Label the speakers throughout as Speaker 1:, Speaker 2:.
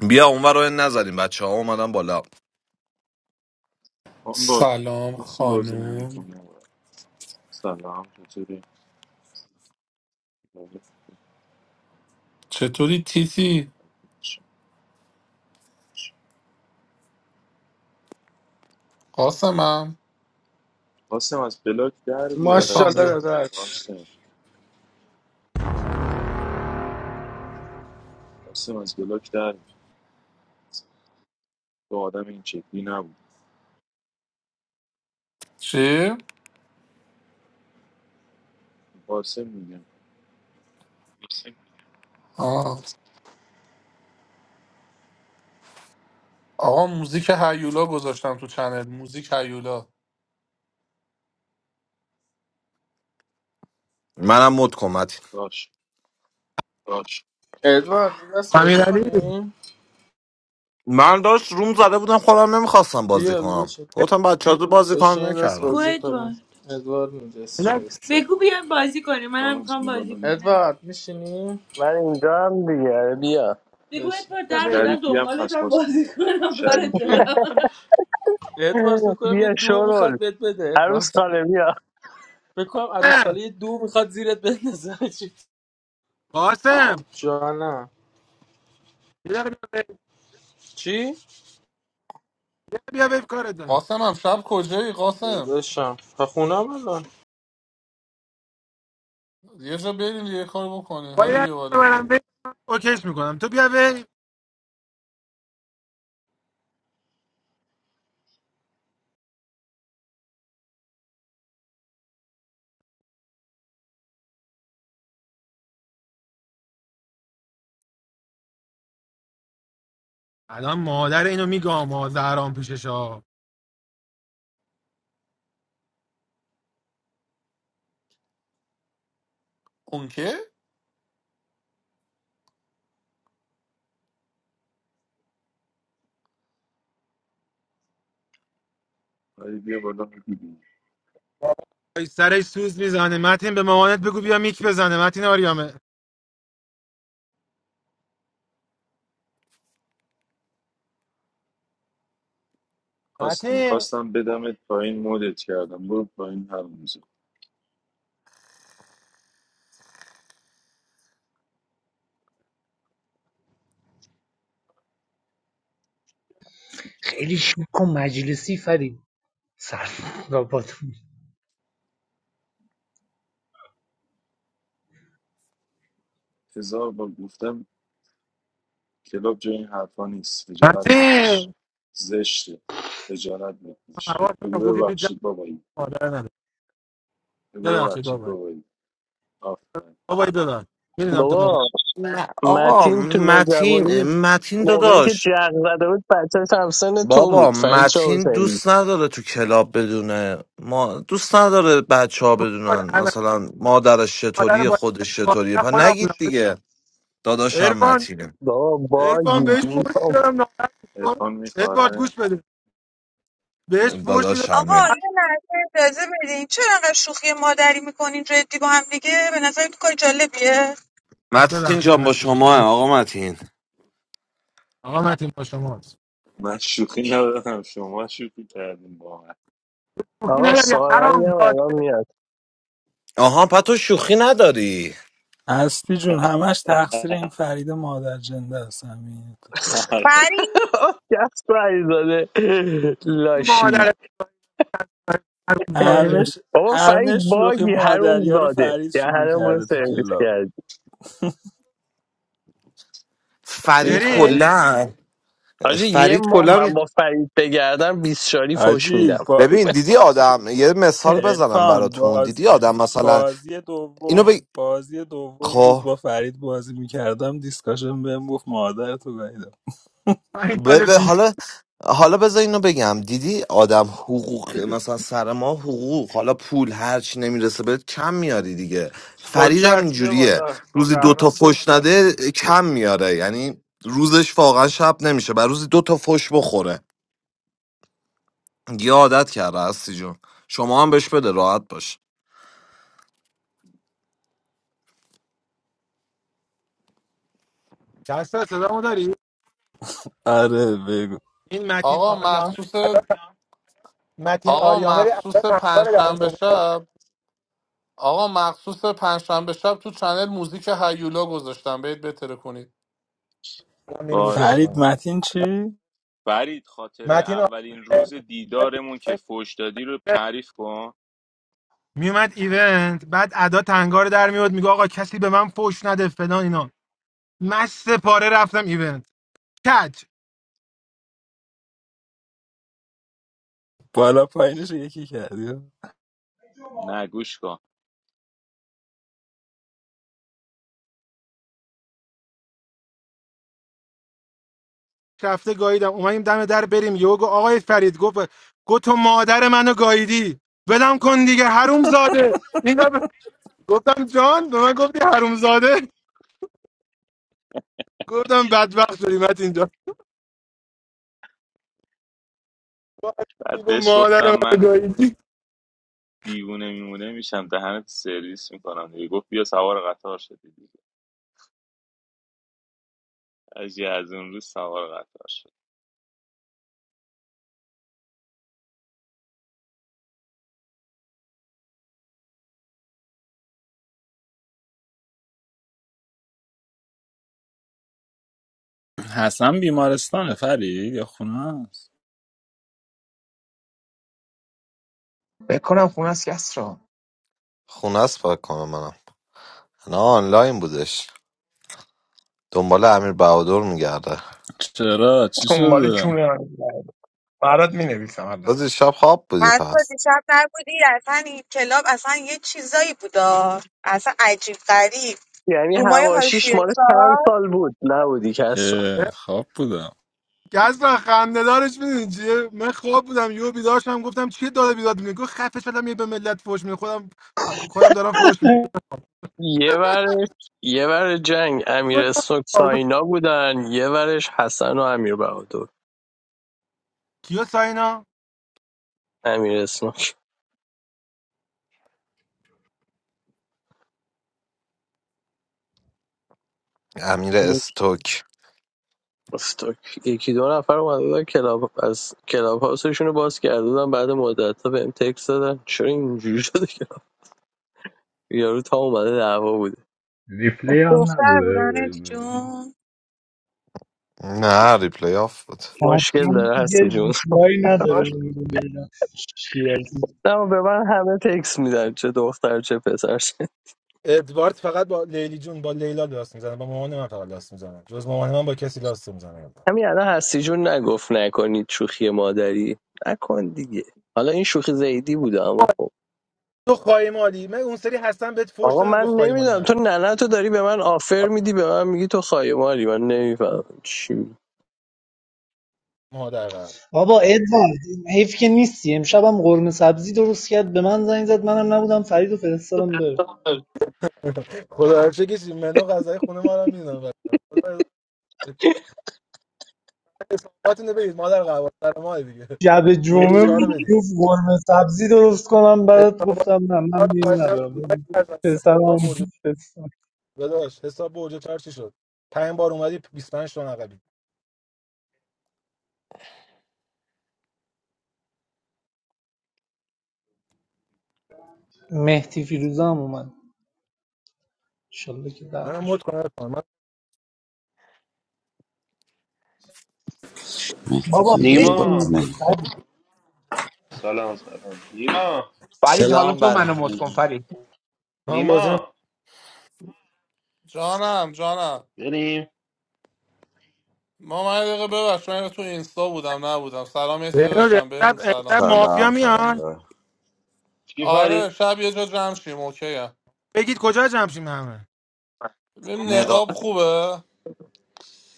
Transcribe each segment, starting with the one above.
Speaker 1: بیا اونور رو نذاریم بچه ها اومدن بالا
Speaker 2: من با
Speaker 3: سلام
Speaker 2: کسی بازی
Speaker 3: خانوم
Speaker 2: نمیتونم سلام چطوری
Speaker 3: چطوری تیتی قاسمم
Speaker 2: قاسم از بلاک در بیار
Speaker 3: حسام بیا
Speaker 4: ماشاءالله
Speaker 2: دیگه
Speaker 4: داداش
Speaker 2: قاسم قاسم از بلاک در بیار تو آدم این شکلی نبود
Speaker 3: چی؟
Speaker 2: قاسم میگم
Speaker 3: آه. آقا موزیک هیولا گذاشتم تو چنل موزیک هیولا
Speaker 1: منم مد کمت
Speaker 2: باش
Speaker 1: باش
Speaker 4: ادوارد یه دست بازی
Speaker 5: امیرعلی
Speaker 4: کنی
Speaker 1: من داشت روم زده بودم خودم نمیخواستم بازی
Speaker 4: بیا
Speaker 1: کنم
Speaker 4: بشین
Speaker 1: گفتم بچه ها بازی
Speaker 4: بشین
Speaker 1: کنم
Speaker 4: یه دست کو
Speaker 1: نکردم
Speaker 4: بازی ادوارد کنی ادوارد نجست
Speaker 5: یه دقیقه
Speaker 4: شسته بگو بیان بازی کنیم منم
Speaker 2: باز
Speaker 4: میخوام
Speaker 2: می
Speaker 4: بازی کنم
Speaker 2: بالا.
Speaker 4: ادوارد میشینی
Speaker 6: من اینجا هم دیگه بیا
Speaker 4: بگو بشین ادوارد
Speaker 5: بیا
Speaker 4: در به
Speaker 5: ویو.
Speaker 4: در
Speaker 2: شریفی هم
Speaker 4: دنبالت
Speaker 2: هست
Speaker 4: هم
Speaker 2: قاسم
Speaker 4: بازی کنم کارت
Speaker 2: شریفی
Speaker 4: دارم
Speaker 2: هم
Speaker 4: ادوارد فکر کنم یه
Speaker 6: بیا
Speaker 4: دو میخواد
Speaker 6: شورول
Speaker 4: بهت بده
Speaker 6: عروس
Speaker 4: ادوارد
Speaker 6: خاله بیا
Speaker 4: فکر کنم عروس
Speaker 5: قاسم
Speaker 4: خاله یه دو میخواد زیرت بندازه چی
Speaker 5: قاسم
Speaker 4: جانم
Speaker 5: یه دقیقه بیا ویو.
Speaker 4: چی
Speaker 5: یه دقیقه بیا ویو کارت دارم
Speaker 3: قاسمم شب کجایی قاسم
Speaker 4: داداشم تا خونم الان
Speaker 3: یه جا بریم یه کار بکنیم هادی
Speaker 5: باید
Speaker 3: بیا بالا
Speaker 5: ببرم ویو. اوکیش میکنم تو بیا ویو الان مادر اینو میگم ما زهران پیشش ها
Speaker 3: اون که
Speaker 2: ولی بیا بالا میدیدی
Speaker 5: ای سرش سوز میزنه متین به مامانت بگو بیا میک بزنه متین آریامه
Speaker 2: خواست
Speaker 5: متین
Speaker 2: میخواستم بدمت پایین مدت کردم برو پایین هر روزه
Speaker 7: خیلی شوک و مجلسی فرید سر راباتون
Speaker 2: هزار بار گفتم کلاب جای این حرفا نیست خجالت بکش
Speaker 5: متین
Speaker 2: زشته خجالت بکش
Speaker 5: حواسم
Speaker 2: بگو
Speaker 5: گفتی تو جمع
Speaker 2: ببخشید بابایی
Speaker 5: مادر نداره
Speaker 2: بگو
Speaker 5: ببخشید
Speaker 2: ببخشید
Speaker 5: بابا
Speaker 2: بابایی آفرین
Speaker 5: بابا ببخش میدونم تو مامان
Speaker 6: بابا
Speaker 1: م- آقا
Speaker 6: متین تو
Speaker 1: متین
Speaker 6: نوجوانی
Speaker 1: متین
Speaker 6: موقعی که
Speaker 1: داداش
Speaker 6: جغ زده بود بچهش همسن تو
Speaker 1: بابا
Speaker 6: بود فرید چه
Speaker 1: متین
Speaker 6: حسینی
Speaker 1: دوست نداره تو کلاب بدونه ما دوست نداره بچه ها
Speaker 5: بود. اول
Speaker 1: بدونن
Speaker 5: اولین
Speaker 1: مثلا مادرش
Speaker 5: مادر
Speaker 1: چطوری
Speaker 5: با
Speaker 1: خودش چطوریه
Speaker 5: این
Speaker 1: پس
Speaker 5: خودم
Speaker 1: نگید
Speaker 5: بودم
Speaker 1: دیگه داداشم
Speaker 5: ارفان
Speaker 1: متینه
Speaker 6: بابا
Speaker 5: ارفان
Speaker 6: باگی
Speaker 5: بهش فوش
Speaker 6: بینام
Speaker 5: میدم ناراحت میشه.
Speaker 2: عرفان
Speaker 5: ادوارد
Speaker 2: میخواره
Speaker 5: گوش بده بهش فوش میدم
Speaker 2: عرفان
Speaker 8: آقا
Speaker 1: داداشمه
Speaker 8: یه لحظه اجازه بدین چرا انقدر شوخی مادری میکنین جدی با هم دیگه به نظر تو کار جالبیه
Speaker 1: متین
Speaker 5: ببخشید
Speaker 1: جان با
Speaker 5: هستی به
Speaker 1: شما
Speaker 5: خدا
Speaker 1: آقا متین
Speaker 5: آقا متین با شماست
Speaker 2: من شوخی ندارم شما شوخی کردیم با من
Speaker 5: شوخی
Speaker 6: آقا
Speaker 5: نگردی
Speaker 6: سارنگ
Speaker 5: حرام
Speaker 6: هم
Speaker 5: داده
Speaker 6: الان میاد
Speaker 1: آها پس تو شوخی نداری
Speaker 9: هستی جون همش تقصیر این فرید مادر جنده است همین تو.
Speaker 2: آره.
Speaker 8: فرین
Speaker 6: کس زاده لاشی
Speaker 5: مادر حرام داده
Speaker 9: همش
Speaker 6: بابا فرید
Speaker 9: همه شوخی
Speaker 6: باگی حروم
Speaker 9: مادریا رو
Speaker 6: زاده
Speaker 9: فرید
Speaker 6: یه
Speaker 9: شروع
Speaker 6: حروم رو
Speaker 9: کرده تو
Speaker 6: سرویس
Speaker 9: کلاب
Speaker 6: کردی این
Speaker 1: فرید
Speaker 5: شرین
Speaker 1: کلا
Speaker 6: حاجی یه
Speaker 1: فرید
Speaker 6: ماه
Speaker 1: کلا
Speaker 6: من با فرید بگردم بیست شاری فش
Speaker 9: عجیب
Speaker 6: میدم
Speaker 9: با
Speaker 1: ببین دیدی آدم یه مثال بزنم
Speaker 9: ارفان
Speaker 1: براتون
Speaker 9: باز
Speaker 1: دیدی آدم مثلا
Speaker 9: بازی
Speaker 1: اینو
Speaker 9: دوم
Speaker 1: بگ...
Speaker 9: بازی دوم بود
Speaker 1: خب
Speaker 9: با فرید بازی میکردم دیسکاشن بهم گفت مادر تو گاییدم
Speaker 5: این
Speaker 1: ب... ب-
Speaker 5: سال فیلم
Speaker 1: حالا حالا بذار اینو بگم دیدی آدم حقوق مثلا سر ما حقوق حالا پول هرچی نمیرسه بهت کم میاری دیگه فرید هم
Speaker 4: حجت بیا
Speaker 1: اینجوریه
Speaker 4: بالا
Speaker 1: روزی دوتا
Speaker 4: زهرم
Speaker 1: فش نده کم میاره یعنی روزش واقعا شب نمیشه بر روزی دوتا فش بخوره یه عادت کرده هستی جون شما هم بهش بده راحت باش.
Speaker 5: دست صدامو داری
Speaker 9: آره بگو
Speaker 5: این متین
Speaker 3: آقا
Speaker 5: آریام
Speaker 3: مخصوص
Speaker 5: متین
Speaker 3: آقا
Speaker 5: آریامر اول
Speaker 3: مخصوص
Speaker 5: همکار در
Speaker 3: پنجشنبه
Speaker 5: موقع
Speaker 3: شب آقا مخصوص پنجشنبه شب تو چنل موزیک هیولا گذاشتم برید بتره کنید
Speaker 5: من میری میتره
Speaker 2: باش
Speaker 9: فرید
Speaker 5: کنم
Speaker 9: متین چی؟
Speaker 2: فرید خاطره
Speaker 5: متین
Speaker 2: اولین
Speaker 5: آریامر
Speaker 2: روز دیدارمون که فوش دادی رو تعریف کن
Speaker 5: میومد ایونت بعد ادا تنگار در میاد میگه آقا کسی به من فوش نده فلان اینا مست پاره رفتم ایونت کج
Speaker 9: بالا پایینش رو یکی کردی
Speaker 2: نگوش کن
Speaker 5: رفته گاییدم اومدیم دم در بریم یهو گفت آقای فرید گفت گفت تو مادر منو گاییدی ولم کن دیگه حروم زاده این دفعه گفتم جان به من گفتی حروم زاده گفتم بدبخت شدی مت اینجا
Speaker 2: بعد
Speaker 5: گفت
Speaker 2: بهش
Speaker 5: مادر
Speaker 2: گفتم
Speaker 5: منو
Speaker 2: من
Speaker 5: گاییدی
Speaker 2: دیوونه میمونه میشم دهنت سرویس میکنم دیگه گفت بیا سوار قطار شدی حاجی از اون روز سوار قطار شد
Speaker 9: حسن بیمارستانه فرید یا خونه است
Speaker 10: بکنم خونه از کس را
Speaker 1: خونه است فکر کنم منم نه آنلاین بودش دنبال امیر بهادر میگرده
Speaker 9: چرا چی
Speaker 10: دنبال
Speaker 9: شده
Speaker 10: کونه هم برات می نویسم الان
Speaker 1: تو دیشب شب خواب بودی
Speaker 8: پس تا
Speaker 1: پس
Speaker 8: دیشب نبودی اصلا این کلاب اصلا یه چیزایی بودا اصلا عجیب غریب
Speaker 6: یعنی
Speaker 8: رومای
Speaker 6: هواشیش
Speaker 8: هاشوی
Speaker 6: مال چند
Speaker 8: سار
Speaker 6: سال بود نبودی کس را
Speaker 9: اه، خواب بودم
Speaker 5: کس را خنده دارش میدونی چیه من خواب بودم یهو بیدار شدم گفتم چیه داده بیداد میگه گفت خفه شدم یه به ملت فوش میده خودم خودم دارم فوش
Speaker 6: یه ورش یه ور جنگ امیر اسنوک
Speaker 5: میدم
Speaker 6: ساینا بودن یه ورش حسن و امیر بهادر
Speaker 5: کیا ساینا
Speaker 6: امیر اسنوک
Speaker 1: امیر استوک
Speaker 6: استوک یکی دو نفر اومده بودن کلاب از کلاب هاوسشون رو باز کرده بودن بعد مدت ها بهم تکس دادن چرا اینجوری شده که یارو تا اومده دعوا بوده
Speaker 9: ریپلی آن
Speaker 8: دختر
Speaker 9: نبوده
Speaker 8: بودن ادی جون
Speaker 1: نه ریپلی آف بود
Speaker 6: مشکل
Speaker 7: اصلا
Speaker 6: داره
Speaker 7: یه
Speaker 6: هستی جون
Speaker 7: ریپلای نداره بگو ببینم چی هستی.
Speaker 6: نه به من همه تکس میدن چه دختر چه پسر
Speaker 5: ادوارد فقط با لیلی جون با لیلا لاست میزنه با مامان من فقط لاست میزنه جز مامان من با کسی لاست میزنه
Speaker 6: همین الان هستی جون نگفت نکنید شوخی مادری نکن دیگه حالا این شوخی زیدی بوده اما خب
Speaker 5: تو خواهی مالی من اون سری هستم بهت فوش
Speaker 6: آقا
Speaker 5: نداد
Speaker 6: من
Speaker 5: گفت خواهی مالی
Speaker 6: نمیدونم تو
Speaker 5: نکن
Speaker 6: ننه تو داری به من آفر میدی به من میگی تو خایمالی من نمیفهم چی می‌گی.
Speaker 5: مادر قرد
Speaker 7: بابا ادوارد حیف که نیستی امشب هم قرمه سبزی درست کرد به من زنگ زد منم نبودم فرید و فرستادم بره
Speaker 5: خدا هر چه کسی منو غذای خونه ما رو میدونم خدا حساباتونو بدید مادر قرد سر ما دیگه
Speaker 7: شب
Speaker 5: برج
Speaker 7: جمعه
Speaker 5: چهار رو
Speaker 7: بود
Speaker 5: بدید
Speaker 7: گفت قرمه سبزی درست کنم برات
Speaker 5: حسابات
Speaker 7: گفتم نه من
Speaker 5: چهار رو
Speaker 7: میری
Speaker 5: خواهشاً
Speaker 7: ندارم
Speaker 5: فرزند
Speaker 7: پسرم هم
Speaker 5: حساب برج داداش حساب برج چهار چی شد پنج بار اومدی 25 تا عقبی
Speaker 7: مهدی فیروزه هم اومد انشالله که
Speaker 5: منم
Speaker 7: دعتش
Speaker 5: مد کنم من
Speaker 11: مهدی
Speaker 7: بابا
Speaker 11: فیروزه
Speaker 7: بشین
Speaker 11: باز
Speaker 12: نیما
Speaker 11: نمی‌کنه.
Speaker 7: دیگه
Speaker 12: سلام سلام نیما
Speaker 10: فرید حالا
Speaker 11: سلام
Speaker 10: تو
Speaker 11: بر
Speaker 10: منو مت کن
Speaker 11: همگی
Speaker 10: فرید
Speaker 5: من بازی نمی-
Speaker 12: نیما
Speaker 3: جانم جانم
Speaker 12: بریم
Speaker 3: ما من یه دقیقه ببخش من تو اینستا بودم نبودم سلام یه دیده
Speaker 5: بهنود
Speaker 3: داشتم
Speaker 5: امشب
Speaker 3: بهتون سلام
Speaker 5: امشب
Speaker 3: سلام
Speaker 5: مافیا
Speaker 11: سلام سلام
Speaker 5: میان
Speaker 12: چی
Speaker 3: آره
Speaker 12: فرید
Speaker 3: شب یه جا جمع شیم اوکی
Speaker 5: بگید کجا جمشیم همه
Speaker 3: ببین نقاب
Speaker 11: نقاب
Speaker 3: خوبه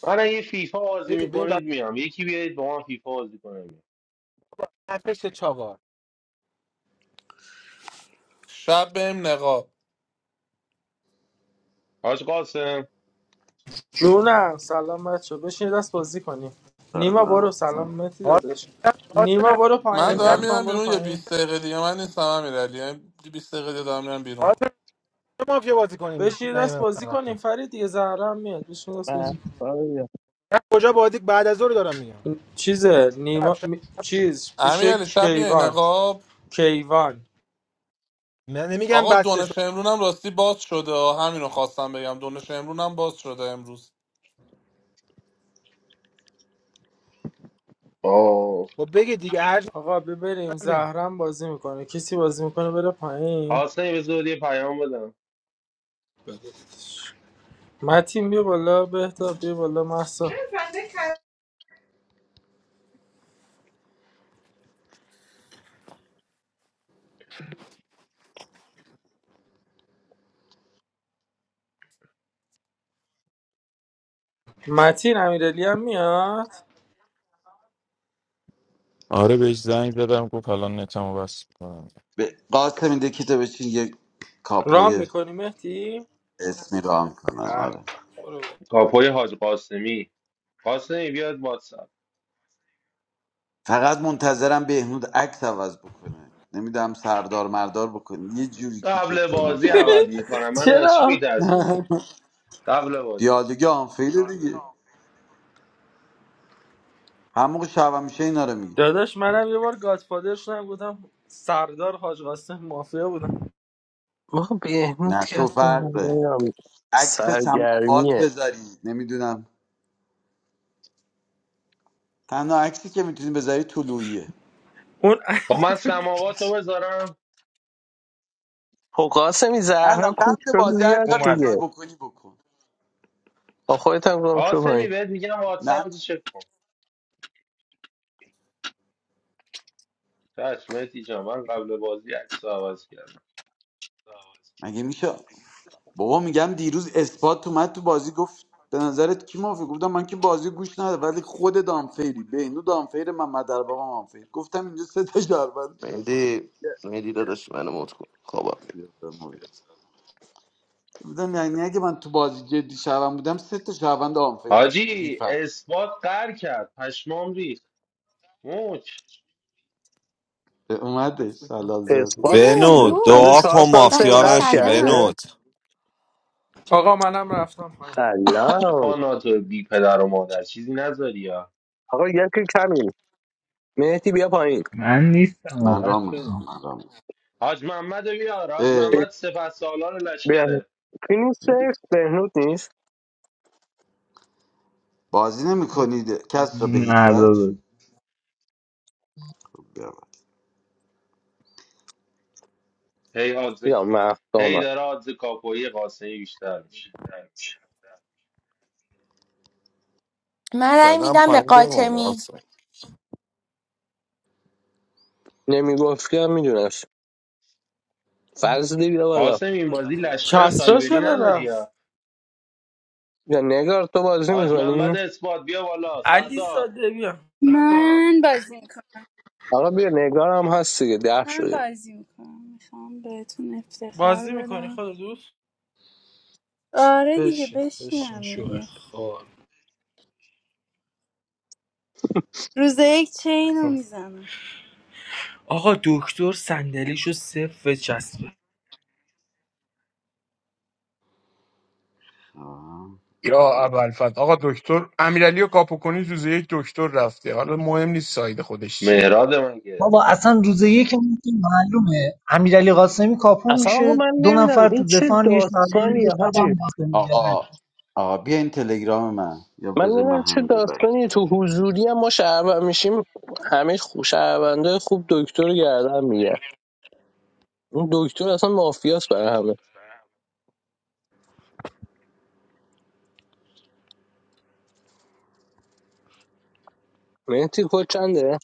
Speaker 12: من اگه فیفا بازی
Speaker 5: بگید به این
Speaker 12: میکنید
Speaker 5: بچه
Speaker 12: میام یکی بیایید با من فیفا بازی کنیم
Speaker 5: هفتش چاقار
Speaker 3: شب بریم نقاب
Speaker 12: حاج قاسم
Speaker 4: جونم سلام بچه بشین یه دست بازی کنیم نیما برو
Speaker 11: سلام
Speaker 4: سلام متی
Speaker 5: قاتل
Speaker 4: داداش نیما
Speaker 5: قاتل
Speaker 4: برو
Speaker 3: من
Speaker 4: پایین
Speaker 5: امشب
Speaker 3: دارم
Speaker 11: سلام
Speaker 4: ارفان
Speaker 3: میرم
Speaker 4: برو
Speaker 3: بیرون یه
Speaker 4: پایین
Speaker 3: بیست دقیقه دیگه من نیستم امیرعلی یعنی بیست دقیقه دیگه دارم میرم بیرون
Speaker 5: قاتل چه مافیا بازی کنیم
Speaker 4: بشین یه
Speaker 5: نیمه
Speaker 4: دست بازی
Speaker 5: چند وقته
Speaker 4: کنیم فرید دیگه زهرا هم میاد بشین یه دست بازی
Speaker 5: کجا بازی بعد از ظهر دارم میگم
Speaker 4: کنیم. چیزه
Speaker 5: شب
Speaker 4: نیما
Speaker 5: شب
Speaker 4: می- چیز پیش
Speaker 3: امیرعلی شب میای
Speaker 4: کیوان
Speaker 3: نقاب
Speaker 4: کیوان
Speaker 5: من نمیگم
Speaker 3: آقا
Speaker 5: بسته شد
Speaker 3: دونش امرون هم راستی باز شده همینو خواستم بگم دونش امرون هم باز شده امروز
Speaker 12: آه
Speaker 5: خب بگید دیگه هر چی
Speaker 4: آقا ببریم
Speaker 5: من بگید
Speaker 4: زهرم بازی میکنه کسی بازی میکنه بره پایین
Speaker 12: قاسمی بذار یه پیام بدم
Speaker 4: متین بیا بالا بهتا بیا بالا محسا متین امیرعلی هم میاد
Speaker 2: آره بهش زنگ زدم گفت الان نتمو بس کنم
Speaker 11: به قاسم این دکیتو بشین یک
Speaker 4: رام
Speaker 11: کاپوی
Speaker 4: میکنی مهدی
Speaker 11: اسمی رو هم کنم
Speaker 4: اه.
Speaker 11: آره
Speaker 4: برو.
Speaker 12: کاپوی حاج قاسمی قاسمی بیاد واتساپ
Speaker 11: فقط منتظرم بهنود عکس عوض بکنه نمیدم سردار مردار بکنه یه جوری
Speaker 12: قبل
Speaker 11: کیکش کنم
Speaker 12: بازی
Speaker 11: شبم
Speaker 12: عوض
Speaker 11: باشه
Speaker 12: میکنم من از چی
Speaker 4: چرا
Speaker 12: میترسونی قبل بازی
Speaker 11: دیالوگ آنفیل دیگه هم موقع شبم میشه اینا رو میگه
Speaker 4: داداش منم یه بار گادفادر شدم گفتم سردار حاج قاسم مافیا بودم
Speaker 6: ما بهنود
Speaker 11: نه
Speaker 6: که
Speaker 11: تو
Speaker 6: اصلا
Speaker 11: فرق داره.
Speaker 6: نمیدونم
Speaker 11: عکس سماوات
Speaker 6: سرگرمیه
Speaker 11: بذاری نمیدونم تنها عکسی که میتونی بذاری طلوعیه
Speaker 4: اون
Speaker 12: خب من سماواتو بذارم
Speaker 6: خب قاسمی زهرا
Speaker 11: الان
Speaker 6: کوچ
Speaker 11: قبل
Speaker 6: بگو
Speaker 11: بازی هر
Speaker 6: بیاد
Speaker 11: کاری
Speaker 4: اومده
Speaker 11: میخوای
Speaker 6: دیگه
Speaker 11: بکنی بکن
Speaker 6: با خودت هم گم شو
Speaker 12: قاسمی
Speaker 6: پایین
Speaker 12: بهت میگم
Speaker 11: نه
Speaker 12: واتساپ رو چک کن چشم مهدی جان من قبل بازی عکس رو عوض کردم
Speaker 11: مگه میشه بابا میگم دیروز اثبات اومد تو بازی گفت به نظرت کی موافق گفتم من که بازی گوش نده ولی خود دامفیری بینو دامفیر من مدر بابا مامفیر گفتم اینجا سه تا شهروند
Speaker 13: Medi, Medi that is my name. What's good, Khoba.
Speaker 11: بودم یعنی اگه من تو بازی جدی شهروند بودم سه تا شهروند آنفیر داشتم بی
Speaker 12: حاجی
Speaker 11: فکت
Speaker 12: اثبات قر کرد پشمام ریخت موچ
Speaker 11: اومدش حلال زاده
Speaker 14: نه
Speaker 6: اثبات با
Speaker 1: بنود
Speaker 14: موج
Speaker 1: دعا
Speaker 6: 104
Speaker 1: کن
Speaker 6: سال سن
Speaker 1: مافیا
Speaker 14: بچه ها
Speaker 6: قرض
Speaker 1: نشی
Speaker 6: کرده
Speaker 14: سلام
Speaker 1: بنود
Speaker 4: آقا منم رفتم پایین
Speaker 6: سلام
Speaker 12: عرفان ناتو بی پدر و مادر چیزی نذاری ها
Speaker 6: آقا یکی کمیم مهدی بیا پایین
Speaker 9: من نیستم
Speaker 11: من
Speaker 9: آقا
Speaker 11: رام
Speaker 9: بچه
Speaker 11: میکنم من رام می‌کنم.
Speaker 12: حاج محمد رو بیار حاج محمد سپه سالار
Speaker 6: به
Speaker 12: لشکره
Speaker 6: کی نیست سیف بهنود نیست
Speaker 11: بازی نمیکنید کس را به هیچ
Speaker 9: نه داداش.
Speaker 11: وجه
Speaker 12: هی آدز
Speaker 6: بیا مهد
Speaker 12: هی
Speaker 6: آمد
Speaker 12: داره آدز کاپوی قاسمی بیشتر میشه
Speaker 14: من رأی
Speaker 1: فعلا
Speaker 14: میدم به
Speaker 1: پایین بمون
Speaker 14: قاچمی
Speaker 6: نمیگفت که میدونست فضلی بیا بالا
Speaker 12: قاسم این بازی لشکر
Speaker 4: کسرا
Speaker 12: سایبری
Speaker 4: چرا
Speaker 12: نداری
Speaker 4: رفت
Speaker 12: ها
Speaker 6: یا نگار تو بازی
Speaker 12: حاج
Speaker 6: میکنی
Speaker 12: محمد اثبات بیا بالا
Speaker 4: علی
Speaker 12: سردار
Speaker 4: ساده بیا
Speaker 15: من بازی میکنم
Speaker 6: آقا بیا نگار هم هست دیگه ده
Speaker 15: من
Speaker 6: شدیم
Speaker 15: بازی میکنم میخوام بهتون افتخار
Speaker 4: بازی میکنی
Speaker 15: بدم
Speaker 4: خود دوست
Speaker 15: آره دیگه
Speaker 4: بشین بشین
Speaker 15: بشینم
Speaker 4: شوه
Speaker 15: دیگه
Speaker 4: خال
Speaker 15: روز یک چین رو میزنم
Speaker 4: آقا دکتر صندلیشو صفر چسبه
Speaker 11: آه.
Speaker 10: یا ابوالفضل آقا دکتر امیرعلی و کاپوکونی روز یک دکتر رفته حالا مهم نیست ساید خودش چیه
Speaker 12: مهراد من که
Speaker 7: بابا اصلا روز یکمون که معلومه امیرعلی قاسمی کاپو
Speaker 6: اصلا آقا
Speaker 7: میشه
Speaker 6: من
Speaker 7: دو
Speaker 6: نمیدونم
Speaker 7: نفر
Speaker 6: این
Speaker 7: تو
Speaker 6: چه
Speaker 7: دفاع یه شهروند میگه
Speaker 6: داستانیه
Speaker 7: شب
Speaker 6: حاجی
Speaker 7: هم قاسمی داره
Speaker 11: آقا آقا بیا این تلگرام من یا
Speaker 6: من
Speaker 11: بذار من
Speaker 6: نمیدونم چه
Speaker 11: همینجا بک
Speaker 6: داستانی تو حضوری هم ما شهروند میشیم همه خو- شهرونده خوب دکتر رو گردن میگه اون دکتر اصلا مافیاس برای همه مهدی خود چنده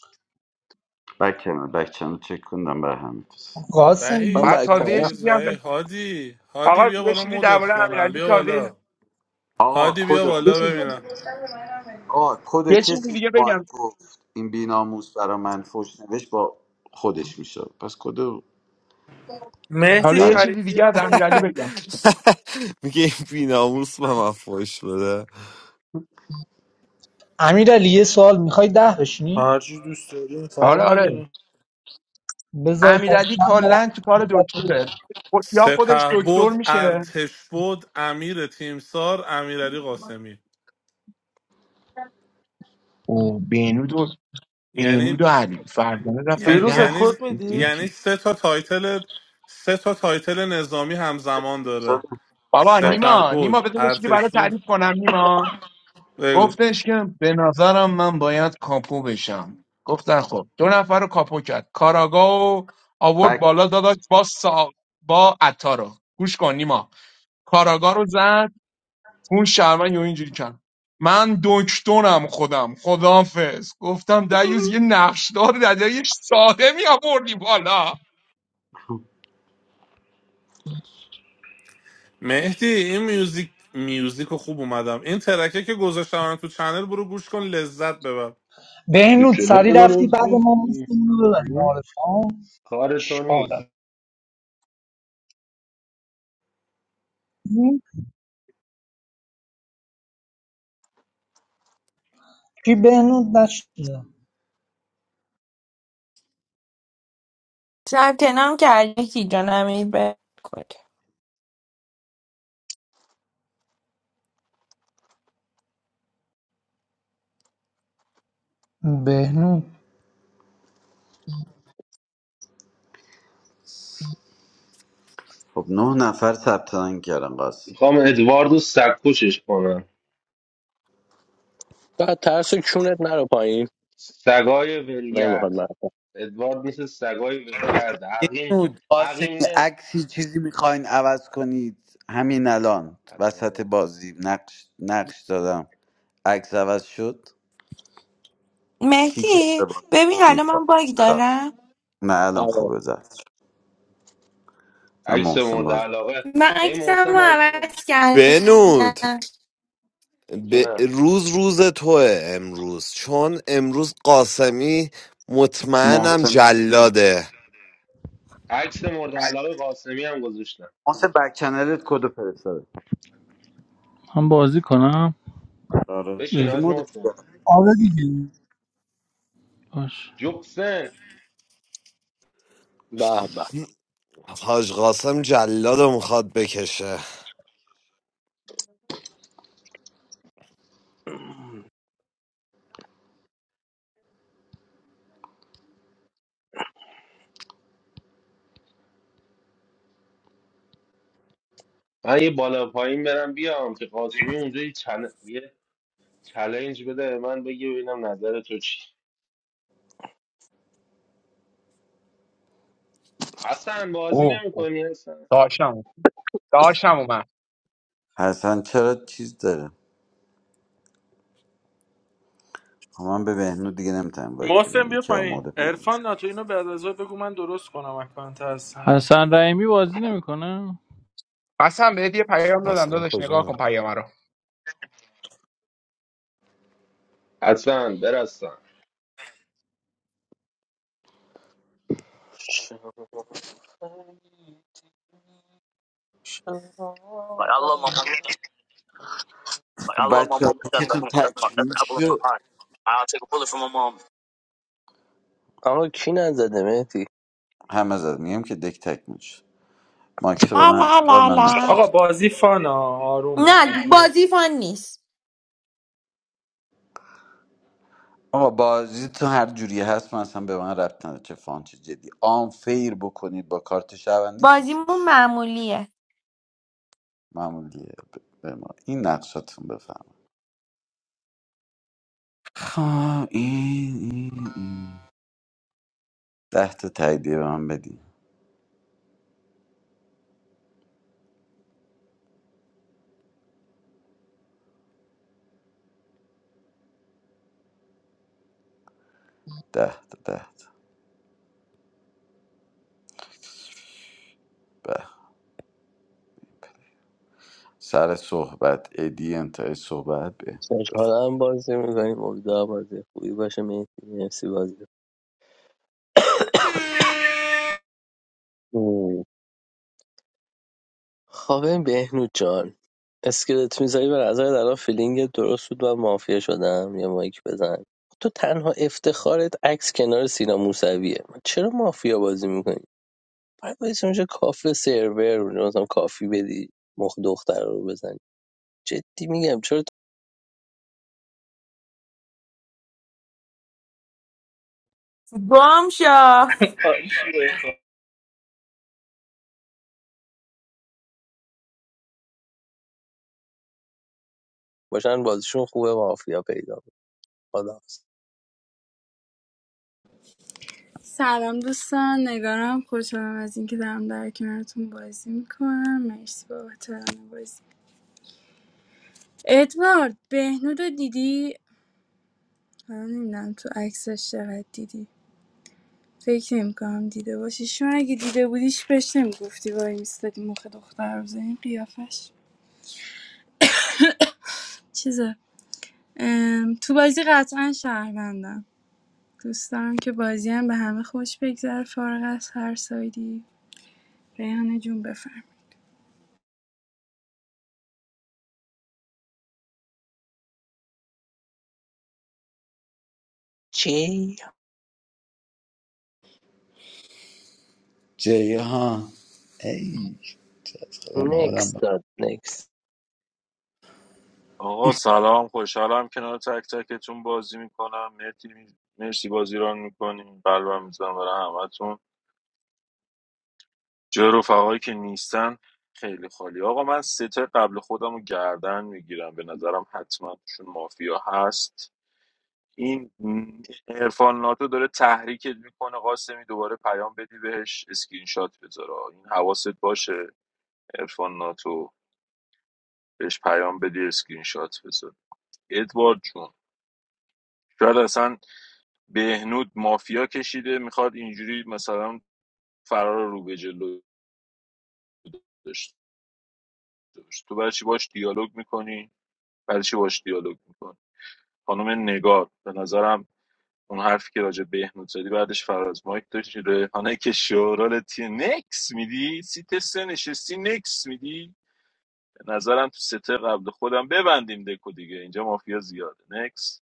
Speaker 11: بک چنل بک چنل چک کنم بر همین کس.
Speaker 7: قاسمی
Speaker 6: من
Speaker 7: نیست.
Speaker 10: بعد
Speaker 3: وحید
Speaker 6: بک
Speaker 3: این
Speaker 10: تازه یه
Speaker 3: چیز
Speaker 10: چیزی هم ب-
Speaker 3: وحید هادی
Speaker 10: آقا
Speaker 3: هادی بیا
Speaker 10: یه
Speaker 3: بالا
Speaker 10: چیزی
Speaker 3: مدت
Speaker 10: درباره
Speaker 3: کنم
Speaker 10: امیرعلی
Speaker 3: بیا
Speaker 10: تازه
Speaker 3: بالا
Speaker 11: آقا
Speaker 3: هادی بیا
Speaker 11: کدو
Speaker 10: یه
Speaker 3: بالا
Speaker 10: چیز-
Speaker 3: ببینم
Speaker 11: آقا کدو
Speaker 10: یه چیزی
Speaker 11: کسی
Speaker 10: دیگه
Speaker 11: رو مایک
Speaker 10: بگم
Speaker 11: گفت این بیناموس برا من فوش نوشت با خودش میشه پس کدو
Speaker 10: حالا
Speaker 4: مهدی
Speaker 10: یه
Speaker 11: در
Speaker 10: چیزی
Speaker 4: شریفی
Speaker 10: دیگه از
Speaker 4: هم
Speaker 10: امیرعلی
Speaker 4: میاد
Speaker 10: بگم
Speaker 1: میگه این بیناموس به من فوش بده
Speaker 7: امیرعلی یه سوال میخوای ده بشینی
Speaker 4: هر چی دوست داری
Speaker 10: آره
Speaker 4: فرما
Speaker 10: آره
Speaker 4: داره
Speaker 7: بذار پس
Speaker 10: امیرعلی
Speaker 7: من برم.
Speaker 10: کلا تو کار دکتره خود- یا خودش
Speaker 3: سپه
Speaker 10: دکتر
Speaker 3: بود
Speaker 10: میشه
Speaker 3: ارتش بود امیر تیمسار امیرعلی قاسمی
Speaker 10: او بینود بینود و
Speaker 3: یعنی
Speaker 10: علی فردانه رفتن
Speaker 3: ی-
Speaker 4: فیروز
Speaker 10: ده
Speaker 3: یعنی
Speaker 4: کد
Speaker 10: هیچ-
Speaker 4: میدی
Speaker 10: هیچ.
Speaker 3: یعنی سه تا تایتل سه تا تایتل نظامی همزمان داره
Speaker 10: بابا
Speaker 11: بک
Speaker 3: سپه
Speaker 10: نیما نیما
Speaker 3: بود
Speaker 10: بذار بشیدی برای
Speaker 3: ارتش بود
Speaker 10: تعریف کنم نیما
Speaker 3: بگو
Speaker 10: گفتش که به نظرم من باید کاپو بشم گفتن خب دو نفر رو کاپو کرد کاراگا و آورد
Speaker 11: بک
Speaker 10: بالا داداش با سا... با عطا رو گوش کن نیما کاراگا رو زد اون شرمن یا اینجوری کرد من دکترم خودم خدافز گفتم دیوز یه نقشدار در یه ساده می آوردی بالا
Speaker 3: مهدی این میوزیک میوزیک رو خوب اومدم این ترکه که گذاشتم تو چنل برو گوش کن لذت ببر
Speaker 12: تو
Speaker 7: بهنود
Speaker 12: جنوب
Speaker 7: سری
Speaker 12: من
Speaker 7: رفتی
Speaker 12: عضو
Speaker 7: بعد ما
Speaker 12: نیستی؟
Speaker 7: مستمون رو ببری معارف ها.
Speaker 12: کار
Speaker 7: چه
Speaker 12: تو
Speaker 7: آدم
Speaker 12: نیست
Speaker 7: کی بهنود نشده
Speaker 14: ثبت نام کردی مهدی جان امیر به خود.
Speaker 7: بهنود
Speaker 11: خب نه نفر ثبت نام کردن قاسم
Speaker 12: میخوام ادواردو سکوشش کنم
Speaker 6: بعد ترس کونت نرو پایین
Speaker 12: سگای
Speaker 6: نمیخواد
Speaker 12: ولگرد
Speaker 6: من
Speaker 12: ادوارد مثل سگای ولگرد
Speaker 11: این
Speaker 12: عقیم
Speaker 11: بود قاسم
Speaker 12: عقیم نه
Speaker 11: عکسی چیزی میخواین عوض کنید همین الان وسط بازی نقش نقش دادم عکس عوض شد کیک
Speaker 14: مهدی
Speaker 11: ارتباط
Speaker 14: ببین
Speaker 11: داشتی؟
Speaker 14: حالا من باگ دارم
Speaker 11: نه الان
Speaker 6: آره
Speaker 11: خوبه زد من
Speaker 12: عکس
Speaker 11: محسن
Speaker 12: مورد
Speaker 11: باز
Speaker 12: علاقه
Speaker 14: من
Speaker 12: این
Speaker 14: عکسم
Speaker 12: محسن
Speaker 14: رو
Speaker 12: بازی می‌کنه.
Speaker 14: عوض
Speaker 1: بنود
Speaker 14: کردم
Speaker 1: به
Speaker 12: جونم
Speaker 1: روز روز توه امروز چون امروز قاسمی مطمئنم
Speaker 11: محسن
Speaker 1: جلاده
Speaker 12: عکس مورد علاقه قاسمی هم گذاشتم
Speaker 11: محسن بک چنلت کد و فرستاده
Speaker 16: هم بازی کنم
Speaker 11: آره
Speaker 12: بشین
Speaker 11: کی
Speaker 16: اه،
Speaker 12: آج
Speaker 11: مودش
Speaker 12: محسن
Speaker 11: کرد
Speaker 7: آره دیگه
Speaker 16: باش
Speaker 12: جوکسن
Speaker 6: به به
Speaker 1: حاج قاسم جلاد رو میخواد بکشه
Speaker 12: من یه بالا پایین برم بیام که قاسمی اونجا یه, چل... یه چلنج بده به من بگی ببینم نظر تو چی حسن بازی
Speaker 10: اوه اوه،
Speaker 12: نمیکنی حسن
Speaker 10: داشتم داشتم اومد
Speaker 11: حسن چرا چیز داره خب من به بهنود دیگه نمیتونم وایت بدم
Speaker 4: محسن بیا
Speaker 11: یکی از
Speaker 4: پایین
Speaker 11: مورد میام
Speaker 4: عرفان ناتو اینو بعد از ظهر بگو من درست کنم اکانت هستن
Speaker 16: حسن رحیمی بازی نمیکنه
Speaker 10: قسم بهت یه پیام دادم
Speaker 1: اصلا
Speaker 10: داداش نگاه کن
Speaker 1: کجا
Speaker 10: پیام رو
Speaker 12: حسن برسن
Speaker 6: Allah, my mom,
Speaker 11: خب
Speaker 6: Allah, my mom,
Speaker 11: بچه
Speaker 6: that's that's
Speaker 11: تون
Speaker 6: my that's my that's the
Speaker 11: تکمیل
Speaker 6: apple of my
Speaker 11: شد
Speaker 6: eye. I'll take a bullet for my mom. آقا کی نزده مهدی
Speaker 11: همه زد میگم که دک تکمیل شد ماکس برن
Speaker 14: لا
Speaker 11: ادوار
Speaker 14: لا
Speaker 11: من
Speaker 14: لا
Speaker 4: آقا
Speaker 11: نقشات
Speaker 4: بازی فانا آرومه
Speaker 14: نه بازی فان نیست
Speaker 11: آقا بازی تو هر جوری هست من اصلا به من ربط نداره چه فان چه جدی آن فیر بکنید با کارت شوندی کیک میشه
Speaker 14: بازیمون معمولیه
Speaker 11: معمولیه ب- به ما این نقشاتون بفهم خب این این این ده تا تاییدیه به من بدین ده تا ده تا به سر صحبت ادی انتهای صحبت به بفهم
Speaker 6: خوشحالم بازی میکنیم امیدوارم بازی خوبی باشه مهدی مرسی بازی خانم بهنود جان اسکلت میذاری به نظر الان فیلینگ درست بود و مافیا شدم یه مایک بزن تو تنها افتخارت عکس کنار سینا موسویه من چرا مافیا بازی میکنی باید باید اونجا کافه سرور اونجا مثلا کافی بدی مخ دختر رو بزنی جدی میگم چرا تو
Speaker 14: گم شو
Speaker 6: باشن بازیشون خوبه مافیا پیدا می‌کنی. خدا
Speaker 15: سلام دوستان نگارم خوشحالم از اینکه دارم در کنارتون بازی میکنم مرسی بابت ران بازی ادوارد بهنود رو دیدی حالا نمیدونم تو عکسش چقدر دیدی فکر نمیکنم دیده باشی چون اگه دیده بودیش بهش نمیگفتی وای میستادی مخ دختر رو بزنی قیافش چیزه ام، تو بازی قطعا شهروندم دوست دارم که بازی هم به همه خوش بگذره فارغ از هر سایدی ریحانه جون بفرم
Speaker 6: چی؟
Speaker 11: جیهان ای چقدرم حالم
Speaker 6: نکس
Speaker 11: بد.
Speaker 6: داد نکس
Speaker 2: آقا سلام خوشحالم کنار تک تکتون بازی میکنم مرسی مرسی بازی ران میکنیم قلبم میزنم برای همتون جای رفقایی که نیستن خیلی خالی آقا من سه تا قبل خودم رو گردن میگیرم به نظرم حتما توشون مافیا هست این عرفان ناتو داره تحریکت میکنه قاسمی دوباره پیام بدی بهش اسکرین شات بذاره این حواست باشه عرفان ناتو بهش پیام بدی اسکرین شات بذار ادوارد جون شاید اصلا بهنود مافیا کشیده میخواد اینجوری مثلا فرار رو به جلو داشته باشه تو برای چی باش دیالوگ میکنی برای چی باش دیالوگ میکنی خانم نگار به نظرم اون حرفی که راجع به بهنود زدی بعدش فراز مایک داشتی ریحانه که شورال تی نکس میدی سیت سه نشستی نکس میدی به نظرم تو سته قبل خودم ببندیم دکو دیگه اینجا مافیا زیاده نکس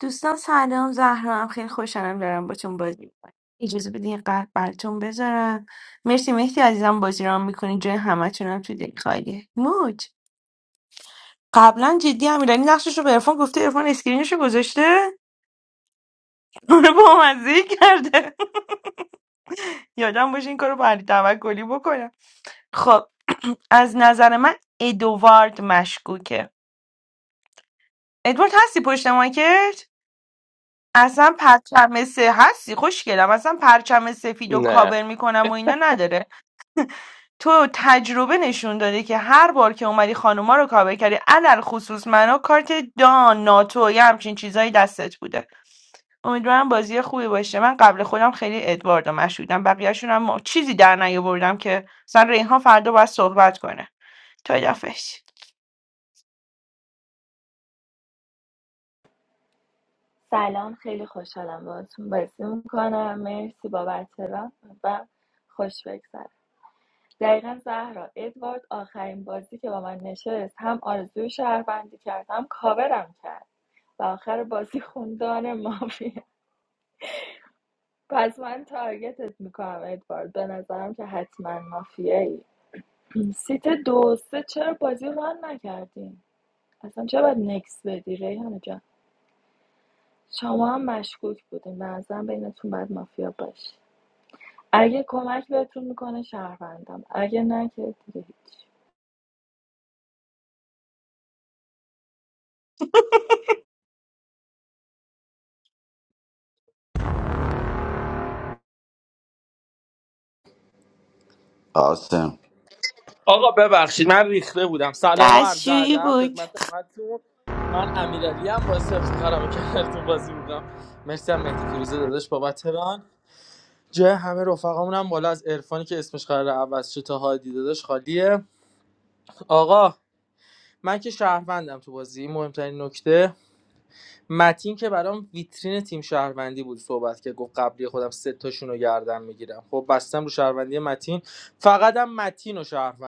Speaker 14: دوستان سلام زهرا هم خیلی خوشحالم دارم باتون بازی میکنم اجازه بدین یه قلب براتون بذارم مرسی مهدی عزیزم بازی رو میکنی جای همتون هم تو دل خالیه موج قبلا جدی امیرعلی نقشش رو به عرفان گفته عرفان اسکرینش رو گذاشته اونو با مزه کرده یادم باشه این کارو با علی توکلی بکنم خب از نظر من ادوارد مشکوکه ادوارد هستی پشت مایکت اصلا پرچم سه هستی خوشگلم اصلا پرچم سفید و
Speaker 6: نه
Speaker 14: کابر میکنم و اینا نداره تو تجربه نشون داده که هر بار که اومدی خانوما رو کاور کردی علل خصوص منو کارت دان ناتو یه همچین چیزایی دستت بوده امیدوارم بازی خوبی باشه من قبل خودم خیلی ادواردو مشهودم بقیهشون هم چیزی در نیاوردم که مثلا ریحان فردا باید صحبت کنه تا دفش
Speaker 17: سلام خیلی خوشحالم باهاتون بازی میکنم مرسی بابت ران و خوش بگذره دقیقا زهرا ادوارد آخرین بازی که با من نشست هم آرزوی شهروندی کرد هم کاورم کرد و آخر بازی خوندان مافیه پس من تارگتت میکنم ادوارد به نظرم که حتما مافیه ای سیت دو و سه چرا بازی رو ران نکردیم اصلا چرا باید نکس بدی ریحانه جان شما هم مشکوک بودیم به نظرم بینتون باید مافیا باشه اگه کمک بهتون میکنه شهروندم اگه نه که دیگه هیچ
Speaker 11: قاسم
Speaker 4: آقا ببخشید من ریخته بودم سلام و عرض
Speaker 14: دستشویی
Speaker 4: ادب
Speaker 14: بود
Speaker 4: خدمت همتون من امیرعلی هم باعث افتخارم کردتون بازی بودم مرسی هم مهدی فیروزه داداش بابت ران جای همه رفقامون هم بالا از عرفانی که اسمش قرار عوض شه تا هادی داداش خالیه آقا من که شهروندم تو بازی مهمترین نکته متین که برام ویترین تیم شهروندی بود صحبت که گفت قبلی خودم سه تاشون رو گردن میگیرم خب بستم رو شهروندی متین فقط هم متین و شهروند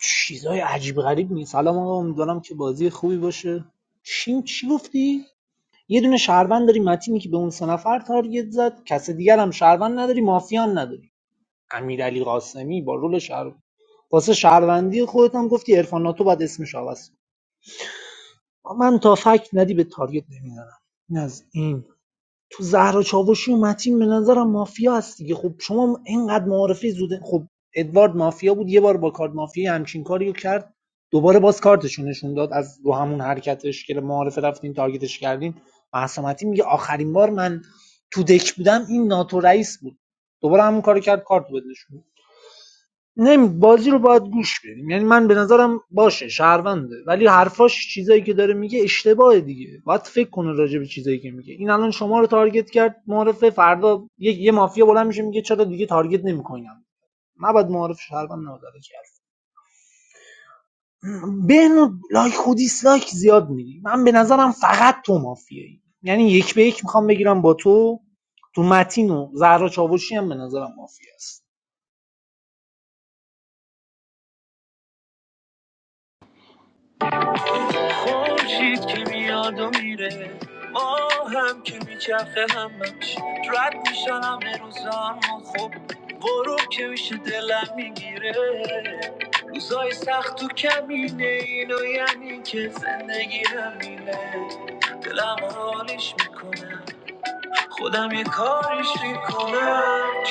Speaker 7: چیزای عجیب غریب نیست سلام آقا امیدوارم که بازی خوبی باشه چی چی گفتی یه دونه شهروند داری متینی که به اون سه نفر تارگت زد کس دیگر هم شهروند نداری مافیان نداری امیرعلی قاسمی با رول شهر واسه شهروندی خودت هم گفتی عرفان ناتو باید اسمش عوض من تا فکت ندی به تارگت نمیزنم این از این تو زهرا چاوشی و متین به نظرم مافیا هست دیگه خب شما اینقدر معارفه زوده خب ادوارد مافیا بود یه بار با کارت مافیا همچین کاری رو کرد دوباره باز کارتشو نشون داد از رو همون حرکتش که معارفه رفتیم تارگتش کردیم مهسا متین میگه آخرین بار من تو دک بودم این ناتو رئیس بود دوباره همون کارو کرد کارت بده نشون. نمی بازی رو باید گوش بدیم یعنی من به نظرم باشه شهرونده ولی حرفاش چیزایی که داره میگه اشتباه دیگه باید فکر کنه راجع به چیزایی که میگه این الان شما رو تارگت کرد معرفه فردا یه, یه مافیا بلند میشه میگه چرا دیگه تارگت نمیکنم نباید معارف شهروند نادره کرد بهنو لایک و دیسلایک زیاد میدی من به نظرم فقط تو مافیایی یعنی یک به یک میخوام بگیرم با تو تو متین و زهرا چاوشی هم به نظرم مافیا است
Speaker 16: خورشید که میاد و میره ما هم که میچرخه همش رد میشن همه روزا ما خب غروب که میشه دلم میگیره روزای سخت و کمینه اینو یعنی که زندگی همینه دلم حالش میکنه خودم یه کاریش میکنم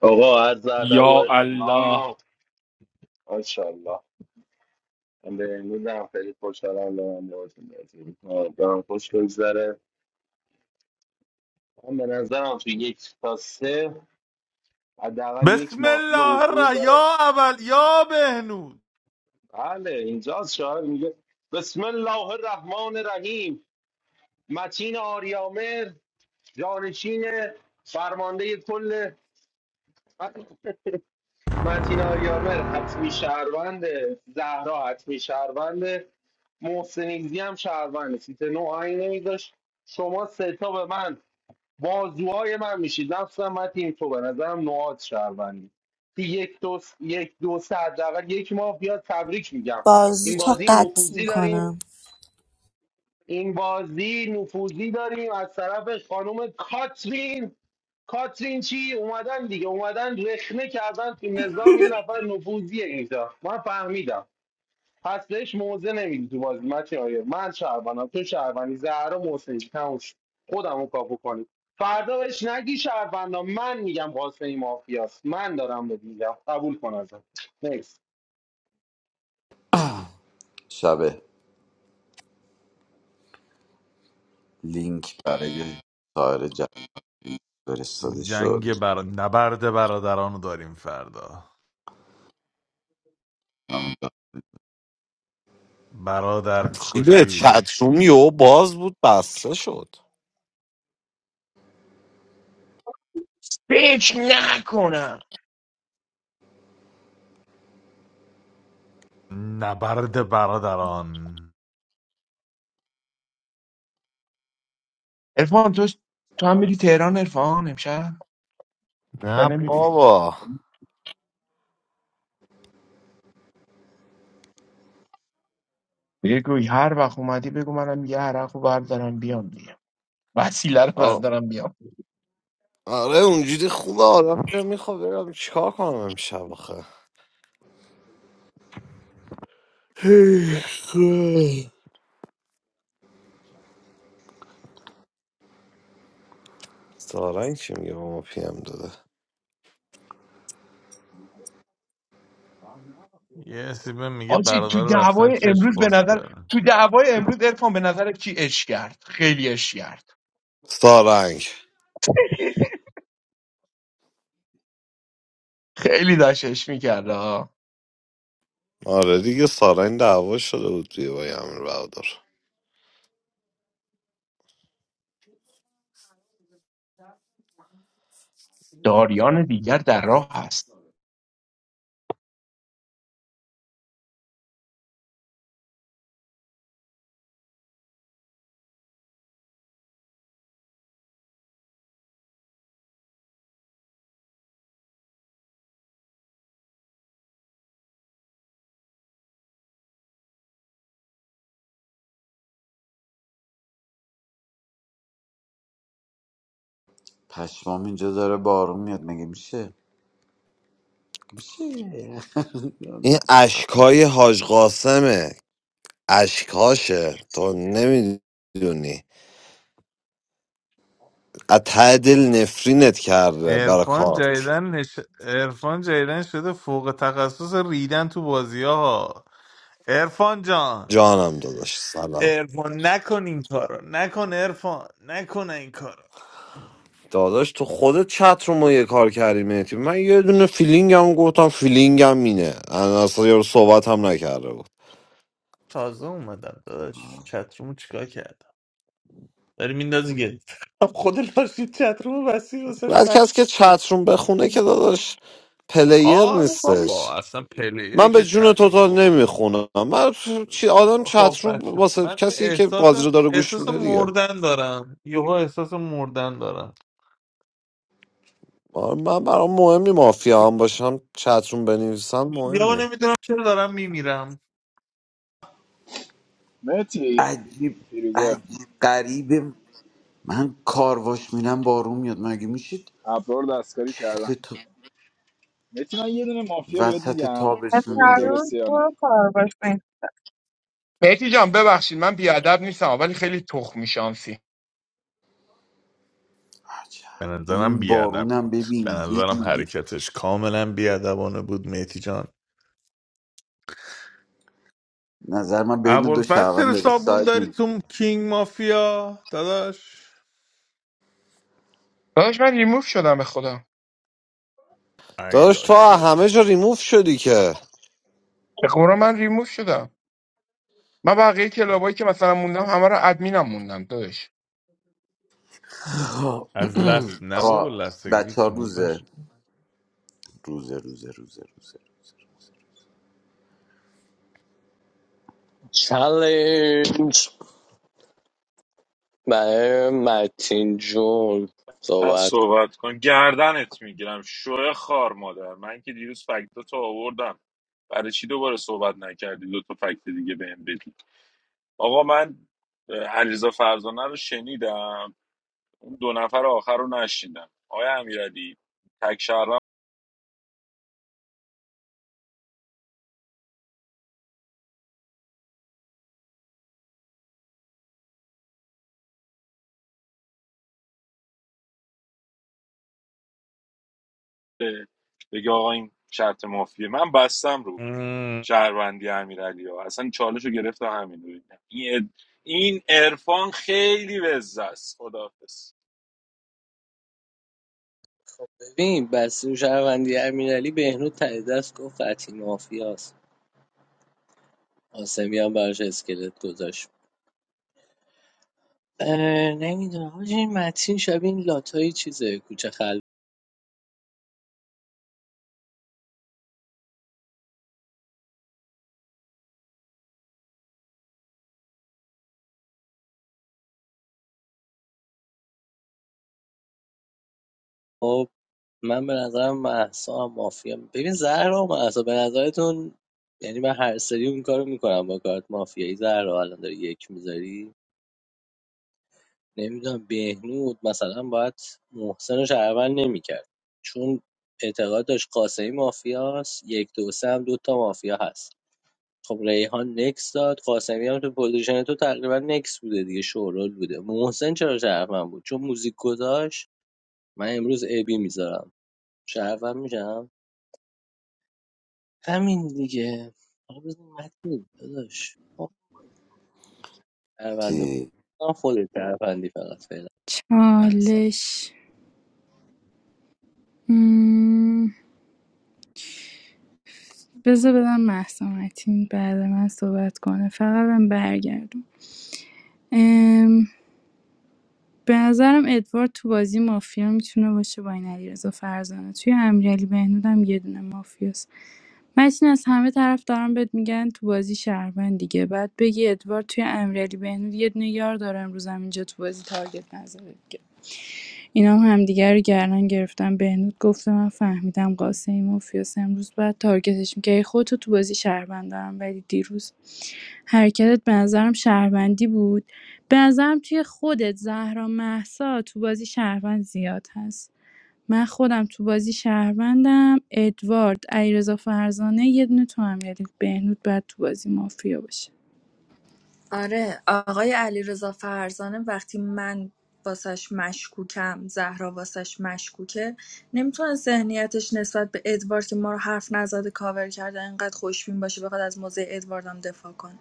Speaker 12: آقا عرض ادب و
Speaker 4: آه
Speaker 12: احترام ان من به امروز هم خیلی خوشحالم دارم باهاتون بازی می‌کنم. دارم خوش بگذره من به نظرم تو یک تا سه حداقل یک
Speaker 18: بسم
Speaker 12: مافیا
Speaker 18: الله
Speaker 12: حضور
Speaker 18: الرح
Speaker 12: داره
Speaker 18: یا اول یا بهنود
Speaker 12: بله اینجا شاعر میگه بسم الله الرحمن الرحیم متین آریامر جانشین فرمانده کل متین آریامر حتمی شهرونده زهرا حتمی شهرونده محسنیزی هم شهرونده سیت نو آیین نمیذاش شما سه تا به من بازوهای من میشید نفسم متین تو به نظرم نواد شهروندی یک دو س- یک دو سه حداقل یک ماه بیاد تبریک میگم
Speaker 19: بازو
Speaker 12: این
Speaker 19: تا
Speaker 12: بازی
Speaker 19: قطع
Speaker 12: نفوذی داریم
Speaker 19: میکنم
Speaker 12: این بازی نفوذی داریم از طرف خانم کاترین کاترین چی اومدن دیگه اومدن رخنه کردن تو نظام این نفر نفوذیه اینجا من فهمیدم پس بهش موزه نمیدی تو بازی من چی آیه من شهروندم تو شهروندی زهرا محسنی تموم شد خودمو کاپو کنید فردا بهش نگی شهروندم من میگم قاسمی مافیاست من دارم به میگم قبول کن ازم نیست
Speaker 11: شب لینک برای سایر جمع فرستاده
Speaker 18: جنگ
Speaker 11: شد
Speaker 18: بر... نبرد برادران رو داریم فردا برادر
Speaker 1: چیده
Speaker 18: کشی
Speaker 1: چتروم یهو باز بود بسته شد
Speaker 10: فکر نکنم
Speaker 18: نبرد برادران
Speaker 10: ارفان تو تو هم میری تهران ارفان امشب یا نمیری
Speaker 1: بابا
Speaker 10: بگوی هر وقت اومدی بگو منم یه عرق رو بردارم بیام دیگه وسیله رو
Speaker 1: آ-
Speaker 10: بردارم بیام
Speaker 1: آره اونجوری خوبه آدم میخواد برم چیکار کنم امشب آخه هی، خدا. سارنگ چی میگه با ما پیم داده
Speaker 18: یه سیبه میگه
Speaker 10: آجی تو
Speaker 18: برادر رفتن
Speaker 10: دعوای
Speaker 18: چشم
Speaker 10: امروز به
Speaker 18: باز
Speaker 10: نظر
Speaker 18: کردن
Speaker 10: تو دعوای امروز ارفان به نظر کی اش کرد خیلی اش کرد
Speaker 1: سارنگ
Speaker 10: خیلی داشت اش میکرد
Speaker 1: آره دیگه سارنگ دعوا شده بود توی با یه امیر بهادر
Speaker 10: داریان دیگر در راه هست
Speaker 11: پشمام اینجا داره بارون میاد مگه میشه مگه میشه
Speaker 1: این اشکای حاج قاسمه اشکاشه تو نمیدونی از ته دل نفرینت کرده برا
Speaker 18: ارفان
Speaker 1: کارت
Speaker 18: جدیدن نش... ارفان جدیدن شده فوق تخصص ریدن تو بازی ها ارفان جان
Speaker 1: جانم داداش سلام
Speaker 18: ارفان نکن این کارو نکن ارفان نکن این کارو
Speaker 1: داداش تو خودت چت رو ما یه کار کردی مهدی من یه دونه فیلینگم گفتم فیلینگم اینه انا اصلا یارو صحبت هم نکرده بود
Speaker 18: تازه اومدم داداش چترومو چیکار کرد داری میندازی که خود لاشید چتروم وسیع واسه
Speaker 1: بعد
Speaker 18: فکت
Speaker 1: کسی که
Speaker 18: داشته.
Speaker 1: چت روم بخونه که داداش پلیر
Speaker 18: آره
Speaker 1: نیستش
Speaker 18: بابا اصلا پلیری
Speaker 1: من به
Speaker 18: که
Speaker 1: جون
Speaker 18: چتروم
Speaker 1: توتال
Speaker 18: بخوره
Speaker 1: نمیخونم من چی آدم
Speaker 18: خب
Speaker 1: چتروم
Speaker 18: بچه
Speaker 1: واسه
Speaker 18: من
Speaker 1: کسی که
Speaker 18: احساس
Speaker 1: بازی رو داره گوش
Speaker 18: احساس
Speaker 1: میده دیگه
Speaker 18: مردن دارم یهو احساس مردن دارم
Speaker 1: آره، من برام مهم نی مافیا هم باشم چتروم بنویسم مهم
Speaker 18: یهو
Speaker 1: نی
Speaker 18: نمیدونم چرا دارم میمیرم
Speaker 20: مرتی
Speaker 11: عجیب
Speaker 20: فیروزه
Speaker 11: عجیب غریب من کارواش میرم بارون میاد مگه میشید
Speaker 20: ابرار دستکاری کردن
Speaker 11: چله تا
Speaker 20: مرتی من یه دونه مافیا بهت
Speaker 11: وسط
Speaker 20: میگم
Speaker 8: از
Speaker 11: تابستون
Speaker 20: ببین
Speaker 11: اینجوری
Speaker 8: فرون
Speaker 20: درسته یا نه
Speaker 8: تو کار باش بین
Speaker 10: میتی جان ببخشید من بیادب نیستم ولی خیلی تخمی شانسی
Speaker 18: به
Speaker 11: عجب
Speaker 18: نظرم
Speaker 11: این
Speaker 18: بیادب
Speaker 11: بارونم
Speaker 18: بود به
Speaker 11: ببین یه
Speaker 18: نظرم
Speaker 11: جوری
Speaker 18: حرکتش کاملا بیادبانه بود میتی جان
Speaker 11: نظر من بین دو
Speaker 18: ابوالفضل
Speaker 11: شهروند
Speaker 18: چرا
Speaker 11: داری
Speaker 18: صابون
Speaker 11: سایت
Speaker 18: داری
Speaker 11: میگی
Speaker 18: تو کینگ مافیا داداش
Speaker 10: داداش من ریموف شدم به خدا
Speaker 18: ای
Speaker 1: داداش تو
Speaker 18: لاشی
Speaker 1: همه جا ریموف شدی که
Speaker 10: به قرآن من ریموف شدم من بقیه کلابایی که مثلا موندم همه رو ادمینم موندم داداش
Speaker 18: از لست نه بابا
Speaker 11: آقا
Speaker 18: لست اگزیت
Speaker 11: بچه ها
Speaker 18: شما
Speaker 11: روزه
Speaker 18: پشت
Speaker 11: روزه روزه روزه روزه
Speaker 6: چالنج برای متین جون
Speaker 2: من صحبت کن گردنت میگیرم شوه خار مادر من که دیروز فکت تو آوردم برای چی دوباره صحبت نکردی دو تا فکت دیگه بهم بدی آقا من اه، علیرضا فرزانه رو شنیدم اون دو نفر آخر رو نشنیدم آقای امیرعلی تک شهروند بوده. بگه آقا این شرط مافیه من بستم رو
Speaker 18: مم.
Speaker 2: شهروندی امیرعلی ها اصلا چالش رو گرفتم همین رو بگم. این اد- این عرفان خیلی وزه است خداحافظ
Speaker 6: ببین بسته شهروندی امیرعلی بهنود ته دست گفت قطعی مافیاست قاسمی هم براش اسکلت گذاشت نمیدونم حاجی این متین شبیه این لاتایی چیزه کوچه خل خب من به نظرم محسا هم مافیا ببین زهرا و محسا به نظرتون یعنی من هر سری اون کارو میکنم با کارت مافیایی زهرا الان داری یک میذاری نمیدونم بهنود مثلا باید محسن رو شهروند نمیکرد چون اعتقاد داشت قاسمی مافیاست یک دو سه هم دو تا مافیا هست خب ریحان نکس داد قاسمی هم تو پوزیشن تو تقریبا نکس بوده دیگه شورول بوده محسن چرا شرف من بود چون موزیک گذاشت من امروز ابی میذارم شرفم میشم همین دیگه آقا بزن متین داداش خب، پرونده
Speaker 11: چی؟
Speaker 6: بودم خودت پروندی فقط فعلا احسن
Speaker 15: چالش مم، بذار بدم محسومتین بعد من صحبت کنه فقط هم برگردم به نظرم ادوارد تو بازی مافیا میتونه باشه با این علیرضا فرزانه توی امیرعلی بهنود هم یه دونه مافیاست متین از همه طرف دارن بهت میگن تو بازی شهروند دیگه بعد بگی ادوارد توی امیرعلی بهنود یه دونه یار داره امروز هم اینجا تو بازی تارگت نزده دیگه. اینا هم همدیگه رو گردن گرفتن بهنود گفته من فهمیدم قاسمی مافیاس امروز باید تارگتش می‌کردی خودتو تو بازی شهروند دارم ولی دیروز حرکتت به نظرم شهروندی بود به نظرم توی خودت زهرا محسا تو بازی شهروند زیاد هست من خودم تو بازی شهروندم ادوارد علیرضا فرزانه یه دونه تو هم یعنی بهنود بعد تو بازی مافیا باشه
Speaker 17: آره آقای علیرضا فرزانه وقتی من واسش مشکوکم زهرا واسش مشکوکه نمیتونه ذهنیتش نسبت به ادوارد که ما رو حرف نزده کاور کرده انقدر خوشبین باشه بخواد از موضع ادواردم دفاع کنه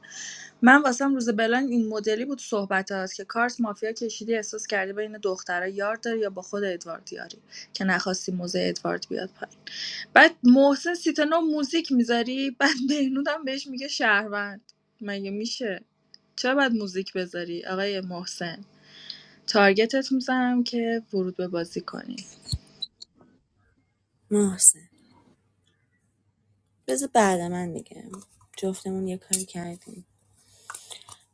Speaker 17: من واسم روز بلان این مدلی بود صحبتات که کارت مافیا کشیدی احساس کردی بین دخترها یار داری یا با خود ادوارد یاری که نخواستی موضع ادوارد بیاد بعد محسن سیتنا موزیک میذاری بعد بهنودم بهش میگه شهروند مگه میشه چرا باید موزیک بذاری آقای محسن تارگتت میزنم که ورود به بازی کنی
Speaker 19: محسن بذار بعد من میگم جفتمون یه کاری کردیم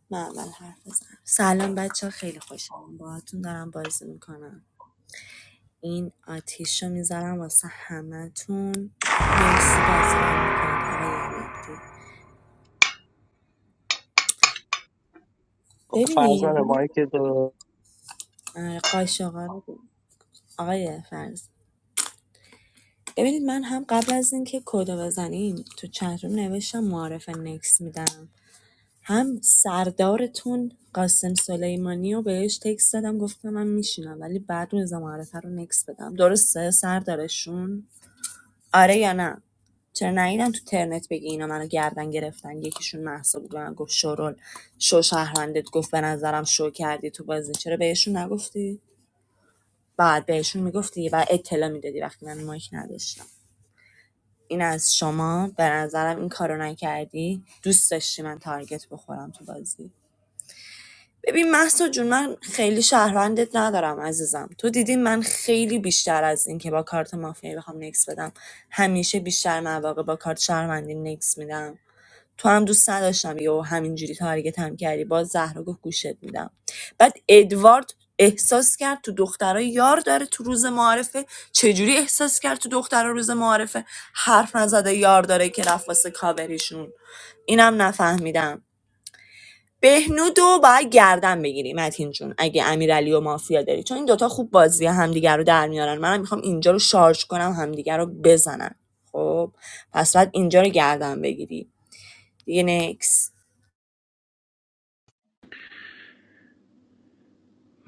Speaker 19: من اول حرف بزنم سلام بچه ها خیلی خوشحالم باهاتون دارم بازی میکنم این آتیش رو میذارم واسه همتون مرسی بازی میکنم آقای مهدی
Speaker 6: خب
Speaker 19: ببینید
Speaker 6: فرزانه
Speaker 19: من
Speaker 6: مایک تو
Speaker 19: آره، قاشقا رو آقای فرز ببینید من هم قبل از اینکه کدو بزنیم تو چت روم نوشتم معارف نکس میدم هم سردارتون قاسم سلیمانی رو بهش تکست دادم گفتم من میشینم ولی بعد اون ازا معرفه رو نکس بدم درسته سردارشون آره یا نه چرا نیدم تو ترنت بگی اینا منو گردن گرفتن یکیشون محسا بود به من گفت شورول شو شهروندت گفت به نظرم شو کردی تو بازی چرا بهشون نگفتی بعد بهشون میگفتی و اطلاع میدادی وقتی من مایک نداشتم این از شما به نظرم این کارو نکردی دوست داشتی من تارگت بخورم تو بازی ببین محسا جون من خیلی شهروندت ندارم عزیزم تو دیدی من خیلی بیشتر از این که با کارت مافیایی بخوام نکس بدم همیشه بیشتر مواقع با کارت شهروندی نکس میدم تو هم دوست نداشتم یهو همینجوری تارگت هم کردی باز زهرا گفت گوشت میدم بعد ادوارد احساس کرد تو دخترها یار داره تو روز معارفه چجوری احساس کرد تو دخترها روز معارفه حرف نزده یار داره که رفت واسه کاوریشون اینم نفهمیدم بهنود رو باید گردن بگیری متین جون اگه امیرعلی و مافیا داری چون این دوتا خوب بازی همدیگر رو در میارن منم میخوام اینجا رو شارژ کنم همدیگر رو بزنن خب پس باید اینجا رو گردن بگیری دیگه نکس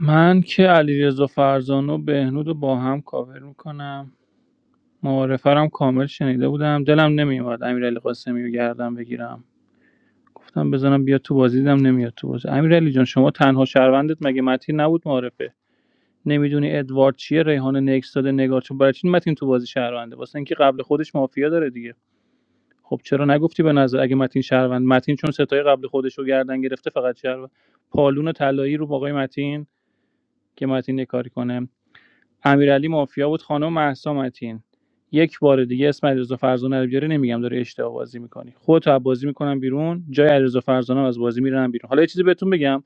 Speaker 16: من که علیرضا فرزانه و بهنود رو با هم کاور میکنم معارفه رو هم کامل شنیده بودم دلم نمیومد امیرعلی قاسمی رو گردم بگیرم گفتم بزنم بیا تو بازی دیدم نمیاد تو بازی امیرعلی جان شما تنها شهروندت مگه متین نبود معارفه نمیدونی ادوارد چیه ریحان نکس داده نگار چون برای چی متین تو بازی شهرونده واسه اینکه قبل خودش مافیا داره دیگه خب چرا نگفتی به نظر اگه متین شهروند متین چون ستای قبل خودش رو گردن گرفته فقط شهروند پالون طلایی رو با آقای متین که متین یه کاری کنه امیرعلی مافیا بود خانم مهسا متین یک بار دیگه اسم علیرضا فرزانه رو بیاره نمیگم داره اشتباه بازی میکنی خودت از بازی میکنم بیرون جای علیرضا فرزانه رو از بازی میرم بیرون حالا یه چیزی بهتون بگم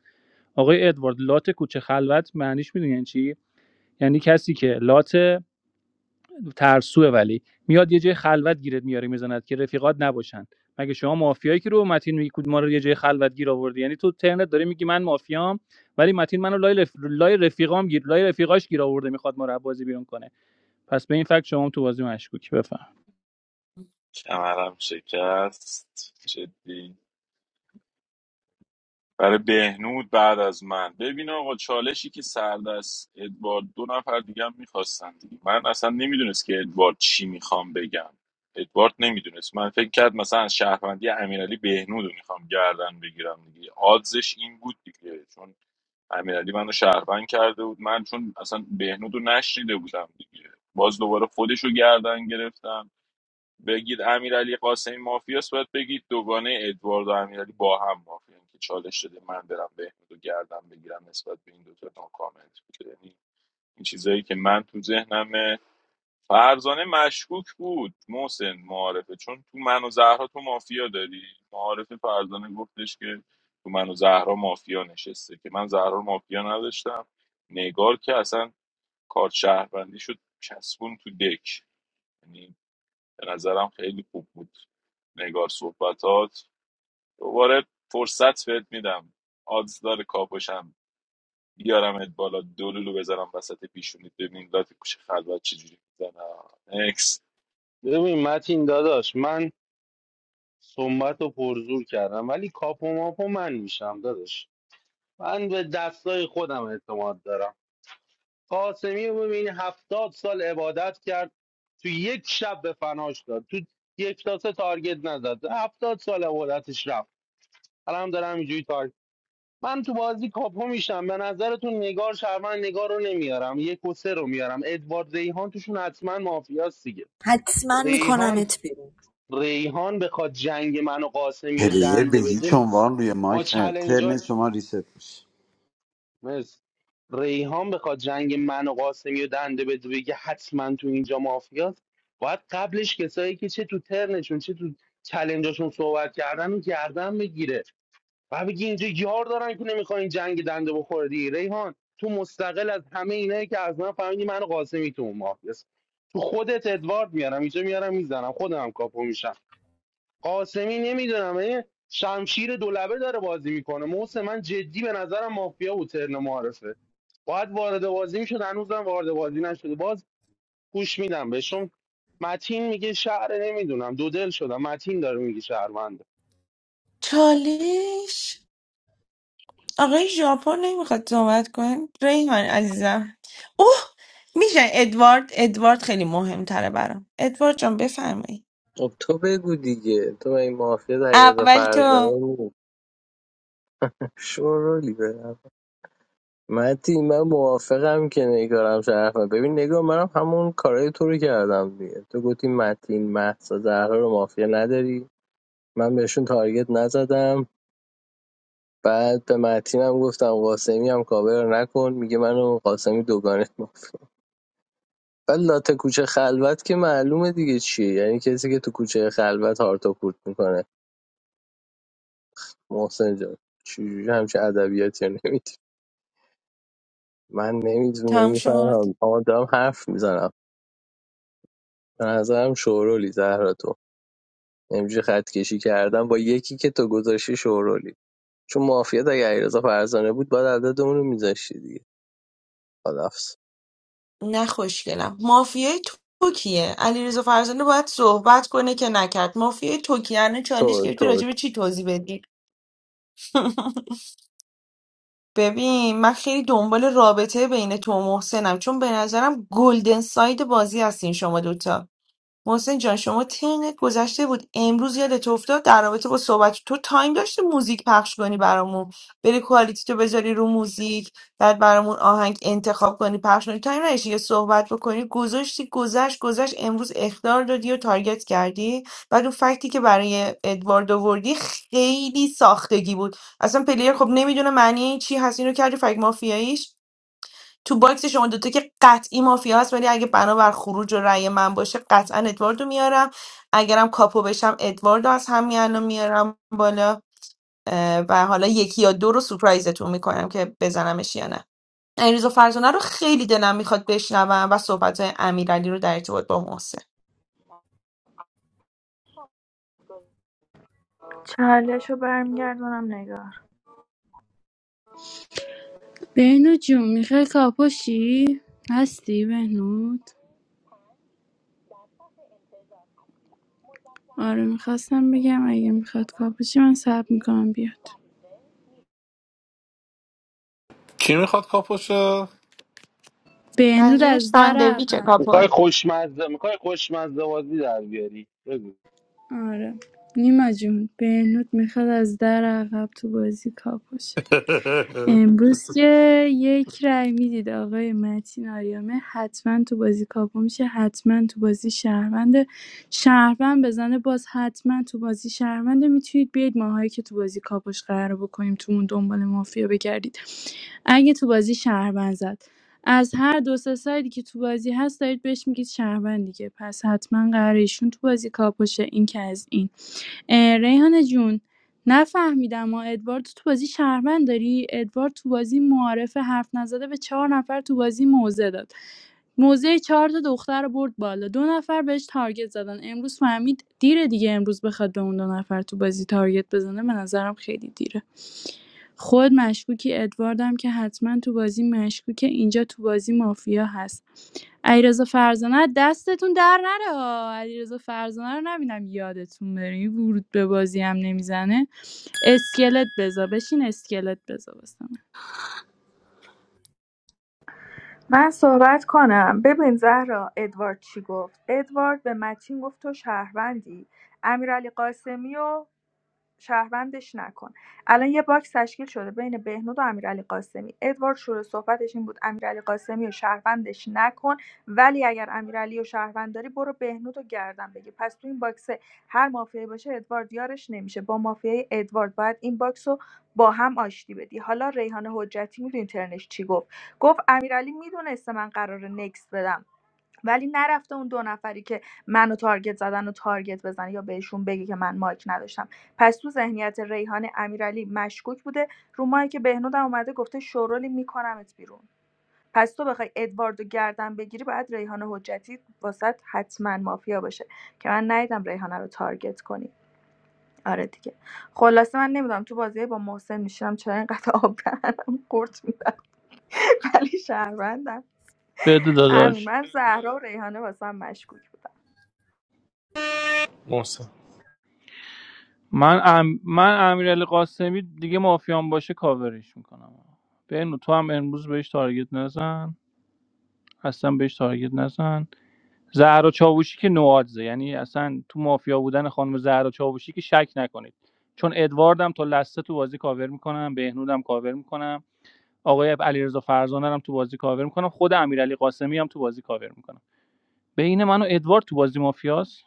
Speaker 16: آقای ادوارد لات کوچه خلوت معنیش میدونین یعنی چی یعنی کسی که لات ترسوه ولی میاد یه جای خلوت گیرت میاره میزند که رفیقات نباشن مگه شما مافیایی که رو متین میگی کود ما رو یه جای خلوت گیر آوردی یعنی تو ترنت داره میگی من مافیام ولی متین منو لای, رف... لای رفیقام گیر لای رفیقاش گیر آورده میخواد ما رو بازی بیرون کنه پس به این فکت شما هم تو بازی مشکوکی بفهم
Speaker 2: کمرم شکست جدی برای بهنود بعد از من ببین آقا چالشی که سردست ادوارد دو نفر دیگه هم میخواستن دیگه من اصلا نمیدونست که ادوارد چی میخوام بگم ادوارد نمیدونست من فکر کرد مثلا از شهروندی امیرعلی بهنود رو میخوام گردن بگیرم دیگه آدزش این بود دیگه چون امیرعلی منو شهروند کرده بود من چون اصلا بهنود رو نشنیده بودم دیگه باز دوباره خودش رو گردن گرفتم بگید امیرعلی قاسمی مافیاست باید بگید دوگانه ادوارد و امیرعلی با هم مافیان که چالش شده من برم بهنود و گردم بگیرم نسبت به این دوتا ناکامنت بوده یعنی این چیزایی که من تو ذهنمه فرزانه مشکوک بود محسن معارفه چون تو من و زهرا تو مافیا داری معارفه فرزانه گفتش که تو من و زهرا مافیا نشسته که من زهرا رو مافیا نداشتم نگار که اصلا کارت شهروندی شد چسبون تو دک یعنی به نظرم خیلی خوب بود نگار صحبتات دوباره فرصت بهت میدم آدز داره کاپوشم بیارمت بالا دلولو بذارم وسط پیشونیت ببین لات کوش خلوت چجوری میزنم اکس
Speaker 12: ببین متین داداش من صنبت رو پرزور کردم ولی کاپو ماپو من میشم داداش من به دستای خودم اعتماد دارم قاسمی رو ببین هفتاد سال عبادت کرد تو یک شب به فناش داد تو یک تا سه تارگت نزد هفتاد سال عبادتش رفت الان دارم اینجوری تارگت من تو بازی کاپو میشم به نظرتون نگار شرمن نگار رو نمیارم یک و سه رو میارم ادوارد ریحان توشون حتما مافیاست دیگه
Speaker 19: حتما
Speaker 12: ریحان
Speaker 19: میکنمت بیرون
Speaker 12: ریحان بخواد جنگ من و قاسمی رو
Speaker 11: پلیر به
Speaker 12: دنده بده
Speaker 11: هیچ عنوان روی
Speaker 12: با
Speaker 11: مایک نه
Speaker 12: چلنجاش
Speaker 11: ترن شما ریست میشه
Speaker 12: مرسی ریحان بخواد جنگ من و قاسمی رو دنده بده بگه حتما تو اینجا مافیاست باید قبلش کسایی که چه تو ترنشون چه تو چلنجاشون صحبت کردن و گردن بگیره و بگی اینجا یار دارن که نمیخوان این جنگ دنده بخوره دیگه ریحان تو مستقل از همه اینایی که از من فهمیدی من و قاسمی تو اون مافیاست تو خودت ادوارد میارم اینجا میارم میزنم خودم هم کاپو میشم قاسمی نمیدونم شمشیر دولبه داره بازی میکنه محسن من جدی به نظرم مافیا بود ترن معارفه باید وارد بازی میشد هنوزم وارد بازی نشده باز گوش میدم بهشون متین میگه شهر نمیدونم دو دل شدم متین داره میگه شهرونده
Speaker 14: چالش آقای ژاپن نمیخواد صحبت کن ریحان عزیزم اوه میشه ادوارد ادوارد خیلی مهمتره برام ادوارد جان بفرمایید
Speaker 6: خب تو بگو دیگه تو با این مافیا در
Speaker 14: اول تو
Speaker 6: فرزانه بود شورولی به متی من موافقم که نگارم شرفم ببین نگاه منم همون کارای تو رو کردم دیگه تو گفتی متین مهسا زهرا رو مافیا نداری من بهشون تارگت نزدم بعد به متین هم گفتم قاسمی هم کاور نکن میگه منو قاسمی دوگانه ما بعد لاته کوچه خلوت که معلومه دیگه چیه یعنی کسی که تو کوچه خلوت هارتو کورت میکنه محسن جان چجوری همچه ادبیاتی رو نمی‌دی؟ من نمیدونم
Speaker 14: تم شد
Speaker 6: نمیفهمم آدم حرف میزنم به نظرم شورولی زهرا تو. اینجوری خط کشی کردم با یکی که تو گذاشتی شورولی چون مافیات اگه علیرضا فرزانه بود باید عددمون رو میذاشتی دیگه خلاص
Speaker 14: نه خوشگلم مافیای تو کیه علیرضا فرزانه باید صحبت کنه که نکرد مافیای تو کیه الان چالش
Speaker 6: تو
Speaker 14: گرفتی
Speaker 6: تو
Speaker 14: راجع به چی توضیح بدی ببین من خیلی دنبال رابطه بین تو و محسنم چون به نظرم گلدن ساید بازی هستین شما دوتا محسن جان شما ترنت گذشته بود امروز یادت افتاد در رابطه با صحبت تو تایم داشتی موزیک پخش کنی برامون بری کوالیتی تو بذاری رو موزیک بعد برامون آهنگ انتخاب کنی پخش کنی تایم نداشتی یه صحبت بکنی گذاشتی گذشت گذشت امروز اخطار دادی و تارگت کردی بعد اون فکتی که برای ادوارد آوردی خیلی ساختگی بود اصلا پلیر خب نمیدونه معنی این چی هست اینو کردی فکت مافیاییش تو باکس شما دوتا که قطعی مافیا هست ولی اگه بنا بر خروج و رأی من باشه قطعا ادواردو میارم اگرم کاپو بشم ادواردو از همین الان میارم بالا اه، و حالا یکی یا دو رو سورپرایزتون میکنم که بزنمش یا نه علیرضا فرزانه رو خیلی دلم میخواد بشنوم و صحبت های امیرعلی رو در ارتباط با محسن
Speaker 15: بهنود جون میخوای کاپوشی هستی بهنود آره میخواستم بگم اگه میخواد کاپوچی من صبر میکنم بیاد
Speaker 3: کی میخواد کاپوشه
Speaker 15: بهنود
Speaker 14: منظورش
Speaker 15: از در
Speaker 14: ساندویچ
Speaker 15: عقب
Speaker 12: میخوای
Speaker 14: کاپل
Speaker 12: خوشمزه میخوای خوشمزه بازی در بیاری بگو
Speaker 15: آره نیما جون بهنود میخواد از در عقب تو بازی کاپوشه امروز که یک رای میدید آقای متین آریامه حتما تو بازی کاپو میشه حتما تو بازی شهرونده شهروند بزنه باز حتما تو بازی شهرونده میتونید بیاید ماهایی که تو بازی کاپوش قرار بکنیم تو اون دنبال مافیا بگردید اگه تو بازی شهروند زد از هر دو سه سایدی که تو بازی هست دارید بهش میگید شهروند دیگه پس حتما قراره ایشون تو بازی کاپوشه این که از این ریحانه جون نفهمیدما ادوارد تو بازی شهروند داری ادوارد تو بازی معارف حرف نزده به چهار نفر تو بازی موزه داد موزه چهار تا دختر رو برد بالا دو نفر بهش تارگت زدن امروز فهمید دیره دیگه امروز بخواد به اون دو نفر تو بازی تارگت بزنه به نظرم خیلی دیره خود مشکوکی ادواردم که حتما تو بازی مشکوکه اینجا تو بازی مافیا هست علیرضا فرزانه دستتون در نره ها علیرضا فرزانه رو نبینم یادتون بره این ورود به بازی هم نمیزنه اسکلت بذار بشین اسکلت بذار واسه من.
Speaker 17: من صحبت کنم ببین زهرا ادوارد چی گفت ادوارد به متین گفت تو شهروندی امیرعلی قاسمی و شهروندش نکن الان یه باکس تشکیل شده بین بهنود و امیرعلی قاسمی ادوارد شروع صحبتش این بود امیرعلی قاسمی و شهروندش نکن ولی اگر امیرعلی و شهروند داری برو بهنود و گردن بگیر پس تو این باکس هر مافیایی باشه ادوارد یارش نمیشه با مافیای ادوارد باید این باکس رو با هم آشتی بدی حالا ریحان حجتی میدونی ترنش چی گفت گفت امیرعلی میدونسته من قرار نکس بدم ولی نرفته اون دو نفری که منو تارگت زدن و تارگت بزنه یا بهشون بگه که من مایک نداشتم پس تو ذهنیت ریحان امیرعلی مشکوک بوده رو مایی که بهنودم اومده گفته شورولی میکنمت بیرون پس تو بخوای ادواردو گردن بگیری باید ریحان حجتی واسط حتما مافیا باشه که من ندیدم ریحانه رو تارگت کنی آره دیگه خلاصه من نمیدونم تو بازی با محسن میشم چرا اینقدر آب دهنم قورت میدم ولی شهروندم
Speaker 16: بده
Speaker 17: همین
Speaker 16: داداش
Speaker 17: من زهرا و ریحانه واسم مشکوک بود
Speaker 4: محسن
Speaker 16: من ام... من امیرعلی قاسمی دیگه مافیان باشه کاورش میکنم بنو تو هم امروز بهش تارگت نزن اصلا بهش تارگت نزن زهرا چاوشی که نوادزه یعنی اصلا تو مافیا بودن خانم زهرا چاوشی که شک نکنید چون ادواردم تا لسته تو بازی کاور میکنم بهنودم کاور میکنم آقای علیرضا فرزانه رو هم تو بازی کاور میکنم خود امیرعلی قاسمی هم تو بازی کاور میکنم بین من و ادوارد تو بازی مافیاست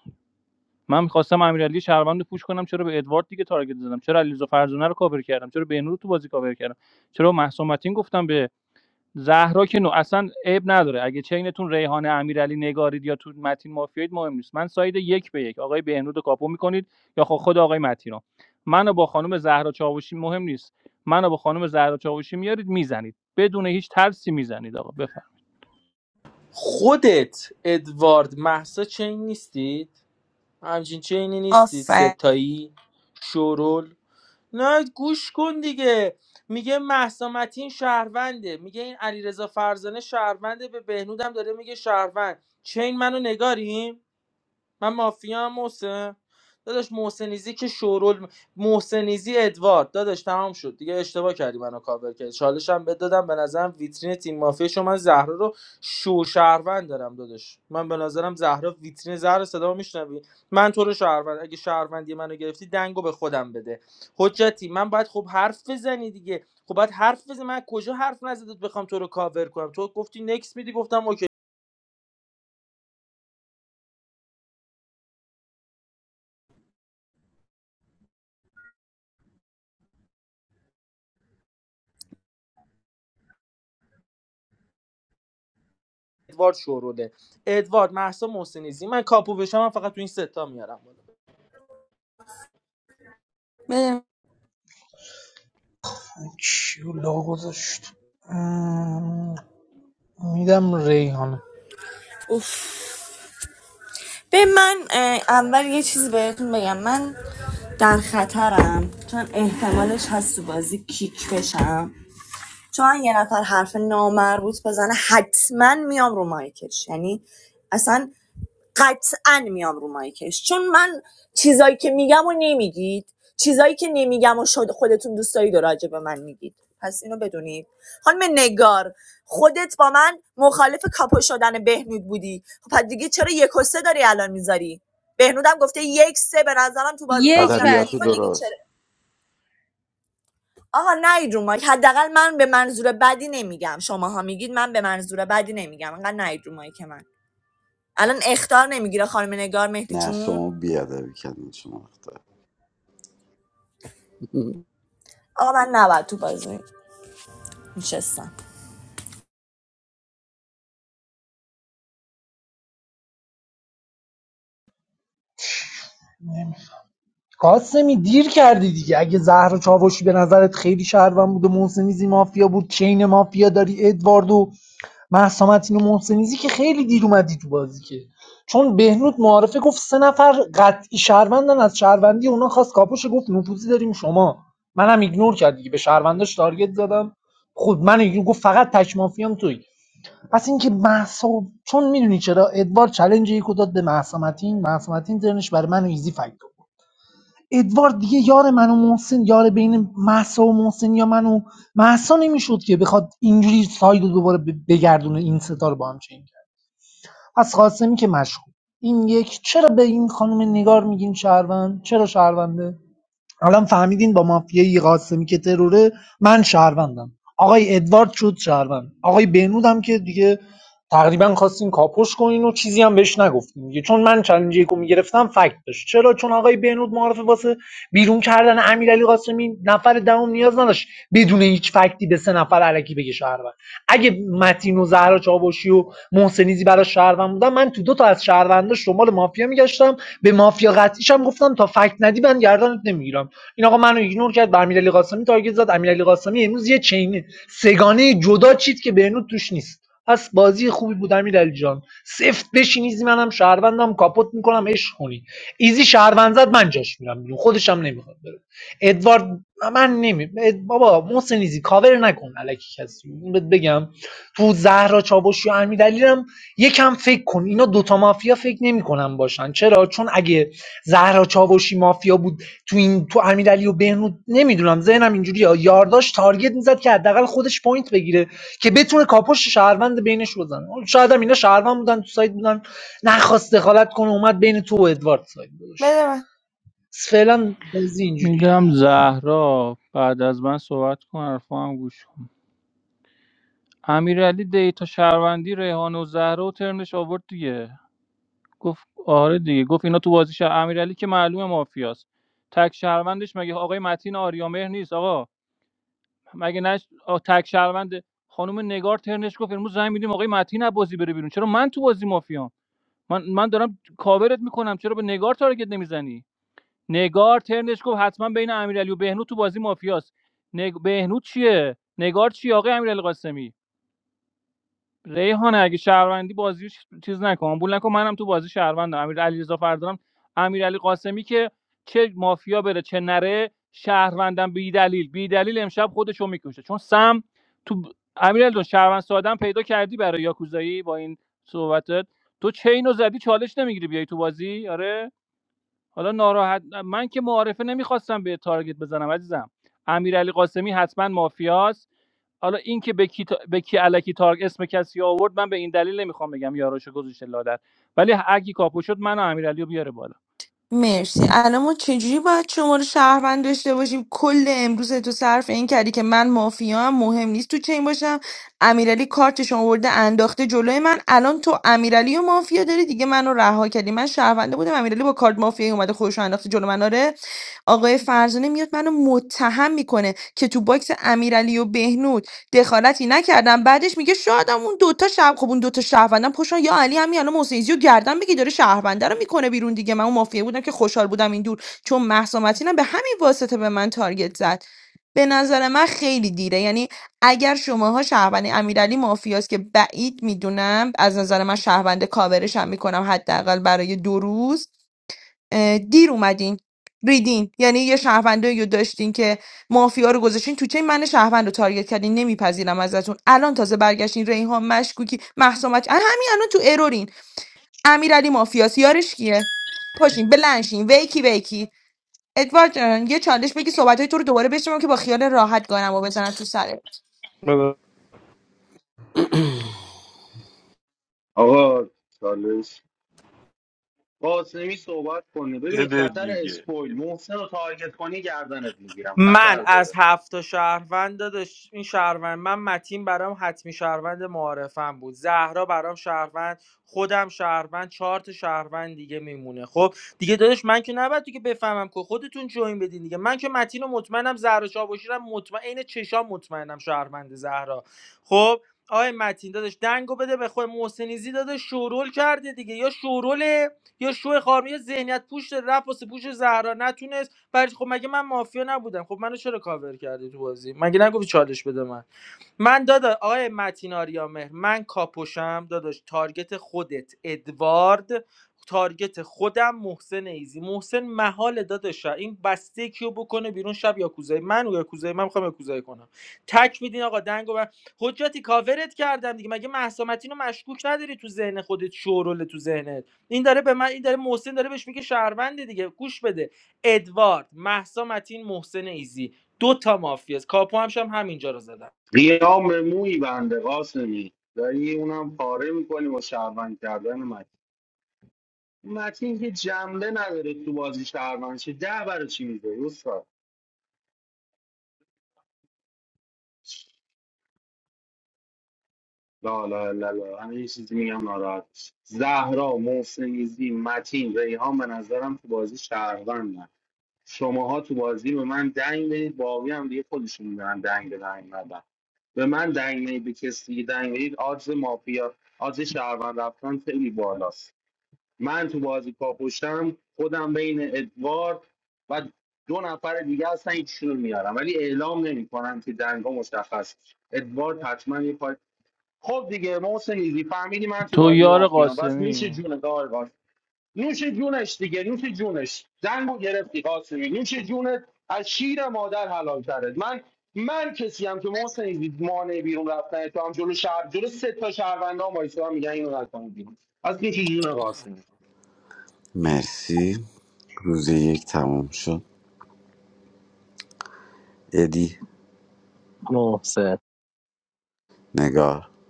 Speaker 16: من می‌خواستم امیرعلی شهروند رو پوش کنم چرا به ادوارد دیگه تارگت زدم چرا علیرضا فرزانه رو کاور کردم چرا بهنود تو بازی کاور کردم چرا محسومتین گفتم به زهرا که نو اصلا عیب نداره اگه چینتون ریحانه امیرعلی نگارید یا تو متین مافیایید مهم نیست من ساید یک به یک آقای بهنود رو کاپو میکنید یا خود, خود آقای متین رو منو با خانم زهرا چاوشی مهم نیست منو با خانم زهرا چاوشی میارید میزنید بدون هیچ ترسی میزنید آقا بفرمایید
Speaker 4: خودت ادوارد محسا چین نیستید همچین چینی نیستید
Speaker 14: آفر
Speaker 4: ستایی شورول نه گوش کن دیگه میگه محسا متین شهرونده میگه این علیرضا فرزانه شهرونده به بهنودم داره میگه شهروند چین منو نگاریم من مافیا هم محسن داداش محسنیزی که شورول محسنیزی ادوارد داداش تمام شد دیگه اشتباه کردی منو کاور کردی چالش هم بد دادم به نظرم ویترین تیم مافیا شو من زهرا رو شو شهروند دارم داداش من به نظرم زهرا ویترین زهرا صدا میشنوی من تو رو شهروند اگه شهروندی منو گرفتی دنگو به خودم بده حجتی من باید خب حرف بزنی دیگه خب باید حرف بزنی من کجا حرف نزدت بخوام تو رو کاور کنم تو گفتی نکس میدی گفتم اوکی ادوارد شوروله ادوارد محسا محسنیزی من کاپو بشم من فقط تو این ستا میارم
Speaker 14: بده من.
Speaker 7: کیو لا گذاشت میدم ریحانه
Speaker 19: اوف به من اول یه چیز بهتون بگم من در خطرم چون احتمالش هست تو بازی کیک بشم چون یه نفر حرف نامربوط بزنه حتما میام رو مایکش یعنی اصلا قطعا میام رو مایکش چون من چیزایی که میگم و نمیگید چیزایی که نمیگم و شد خودتون دوست دارید و راجع به من میگید پس اینو بدونید خانم نگار خودت با من مخالف کاپو شدن بهنود بودی خب پس دیگه چرا یک و سه داری الان میذاری بهنودم گفته یک سه به نظرم تو بازی
Speaker 15: یک
Speaker 19: مافیان
Speaker 11: ادبیات رو
Speaker 19: تو
Speaker 15: وسه
Speaker 19: دیگه چرا
Speaker 11: درست
Speaker 19: آقا نید رو مایک حداقل من به منظور بدی نمیگم شماها میگید من به منظور بدی نمیگم انقدر نید رو مایک من الان اخطار نمیگیره خانم نگار مهدی
Speaker 11: نه
Speaker 19: جون
Speaker 11: شما بیادبی کردین شما اختار
Speaker 19: آقا من نباید تو بازی میشستم
Speaker 7: قاسمی دیر کردی دیگه اگه زهر چاوشی به نظرت خیلی شهروند بود و محسنیزی مافیا بود چین مافیا داری ادوارد و مهسا متین و محسنیزی که خیلی دیر اومدی تو بازی که چون بهنود معارفه گفت سه نفر قطعی شهروندن از شهروندی اونا خواست کاپوش گفت نفوذی داریم شما منم ایگنور کرد دیگه به شهرونداش تارگت زدم خود من ایگنور گفت فقط تک مافیام توی پس اینکه محسا چون میدونی چرا ادوارد چلنج یکو داد به محسا متین مهسا متین ترنش برای من ایزی فکت بود ادوارد دیگه یار من و محسن یار بین محسا و محسن یا من و محسا نمیشد که بخواد اینجوری ساید دوباره بگردونه این ستا با هم چنگ کرد پس قاسمی که مشغول این یک چرا به این خانم نگار میگین شهروند چرا شهرونده الان فهمیدین با مافیای قاسمی که تروره من شهروندم آقای ادوارد شد شهروند آقای بهنود هم که دیگه تقریبا خواستین کاپوش کنین و چیزی هم بهش نگفتین دیگه چون من چلنج یکو میگرفتم فکت داشت چرا چون آقای بهنود معرفه واسه بیرون کردن امیرعلی قاسمی نفر دهم نیاز نداشت بدون هیچ فکتی به سه نفر علکی بگه شهروند اگه متین و زهرا چاوشی و محسنیزی برای شهروند بودن من تو دو تا از شهرونداش دنبال مافیا میگشتم به مافیا قطعیشم گفتم تا فکت ندی من گردنت نمیگیرم این آقا منو ایگنور کرد به امیرعلی قاسمی تارگت زد امیرعلی قاسمی امروز یه چینه سگانه جدا چید که بهنود توش نیست پس بازی خوبی بود امیرعلی جان سفت بشین ایزی منم شهروندم کاپوت میکنم عشق خونی ایزی شهروند زد من جاش میرم بیرون خودشم نمیخواد بره ادوارد من نمی بابا محسن ایزی کاور نکن الکی کسی این بهت بگم تو زهرا چاوش و امیر هم یکم فکر کن اینا دوتا مافیا فکر نمیکنن باشن چرا چون اگه زهرا چاوشی مافیا بود تو این تو امیرعلی و بهنود نمیدونم ذهنم اینجوریه یارداش تارگت میزد که حداقل خودش پوینت بگیره که بتونه کاپوش شهروند بینش بزنه شاید هم اینا شهروند بودن تو سایت بودن نخواست دخالت کنه اومد بین تو و ادوارد سایت گذاشت
Speaker 14: بده من.
Speaker 7: فعلا بازی اینجوریه
Speaker 16: میدم زهرا بعد از من صحبت کن حرفا هم گوش کن امیرعلی دیتا شهروندی ریحان و زهرا و ترنش آورد دیگه گفت آره دیگه گفت اینا تو بازی شهر امیرعلی که معلومه مافیاست تک شهروندش مگه آقای متین آریامهر نیست آقا مگه نش آ، تک شهروند خانم نگار ترنش گفت امروز زنگ میدیم آقای متین از بازی بره بیرون چرا من تو بازی مافیام من من دارم کاورت میکنم چرا به نگار تارگت نمیزنی نگار ترنش گفت حتما بین امیرعلی و بهنود تو بازی مافیاست نگ... بهنود چیه نگار چی آقای امیرعلی قاسمی ریحانه اگه شهروندی بازی چیز نکن آمبول نکن منم تو بازی شهروندم امیر علیرضا فردانم امیرعلی قاسمی که چه مافیا بره چه نره شهروندم بی دلیل بی دلیل امشب خودشو میکشه چون سم تو امیرعلی جان، شهروند سادم پیدا کردی برای یاکوزایی با این صحبتت تو چینو زدی چالش نمیگیری بیای تو بازی آره حالا ناراحت من که معارفه نمیخواستم به تارگت بزنم عزیزم امیرعلی قاسمی حتما مافیاست حالا این که به کی, تا... به کی علکی تارگ اسم کسی آورد من به این دلیل نمیخوام بگم یاراشو گذاشته لادر ولی اگه کاپو شد من و امیرعلی رو بیاره بالا
Speaker 14: مرسی الان ما چجوری باید شما رو شهروند داشته باشیم کل امروز تو صرف این کردی که من مافیا هم مهم نیست تو چین باشم امیرعلی کارتشون آورده انداخته جلوی من الان تو امیرعلی و مافیا داری دیگه منو رها کردی من شهرونده بودم امیرعلی با کارت مافیایی اومده خودش رو انداخته جلو من آره آقای فرزانه میاد منو متهم میکنه که تو باکس امیرعلی و بهنود دخالتی نکردم بعدش میگه شاید هم اون دوتا شب خب اون دوتا شهروندم پشتن یا علی همین الان محسن ایزی رو گردن بگی داره شهرونده رو میکنه بیرون دیگه من اون مافیا بودم که خوشحال بودم این دور چون مهسا متینم به همین واسطه به من تارگت زد به نظر من خیلی دیره یعنی اگر شماها شهروند امیرعلی مافیاست که بعید میدونم از نظر من شهروند کاورش هم میکنم حداقل برای دو روز اه، دیر اومدین ریدین یعنی یه شهروندی رو داشتین که مافیا رو گذاشتین تو چین من شهروند رو تارگت کردین نمیپذیرم ازتون الان تازه برگشتین ریحان مشکوکی محسومت همین الان تو ارورین امیرعلی مافیاس یارش کیه پاشین بلنشین ویکی ویکی ادوارد جان یه چالش بگی صحبتهای تو رو دوباره بشنوم که با خیال راحت گانم و بزنم تو سرت
Speaker 4: بالا
Speaker 12: آقا چالش قاسمی صحبت کنه ببین
Speaker 2: بده
Speaker 12: خطر
Speaker 2: دیگه
Speaker 12: اسپویل محسن رو تارگت کنی گردنت میگیرم خطر
Speaker 4: من
Speaker 12: داره
Speaker 4: از هفت تا شهروند داداش این شهروند من متین برام حتمی شهروند معارفم بود زهرا برام شهروند خودم شهروند چهار تا شهروند دیگه میمونه خب دیگه داداش من که نباید دیگه بفهمم که خودتون جوین بدین دیگه من که متین و مطمئنم زهرا چاوشیرم مطمئن عین چشام مطمئنم شهروند زهرا خب آقای متین داداش دنگو بده به خود محسنیزی داده شورول کرده دیگه یا شوروله یا شو خارمی یا ذهنیت پوش رفت واسه پوش زهرا نتونه برای خب مگه من مافیا نبودم خب منو چرا کاور کردی تو بازی مگه نگفتی چالش بده من من دادا آقای متین آریامهر من کاپوشم داداش تارگت خودت ادوارد تارگت خودم محسن ایزی محسن محال داداشا این بسته کیو بکنه بیرون شب یاکوزای من و یاکوزای من میخوام یاکوزای کنم تک میدین آقا دنگو و حجتی کاورت کردم دیگه مگه محسامتین رو مشکوک نداری تو ذهن خودت شورول تو ذهنت این داره به من این داره محسن داره بهش میگه شهرونده دیگه گوش بده ادوارد محسا متین محسن ایزی دو تا مافیاست کاپو همشم همینجا رو زدم
Speaker 12: قیام مویی بنده قاسمی داری اونم پاره میکنی با شهروند کردن متین متین که جمله نداره تو بازی شهروند چه ده برای چی میده استاد لا لا لا لا همه یه چیزی میگم ناراحت می‌شی. زهرا محسنیزی متین ریحان به نظرم تو بازی شهروندن شماها تو بازی به من دنگ بدید باقی هم دیگه خودشون میدونن دنگ به دنگ ندن به من دنگ بدید به کسی دنگ بدید آدز مافیا آدز شهروند رفتن خیلی بالاست من تو بازی کاپشتم خودم بین ادوارد و دو نفر دیگه هستن هیچشون رو میارم ولی اعلام نمیکنم که دنگا مشخص بشه. ادوارد حتما یه پای خب دیگه محسن ایزی فهمیدی من تو
Speaker 16: تو
Speaker 12: بازی
Speaker 16: یار
Speaker 12: مافیام بس نوش
Speaker 16: قاسمی
Speaker 12: جون دارگاز نوش جونش دیگه نوش جونش دنگو گرفتی قاسمی نوش جونت از شیر مادر حلال ترد من من کسی هم که محسن ایزی مانع بیرون رفتن تو هم جلو شهر جلو سه تا شهروندان وایسا میگن اینو نکنید بیرون از نوش جون قاسمی
Speaker 11: مرسی روز یک تموم شد ادی
Speaker 6: محسن
Speaker 11: نگار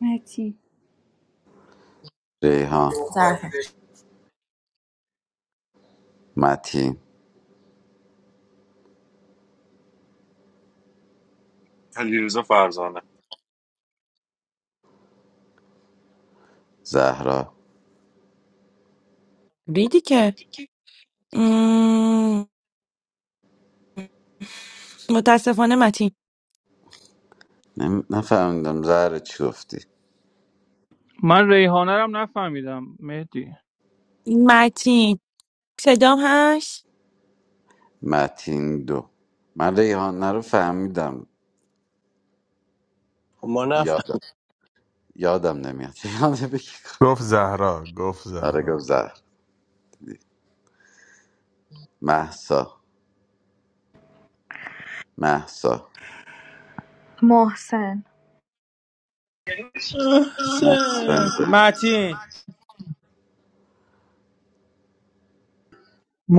Speaker 15: متی
Speaker 11: ریحان متین
Speaker 2: علیرضا فرزانه
Speaker 11: زهرا
Speaker 14: ریدی که مم، متاسفانه متین
Speaker 11: نفهمیدم زهرا چی گفتی
Speaker 16: من ریحانه رو هم نفهمیدم مهدی
Speaker 14: متین صدام هست
Speaker 11: متین دو من ریحان رو فهمیدم
Speaker 6: ما نفهم
Speaker 11: یادم یادم نمیاد ریحان بگی کن.
Speaker 18: گفت زهرا گفت
Speaker 11: آره گفت
Speaker 18: زهرا
Speaker 11: زهر محسا محسا
Speaker 17: محسن
Speaker 11: محسن دو.
Speaker 4: چه؟ متین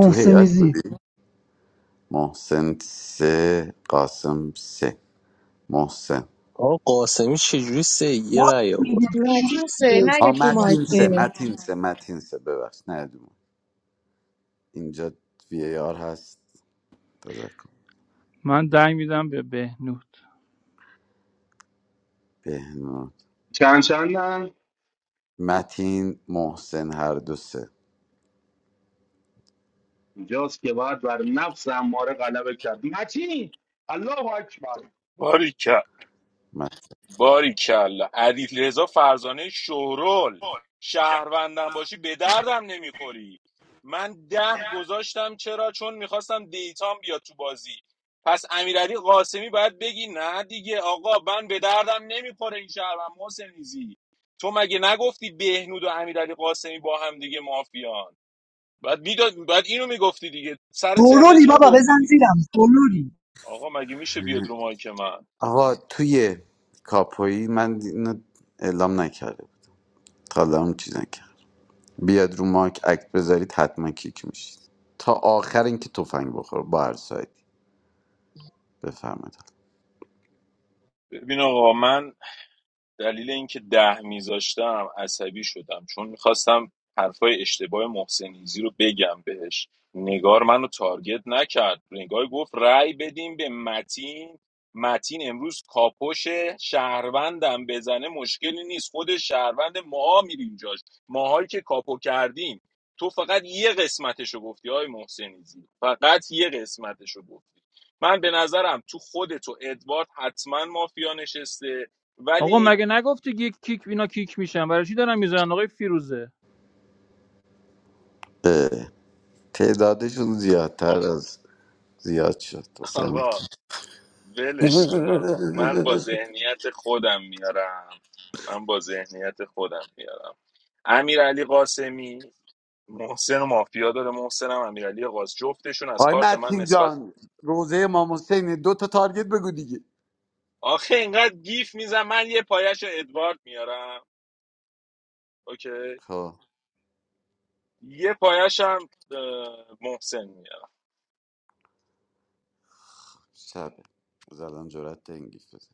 Speaker 11: تو هیات بودی محسن سه قاسم سه محسن
Speaker 6: آقا قاسمی چجوری سه یه
Speaker 7: راست
Speaker 6: رأی
Speaker 7: میگه
Speaker 6: آورد
Speaker 7: چجوری
Speaker 8: نتوسه نه
Speaker 11: آ
Speaker 8: یک رومای
Speaker 11: متین سه
Speaker 8: که
Speaker 11: متین سه متین سه ببخش نه اینجا وی ای آر هست تذکر
Speaker 16: من دنگ میدم به بهنود
Speaker 11: بهنام
Speaker 12: چند چندن
Speaker 11: متین محسن هر دو سه
Speaker 12: اینجاست که باید بر نفس اماره غلبه کرد متین الله اکبر
Speaker 2: باری
Speaker 11: متین.
Speaker 2: باریکلا علی رضا فرزانه شورول شهروندم باشی به دردم نمیخوری من ده گذاشتم چرا چون میخواستم دیتام بیاد تو بازی پس امیرعلی قاسمی باید بگی نه دیگه آقا من به دردم نمیخوره این شهروند محسنیزی تو مگه نگفتی بهنود و امیرعلی قاسمی با هم دیگه مافیان بعد میداد بعد اینو میگفتی دیگه سر ترنت
Speaker 7: گرولی
Speaker 2: اینو
Speaker 7: بابا
Speaker 2: گفتی
Speaker 7: بزن
Speaker 2: دیگه
Speaker 7: زیرم گرولی
Speaker 2: آقا مگه میشه بیاد رو مایک من
Speaker 11: آقا توی کاپویی من اینو اعلام نکرده بود تا حالا هم چیز نکرد بیاد رو ماک اکت بذارید حتما کیک میشید تا آخر اینکه تفنگ بخور با هر سایدی بفرمایید
Speaker 2: ببین آقا من دلیل اینکه ده میذاشتم عصبی شدم چون میخواستم حرفای اشتباه محسنیزی رو بگم بهش نگار منو تارگت نکرد نگار گفت رأی بدیم به متین متین امروز کاپوش شهروندم بزنه مشکلی نیست خود شهروند ماها میریم جاش ماهایی که کاپو کردیم تو فقط یه قسمتشو گفتی های محسنیزی فقط یه قسمتشو گفتی من به نظرم تو خودتو ادوارد حتما مافیا نشسته
Speaker 16: آقا
Speaker 2: ولی
Speaker 16: مگه نگفتی یک کیک اینا کیک میشن برای چی دارن میزنن آقای فیروزه
Speaker 11: اه، تعدادشون زیادتر
Speaker 2: آقا
Speaker 11: از زیاد شد مثلا
Speaker 2: آقا ولش کن آقا من با ذهنیت خودم میارم من با ذهنیت خودم میارم امیر قاسمی محسن و مافیا داره محسنم امیر علی جفتشون از
Speaker 11: آی
Speaker 2: کارت من
Speaker 11: متین
Speaker 2: نسبت
Speaker 11: جان روزه امام حسینه دو تا تارگت بگو دیگه
Speaker 2: آخه اینقدر گیف میزم من یه پایش ادوارد میارم اوکی
Speaker 11: خب
Speaker 2: یه پایش هم اه، محسن میارم
Speaker 11: شبه زدم جرات انگیز بزن.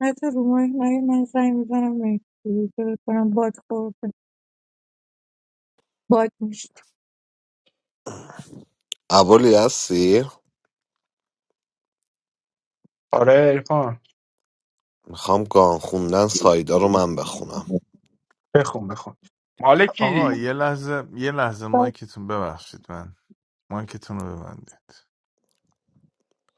Speaker 8: نه تو رومای نه من سعی میزنم کنم باد خورده باد میشه
Speaker 1: ابولی هستی
Speaker 10: آره ارفان
Speaker 1: میخوام گان خوندن سایدا رو من بخونم
Speaker 10: بخون بخون
Speaker 18: آقا
Speaker 10: مالکی
Speaker 18: یه لحظه یه لحظه
Speaker 8: باد
Speaker 18: مایکتون ببخشید من مایکتون رو ببندید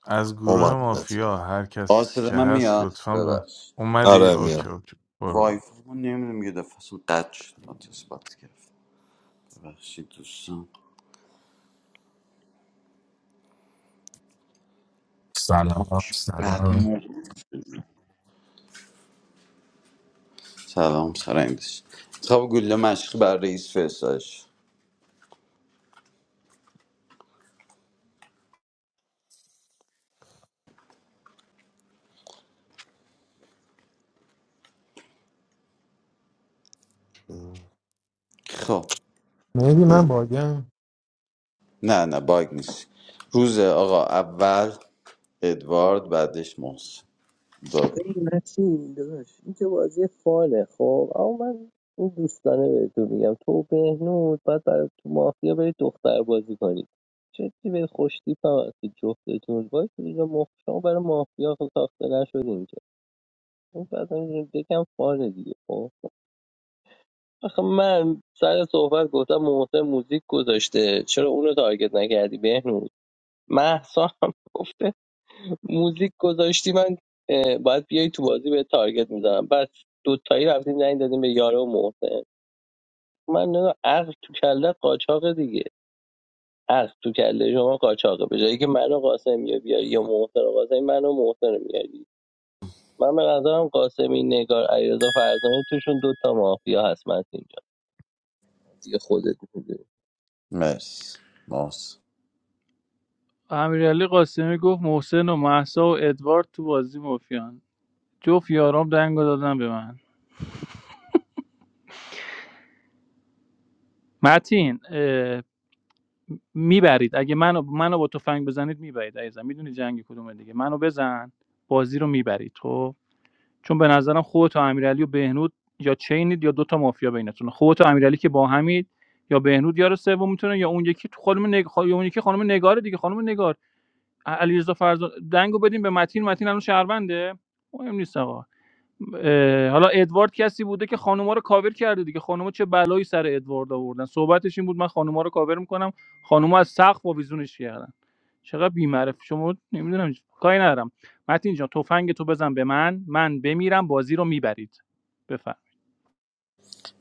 Speaker 18: از گروه
Speaker 1: اومد نت.
Speaker 18: مافیا هر
Speaker 11: آه
Speaker 18: کس
Speaker 11: صدا
Speaker 18: که
Speaker 11: من
Speaker 18: هست
Speaker 11: میاد
Speaker 18: لطفا ب...
Speaker 11: ببخش
Speaker 18: اومدی
Speaker 1: آره
Speaker 18: اوکی
Speaker 1: میام
Speaker 18: اوکی برو برو.
Speaker 11: وایفای ما نمیدونم یه دفعه اصلا قد شد آتیس بات گرفت ببخشید دوستان
Speaker 21: سلام
Speaker 11: بعد
Speaker 21: سلام
Speaker 11: مو سلام سر این دوست. خب گله مشقی بر رئیس فرستادش خب
Speaker 5: مهدی من باگم
Speaker 11: نه نه باگ نیست روز آقا اول ادوارد بعدش محسن دور
Speaker 6: ببین نسیم داداش این که بازی فانه خب اما من این دوستانه بهتون میگم تو و بهنود باید برای تو مافیا برید دختر بازی کنید جدی به خوشتیپ هم هستید جفتتون باید اینجا مخشان برای مافیا خب ساخته نشدیم اون بعد هم یکم فاره دیگه خب آخه من سر صحبت گفتم محسن موزیک گذاشته چرا اونو تارگت نکردی بهنوز محسا هم گفته موزیک گذاشتی من اه، باید بیای تو بازی به تارگت میزنم بس دوتایی رفتیم زنگ دادیم به یاره و محسن من نمی‌دونم، عقل تو کله قاچاق دیگه عقل تو کله شما قاچاقه به جایی که منو قاسمی رو بیاری یا محسن و قاسمی منو محسن رو میاری من به نظرم قاسمی نگار علیرضا فرزانه توشون دوتا مافیا هست من اینجا دیگه خودت میدونی
Speaker 11: مرسی محسن
Speaker 16: امیرعلی قاسمی گفت محسن و محسا و ادوارد تو بازی مافیان جفت یارام دنگو دادن به من متین اه، میبرید اگه منو منو با تفنگ بزنید میبرید عزیزم میدونی جنگ کدومه دیگه منو بزن بازی رو میبرید خب چون به نظرم خودت و امیرعلی و بهنود یا چینید یا دوتا مافیا بینتون خودت و امیرعلی که با همید یا بهنود یار سوم میتونه یا اون یکی تو خانم نگ... خا- یا اون یکی خانم نگار دیگه خانم نگار ع- علیرضا فرزاد دنگو بدیم به متین متین الان شهرونده مهم نیست آقا اه، حالا ادوارد کسی بوده که خانوما رو کاور کرده دیگه خانوما چه بلایی سر ادوارد آوردن صحبتش این بود من خانوما رو کاور میکنم خانوما از سقف آویزونش کردن چقدر بی‌معرف شما نمیدونم کاری ندارم متین جان تفنگ تو بزن به من من بمیرم بازی رو میبرید بفهم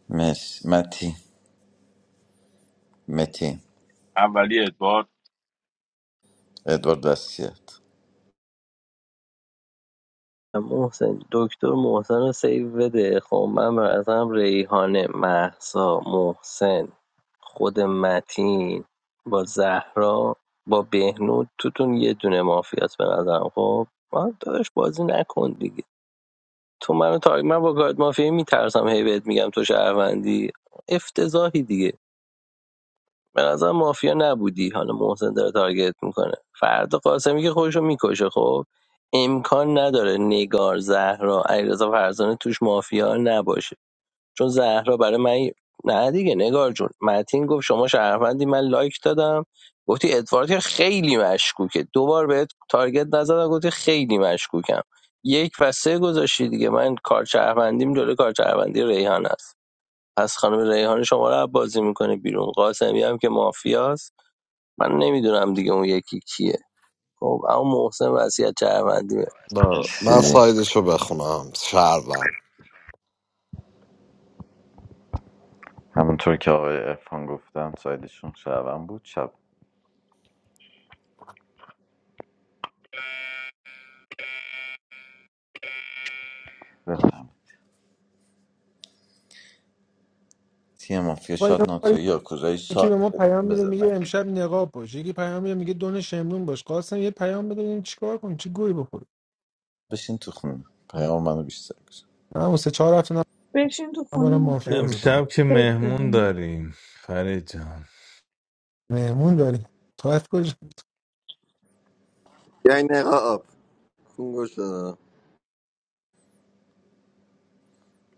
Speaker 11: مرسی متی متی
Speaker 2: اولی ادوارد
Speaker 11: ادوارد وسیعت
Speaker 6: محسن دکتر محسن رو سیو بده خب من به نظرم ریحانه محسا محسن خود متین با زهرا با بهنود توتون یه دونه مافیاس به نظرم خب من داداش بازی نکن دیگه تو منو تارگ من با گارد مافیا میترسم هی بهت میگم تو شهروندی افتضاحی دیگه به نظر مافیا نبودی حالا محسن داره تارگت میکنه فردا قاسمی که خودشو میکشه خب امکان نداره نگار زهرا علیرضا فرزانه توش مافیا نباشه چون زهرا برای من نه دیگه نگار جون متین گفت شما شهروندی من لایک دادم گفتی ادوارد که خیلی مشکوکه دوبار بهت تارگت نزدم گفتی خیلی مشکوکم یک و سه گذاشتی دیگه من کار شهروندیم جلوی کار شهروندی ریحان است پس خانم ریحان شما رو بازی میکنه بیرون قاسمی هم که مافیاست من نمیدونم دیگه اون یکی کیه خب اما محسن وصیت چهروندیه
Speaker 1: با- من
Speaker 11: مرسی
Speaker 1: سایدش رو بخونم شهروند
Speaker 11: همونطور که آقای ارفان گفتم سایدشون شبم بود شب بفرمایید. تیم مافیا
Speaker 5: با اینا
Speaker 11: شاد
Speaker 5: کاری-
Speaker 11: ناتوی یا کوزایی
Speaker 5: یکی
Speaker 11: شاد
Speaker 5: به ما پیام میده
Speaker 11: بزن
Speaker 5: میگه
Speaker 11: نکن
Speaker 5: امشب نقاب باش یکی پیام میده میگه دون شمرون باش قاسم یه پیام بده ببینیم چیکار کنیم چی گوی بخوری
Speaker 11: بشین تو خونه پیام منو بیشتر کشم
Speaker 5: من اون سه چهار هفته
Speaker 8: بشین تو خونه
Speaker 5: نبارم مافیا بازی کنم
Speaker 18: امشب که
Speaker 8: فکر
Speaker 18: مهمون
Speaker 8: بزن
Speaker 18: داریم فرید جان.
Speaker 5: مهمون داریم تایف کجا
Speaker 22: یعنی نقاب گوش دادم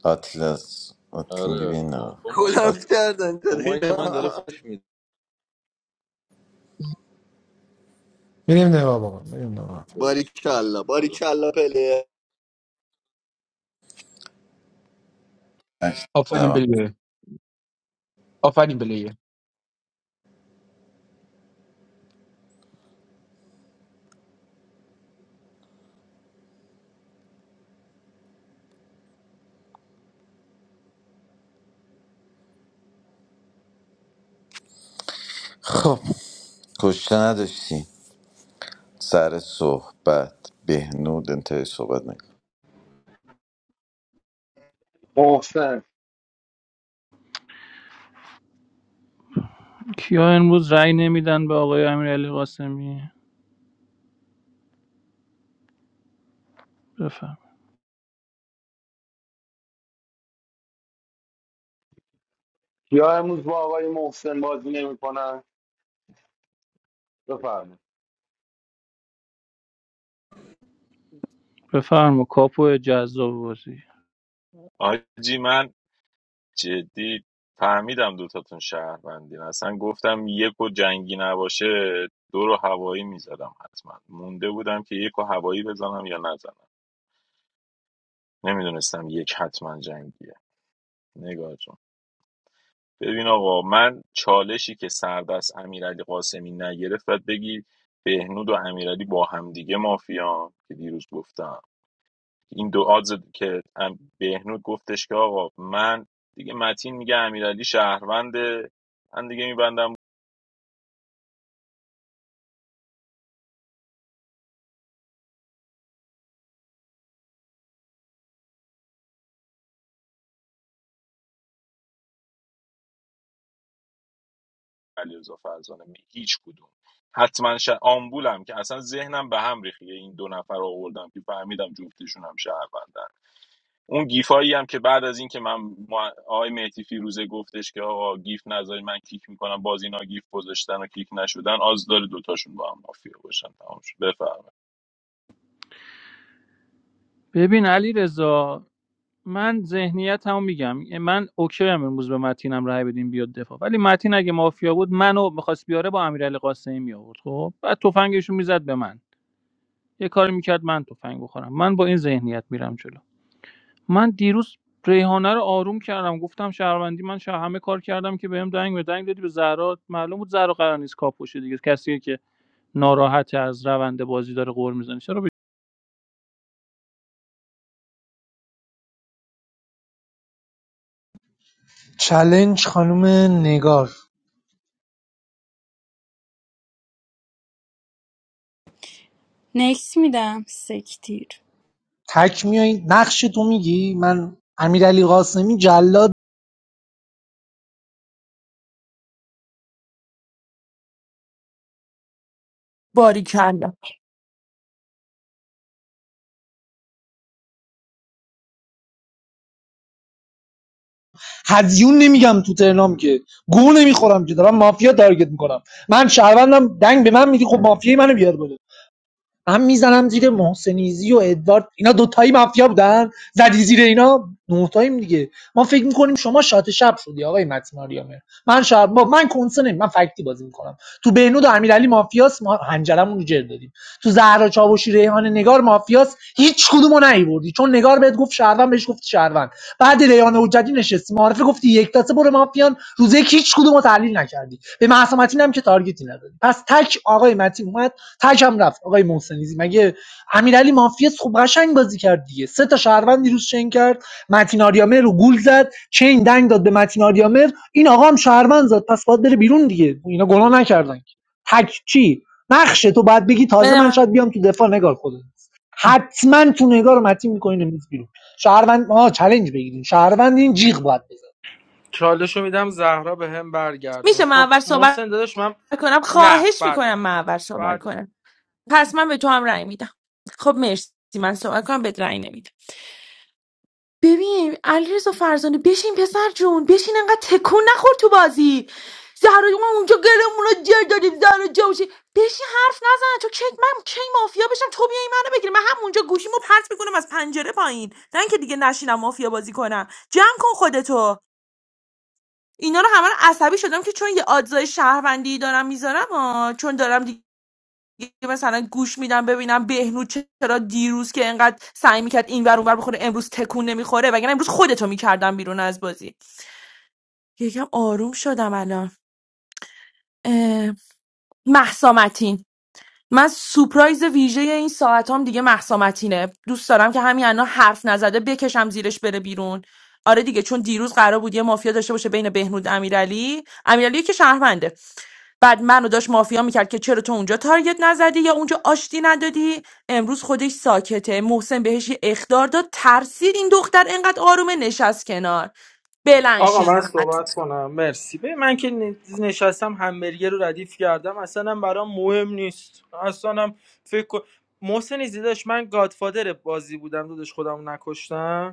Speaker 11: آتیل از آتیل میگه بیاین نه
Speaker 22: کلم
Speaker 11: آتیل
Speaker 22: کردن با تره دقیقا.
Speaker 5: میریم نقاب آقا میریم نقاب.
Speaker 22: فش باریکلا باریکلا پله
Speaker 10: آفرین
Speaker 11: نشنیدم.
Speaker 10: بلیه آفرین بلیه
Speaker 11: خب کشته نداشتی سر صحبت بهنود انتهای صحبت نکن
Speaker 12: محسن
Speaker 16: کیا امروز رأی نمیدن به آقای امیرعلی قاسمی بفرم
Speaker 12: یا امروز با آقای محسن بازی نمیکنن بفرمایید
Speaker 16: بفرما کاپو جذاب بازی
Speaker 2: آجی من جدی فهمیدم دوتاتون شهروندین اصلا گفتم یک و جنگی نباشه دو رو هوایی میزدم حتما مونده بودم که یک و هوایی بزنم یا نزنم نمیدونستم یک حتما جنگیه نگاه جون ببین آقا من چالشی که سردست امیرعلی قاسمی نگرفت باید بگی بهنود و امیرعلی با همدیگه مافیان که دیروز گفتم این دو آدز که ام- بهنود گفتش که آقا من دیگه متین میگه امیرعلی شهرونده من دیگه میبندم علیرضا فرزانه هیچ کدوم حتما ش... آمبولم که اصلا ذهنم به هم ریخیه این دو نفر رو آوردم که فهمیدم جفتشون هم شهروندن اون گیفایی هم که بعد از این که من ما... آقای مهدی فیروزه گفتش که آقا گیف نذاری من کیک میکنم باز اینا گیف گذاشتن و کیک نشدن آز داره دوتاشون با هم مافیا باشن تمام شد بفرمایید
Speaker 16: ببین علی رضا من ذهنیت هم میگم من اوکی هم امروز به متینم رأی بدیم بیاد دفاع ولی متین اگه مافیا بود منو میخواست بیاره با امیرعلی قاسمی می آورد خب بعد تفنگش رو میزد به من یه کاری میکرد من تفنگ بخورم من با این ذهنیت میرم جلو من دیروز ریحانه رو آروم کردم گفتم شهروندی من شه همه کار کردم که بهم دنگ به دنگ دادی به زهرا معلوم بود زهرا قرار نیست کاپوشه دیگه کسی که ناراحت از روند بازی داره غور میزنه چرا به-
Speaker 7: چلنج خانم نگار
Speaker 15: نکس میدم سکتیر
Speaker 7: تک میای نقش تو میگی من امیرعلی قاسمی جلاد
Speaker 14: باریکلا
Speaker 7: هزیون نمیگم تو ترنام که گو نمیخورم که دارم مافیا تارگت میکنم من شهروندم دنگ به من میدی خب مافیای منو بیار بالا. من میزنم زیر محسنیزی و ادوارد اینا دوتایی مافیا بودن زدی زیر اینا نوتاییم دیگه ما فکر میکنیم شما شات شب شدی آقای متماریامه من شب با من کنسه من فکتی بازی میکنم تو بهنود و امیرعلی مافیاس ما هنجرمون رو جر دادیم تو زهرا چاوشی ریحان نگار مافیاس هیچ کدومو نیوردی چون نگار بهت گفت شهروند بهش گفت شهروند بعد ریحان حجتی نشستی معرفه گفتی یک تاسه برو مافیان روزه هیچ کدومو تحلیل نکردی به معصومتین هم که تارگتی ندادی پس تک آقای متین تکم رفت آقای محسنیزی مگه امیرعلی مافیاس خب قشنگ بازی کرد دیگه سه تا شهروند دیروز چین کرد متین آریامر رو گول زد چین دنگ داد به متین آریامر این آقا هم شهروند زد پس باید بره بیرون دیگه اینا گناه نکردن که. تک چی نقشه تو باید بگی تازه
Speaker 14: بده
Speaker 7: من
Speaker 14: من.
Speaker 7: شاید بیام تو دفاع نگار خودت حتما تو نگار رو متین میکنین امروز بیرون شهروند ما چالش بگیرین شهروند این جیغ باید بزن
Speaker 4: چالشو میدم زهرا به هم برگردون
Speaker 14: میشه من
Speaker 4: خب
Speaker 14: اول صحبت
Speaker 4: محسن داداش من
Speaker 14: کنم
Speaker 4: نه
Speaker 14: خواهش
Speaker 4: بعد
Speaker 14: میکنم
Speaker 4: من
Speaker 14: من اول صحبت
Speaker 4: بعد
Speaker 14: کنم پس من به تو هم رأی میدم خب مرسی من صحبت کنم بهت رأی نمیدم ببین علیرضا فرزانه بشین پسر جون بشین انقدر تکون نخور تو بازی زهرا جون، ما اونجا گلمون رو جر دادیم زهرا جوشی بشین حرف نزن تو کی من کی مافیا بشم تو بیای منو بگیری من همونجا گوشیمو پرت میکنم از پنجره پایین نه اینکه دیگه نشینم مافیا بازی کنم جمع کن خودتو اینا رو همه رو عصبی شدم که چون یه آدزای شهروندی دارم میذارم آه، چون دارم دیگه یه مثلا گوش میدم ببینم بهنود چرا دیروز که انقدر سعی میکرد این ور اون ور بخوره امروز تکون نمیخوره وگرنه امروز خودتو میکردم بیرون از بازی یکم آروم شدم الان اه، مهسا متین من سورپرایز ویژه این ساعتام دیگه مهسا متینه دوست دارم که همین الان حرف نزده بکشم زیرش بره بیرون آره دیگه چون دیروز قرار بود یه مافیا داشته باشه بین بهنود امیرعلی امیرعلی که شهرونده بعد منو داشت مافیا میکرد که چرا تو اونجا تارگت نزدی یا اونجا آشتی ندادی امروز خودش ساکته محسن بهش یه اخدار داد ترسید این دختر انقدر آرومه نشست کنار
Speaker 4: آقا
Speaker 14: بلنشین
Speaker 4: من صحبت کنم مرسی ببین من که ن- نشستم همبرگر رو ردیف کردم اصلا هم برام مهم نیست اصلا هم فکر کن محسن ایزی داشت من گادفادر بازی بودم داداش خودم رو نکشتم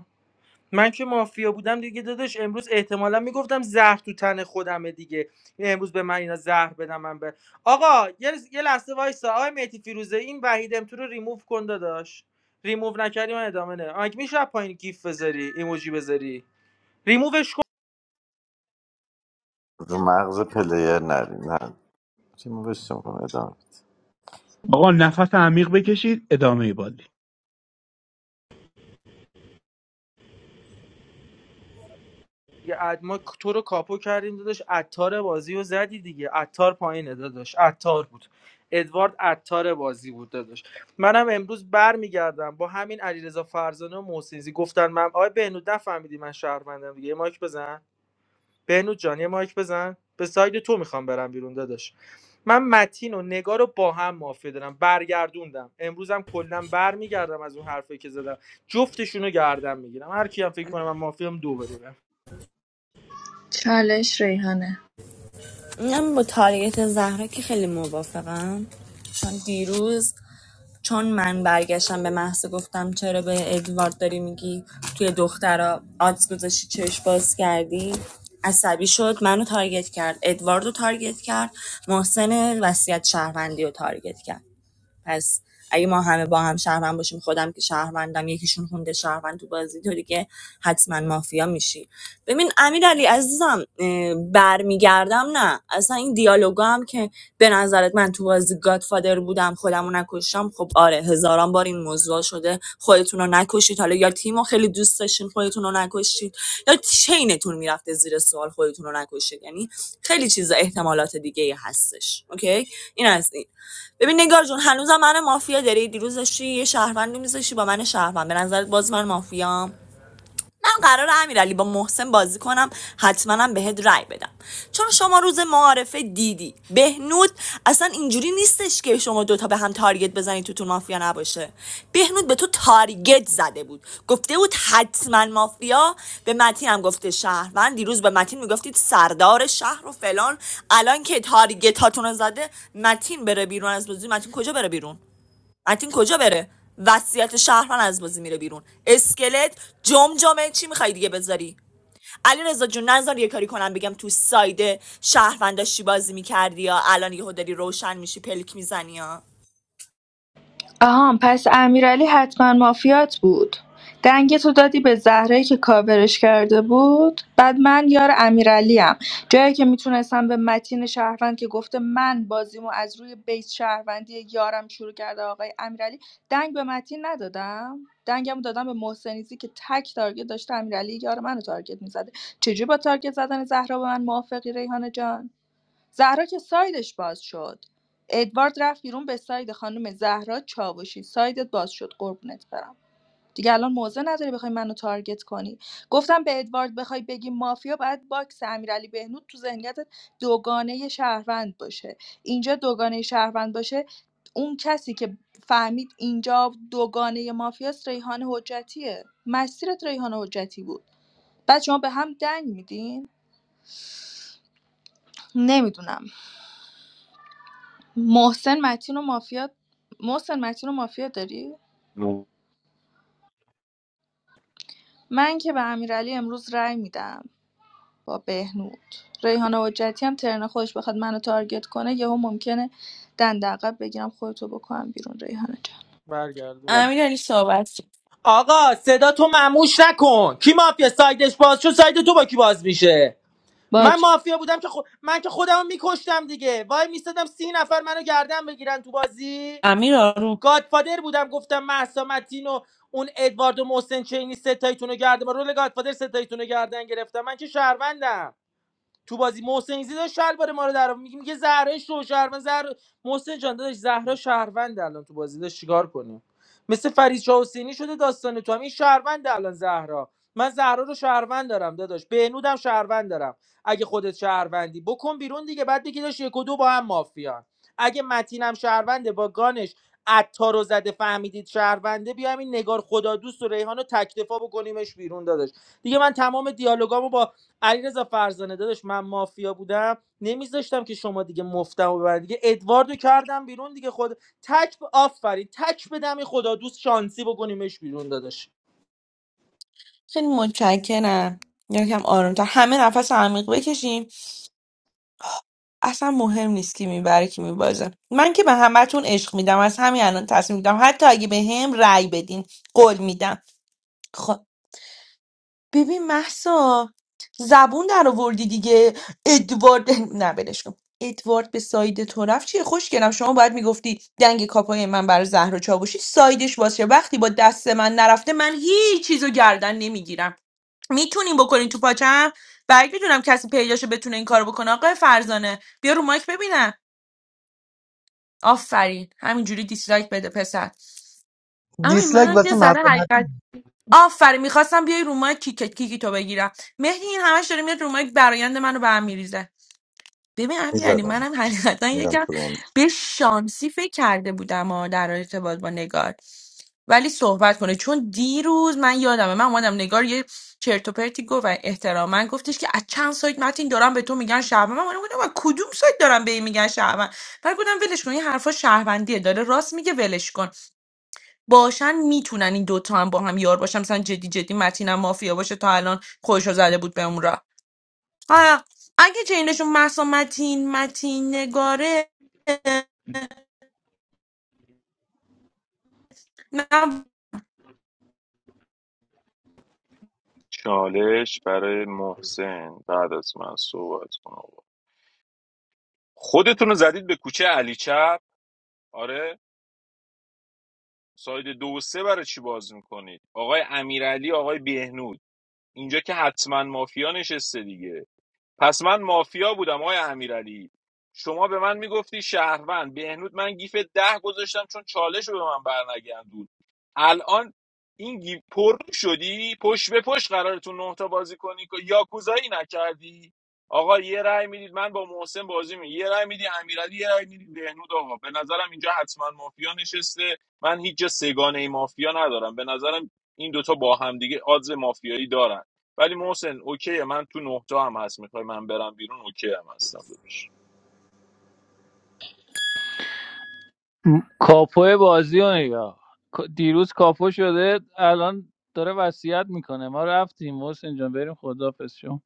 Speaker 4: من که مافیا بودم دیگه داداش امروز احتمالا میگفتم زهر تو تن خودمه دیگه امروز به من اینا زهر بدم من به آقا یه, لز- یه لحظه وایسا آقای مهدی فیروزه این وحید امتو رو ریموو کن داداش ریموو نکردی من ادامه نه آنک میشه از پایین گیف بذاری ایموجی بذاری ریمووش
Speaker 11: رو مغز پلیر نریم نه تیم بشتم کنم ادامه
Speaker 10: آقا نفس عمیق بکشید ادامه بازی
Speaker 4: دیگه عط- ما تو رو کاپو کردیم داداش عطار بازی رو زدی دیگه عطار پایینه داداش عطار بود ادوارد عطار بازی بود داداش منم امروز برمیگردم با همین علیرضا فرزانه و محسنزی گفتن من آقای بهنود نفهمیدی من شهروندم دیگه یه مایک بزن بهنود جان یه مایک بزن به ساید تو میخوام برم بیرون داداش من متین و نگار رو با هم مافیه دارم برگردوندم امروزم کلا برمیگردم از اون حرفی که زدم جفتشون رو گردم میگیرم هر کیم فکر کنه من مافیام دو بده بهم.
Speaker 17: چالش ریحانه
Speaker 19: من با تاریت زهره که خیلی موافقم چون دیروز چون من برگشتم به محض گفتم چرا به ادوارد داری میگی توی دخترا آدز گذاشتی چشم باز کردی عصبی شد منو تارگت کرد ادواردو رو تارگت کرد محسن وصیت شهروندی رو تارگت کرد پس اگه ما همه با هم شهروند باشیم خودم که شهروندم یکیشون خونده شهروند تو بازی تو دیگه حتما مافیا میشی ببین امیر علی عزیزم اه، برمیگردم نه اصلا این دیالوگا هم که به نظرت من تو بازی گادفادر بودم خودمو نکشتم خب آره هزاران بار این موضوع شده شده خودتون رو نکشید حالا یا تیم خیلی دوست داشتین خودتون رو نکشید یا چینتون میرفته زیر سوال خودتون رو نکشید یعنی خیلی چیز احتمالات دیگه هستش اوکی این از این ببین نگار جون هنوزم من مافیا داری دیروز داشتی یه شهروندی میذاشتی با من شهروند به نظرت باز من مافیام من قرار امیرعلی با محسن بازی کنم حتما بهت رأی بدم چون شما روز معارفه دیدی بهنود اصلا اینجوری نیستش که شما دوتا به هم تارگت بزنید تو تو مافیا نباشه بهنود به تو تارگت زده بود گفته بود حتما مافیا به متین هم گفته شهروند دیروز به متین میگفتید سردار شهر و فلان الان که تارگت هاتون رو زده متین بره بیرون از بازی متین کجا بره بیرون متین کجا بره وصیت شهروند از بازی میره بیرون اسکلت جمجمه چی میخوای دیگه بذاری علی رضا جون نظر یه کاری کنم بگم تو سایده شهروند داشتی بازی میکردی یا الان یهو داری روشن میشی پلک میزنی یا
Speaker 17: آها پس امیرعلی حتما مافیات بود دنگ تو دادی به زهره که کاورش کرده بود بعد من یار امیرعلی جایی که میتونستم به متین شهروند که گفته من بازیمو از روی بیت شهروندی یارم شروع کرده آقای امیرعلی دنگ به متین ندادم دنگمو دادم به محسنیزی که تک تارگت داشته امیرعلی یار منو تارگت میزده چجوری با تارگت زدن زهرا به من موافقی ریحانه جان زهرا که سایدش باز شد ادوارد رفت بیرون به ساید خانم زهرا چاوشی سایدت باز شد قربونت برم دیگه الان موضع نداری بخوای منو تارگت کنی گفتم به ادوارد بخوای بگی مافیا باید باکس امیرعلی بهنود تو ذهنیتت دوگانه شهروند باشه اینجا دوگانه شهروند باشه اون کسی که فهمید اینجا دوگانه مافیاست ریحان حجتیه مسیرت ریحان حجتی بود بعد شما به هم دنگ میدین نمیدونم محسن متین و مافیا محسن متین و مافیا داری من که به امیرعلی امروز رأی میدم با بهنود ریحانه حجتی هم ترن خودش بخواد منو تارگت کنه یهو ممکنه دند عقب بگیرم خودتو بکنم بیرون ریحانه جان
Speaker 4: برگردون آقا صدا تو مموش نکن کی مافیا سایدش باز شد ساید تو با کی باز میشه من
Speaker 17: باج
Speaker 4: مافیا بودم که خو- من که خودمو میکشتم دیگه وای میستادم سی نفر منو گردن بگیرن تو بازی
Speaker 14: امیر
Speaker 4: گادفادر بودم گفتم مهسا متین و اون ادوارد و محسن چینی ستاییتون رو گردن با رول گادفادر ستاییتون رو گردن گرفتم من که شهروندم تو بازی محسن ایزی داشت شلوار ما رو در میگه میگه زهره شو شهروند زهره محسن جان داداش زهرا شهروند الان تو بازی داشت چیکار کنیم مثل فرید شاه حسینی شده داستان تو هم این شهروند الان زهرا من زهرا رو شهروند دارم داداش بهنودم شهروند دارم اگه خودت شهروندی بکن بیرون دیگه بعد دیگه داشت یک و دو با هم مافیان اگه متینم شهرونده با گانش عطار رو زده فهمیدید شهرونده بیایم این نگار خدا دوست و ریحان رو تکتفا بکنیمش بیرون داداش دیگه من تمام دیالوگامو با علیرضا فرزانه داداش من مافیا بودم نمیذاشتم که شما دیگه مفتم و ببرید دیگه ادواردو کردم بیرون دیگه خود تک ب... آفرین تک بدم این خدا دوست شانسی بکنیمش بیرون داداش
Speaker 14: خیلی متشکرم یکم آرومتر همه نفس عمیق بکشیم اصلا مهم نیست کی میبره کی میبازه من که به همتون عشق میدم از همین الان تصمیم میدم حتی اگه به هم رأی بدین قول میدم خب ببین محسا زبون در آوردی دیگه ادوارد نه ولش کن ادوارد به ساید تو رفت چیه خوش شما باید میگفتی دنگ کاپای من برای زهر و چاوشی سایدش باشه وقتی با دست من نرفته من هیچ چیزو گردن نمیگیرم میتونیم بکنین تو پاچم بعید میدونم کسی پیداشو بتونه این کارو بکنه آقای فرزانه بیا رو مایک ببینم آفرین همینجوری دیسلایک بده پسر امین
Speaker 7: دیسلایک
Speaker 14: منم یه
Speaker 7: واسه مرد
Speaker 14: ذره حقیقت آفرین میخواستم بیای رو مایک کیک کیکی تو بگیرم مهدی این همش داره میاد رو مایک برایند منو به هم می‌ریزه. ببین امیرعلی
Speaker 11: میزدم
Speaker 14: منم حقیقتا
Speaker 11: میرم
Speaker 14: یکم
Speaker 11: تو اون
Speaker 14: به شانسی فکر کرده بودم ها در ارتباط با نگار ولی صحبت کنه چون دیروز من یادمه من اومدم نگار یه چرت و پرتی گفت و احتراما گفتش که از چند سایت متین دارم به تو میگن شهروند من اومدم گفتم از کدوم سایت دارم به این میگن شهروند بعد گفتم ولش کن این حرفا شهروندیه داره راست میگه ولش کن باشن میتونن این دوتا هم با هم یار باشن مثلا جدی جدی متینم مافیا باشه تا الان خودشو زده بود به اون راه. آه، اگه چینشون محسا متین متین نگاره نه
Speaker 2: چالش برای محسن بعد از من صحبت کن آقا خودتون رو زدید به کوچه علی چپ آره ساید دو و سه برای چی باز میکنید آقای امیرعلی آقای بهنود اینجا که حتما مافیا نشسته دیگه پس من مافیا بودم آقای امیرعلی شما به من میگفتی شهروند بهنود من گیف ده گذاشتم چون چالش رو به من برنگردون الان این گیف پر شدی پشت به پشت قراره تو نه تا بازی کنی که یاکوزایی نکردی آقا یه رأی میدید من با محسن بازی می یه رأی میدی امیرعلی یه رأی میدی بهنود آقا به نظرم اینجا حتما مافیا نشسته من هیچ جا سگانه مافیا ندارم به نظرم این دوتا با هم دیگه آدز مافیایی دارن ولی محسن اوکیه من تو نه تا هم هست میخوای من برم بیرون اوکی هم هستم داداش
Speaker 16: کاپو بازی رو نگاه دیروز کاپو شده الان داره وصیت میکنه ما رفتیم حسین جان بریم خدافظ شو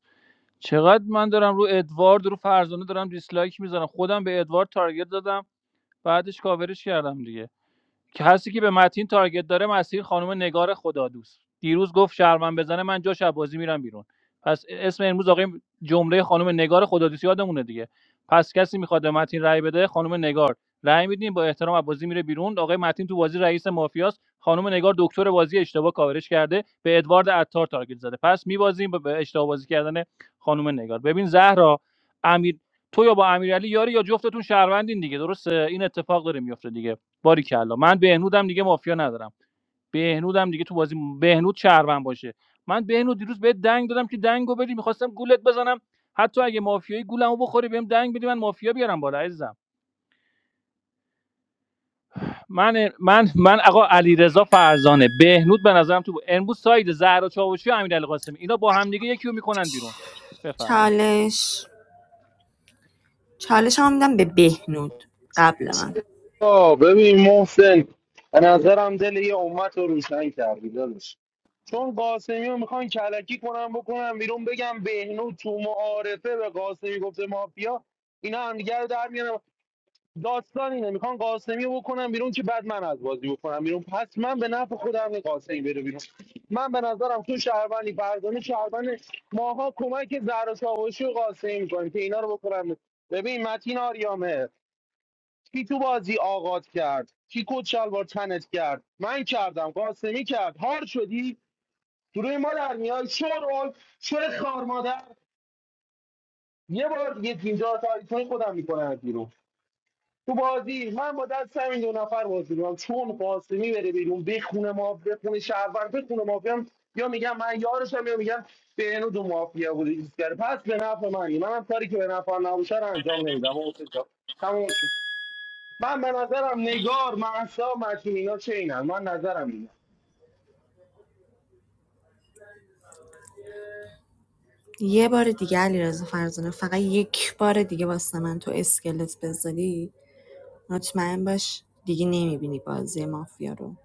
Speaker 16: چقدر من دارم رو ادوارد رو فرزانه دارم دیسلایک میزنم خودم به ادوارد تارگت دادم بعدش کاورش کردم دیگه که هستی که به متین تارگت داره مسیر خانم نگار خدادوست دیروز گفت شرمن بزنه من جاش از بازی میرم بیرون پس اسم امروز آقای جمله خانم نگار خدادوست یادمونه دیگه پس کسی میخواد به متین رأی بده خانم نگار رأی میدیم با احترام از بازی میره بیرون آقای متین تو بازی رئیس مافیاست خانم نگار دکتر بازی اشتباه کاورش کرده به ادوارد عطار تارگت زده پس میبازیم به اشتباه بازی کردن خانم نگار ببین زهرا امیر تو یا با امیرعلی یاری یا جفتتون شهروندین دیگه درسته این اتفاق داره میفته دیگه باریکلا من بهنودم دیگه مافیا ندارم بهنودم دیگه تو بازی بهنود شهروند باشه من بهنود دیروز بهت دنگ دادم که دنگو بدی میخواستم گولت بزنم حتی اگه مافیایی گولمو بخوری بهم دنگ بدی من مافیا بیارم بالا عزیزم من من من آقا علیرضا فرزانه بهنود به نظرم تو امروز ساید زهرا چاوشی و امیرعلی قاسمی اینا با هم دیگه یکی میکنن بیرون بفرمایید
Speaker 19: نود
Speaker 12: آه، ببین محسن به نظرم دل یه امت رو روشن کردی داداش چون قاسمی رو میخوان کلکی کنم بکنم بیرون بگم بهنو تو معارفه به قاسمی گفته مافیا اینا هم دیگه رو در میارن. داستان اینه میخوان قاسمی رو بکنم بیرون که بعد من از بازی بکنم بیرون پس من به نفع خودم این قاسمی بره بیرون من به نظرم تو شهروندی فرزانه شهروند ماها کمک زهرا ساوشی و قاسمی میکنیم که اینا رو بکنم ببین متین آریامه کی تو بازی آغاز کرد کی کت شلوار تنت کرد من کردم قاسمی کرد هار شدی تو روی ما در میای شور شور خار مادر یه بار دیگه اینجا تاریخ خودم میکنم بیرون تو بازی من با دست همین دو نفر بازی میکنم چون قاسمی بره بیرون بخونه ما بخونه شهرور بخونه مافیا هم، یا میگم من یارشم یا میگم به اینو دو مافیا بوده ایستگره پس به نفع منی من هم کاری که به نفع نباشه رو انجام نمیدم حسین جان تموم شد من به نظرم نگار مهسا مجنون اینا چه اینن من نظرم اینه
Speaker 19: یه بار دیگه علی رضا فرزانه فقط یک بار دیگه واسه من تو اسکلت بذاری مطمئن باش دیگه نمیبینی بازی مافیا رو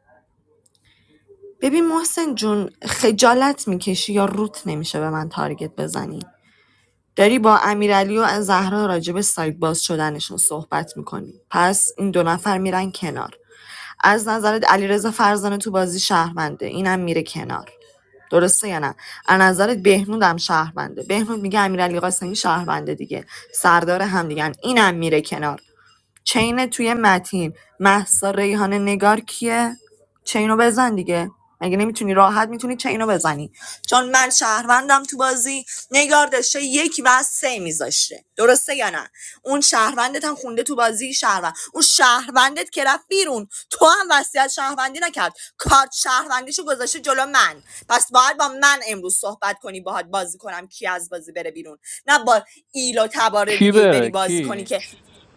Speaker 19: ببین محسن جون خجالت میکشی یا روت نمیشه به من تارگت بزنی داری با امیرعلی و زهرا راجب سایت باز شدنشون صحبت میکنی. پس این دو نفر میرن کنار. از نظرت علیرضا فرزانه تو بازی شهرونده اینم میره کنار. درسته یا نه از نظرت بهنود هم شهرونده بهنود میگه امیرعلی قاسمی شهرونده دیگه سردار هم دیگه اینم میره کنار چین توی متین مهسا ریحانه نگار کیه چینو بزن دیگه مگه نمیتونی راحت میتونی چینو بزنی چون من شهروندم تو بازی نگار داشته یک و سه میذاشته درسته یا نه اون شهروندت هم خونده تو بازی شهروند اون شهروندت که رفت بیرون تو هم وصیت شهروندی نکرد کارت شهروندیشو گذاشته جلو من پس باید با من امروز صحبت کنی باهات بازی کنم کی از بازی بره بیرون نه با ایل و تبار
Speaker 16: کی
Speaker 19: دیگه ای بری
Speaker 16: بره
Speaker 19: بازی کنی
Speaker 16: کی
Speaker 19: که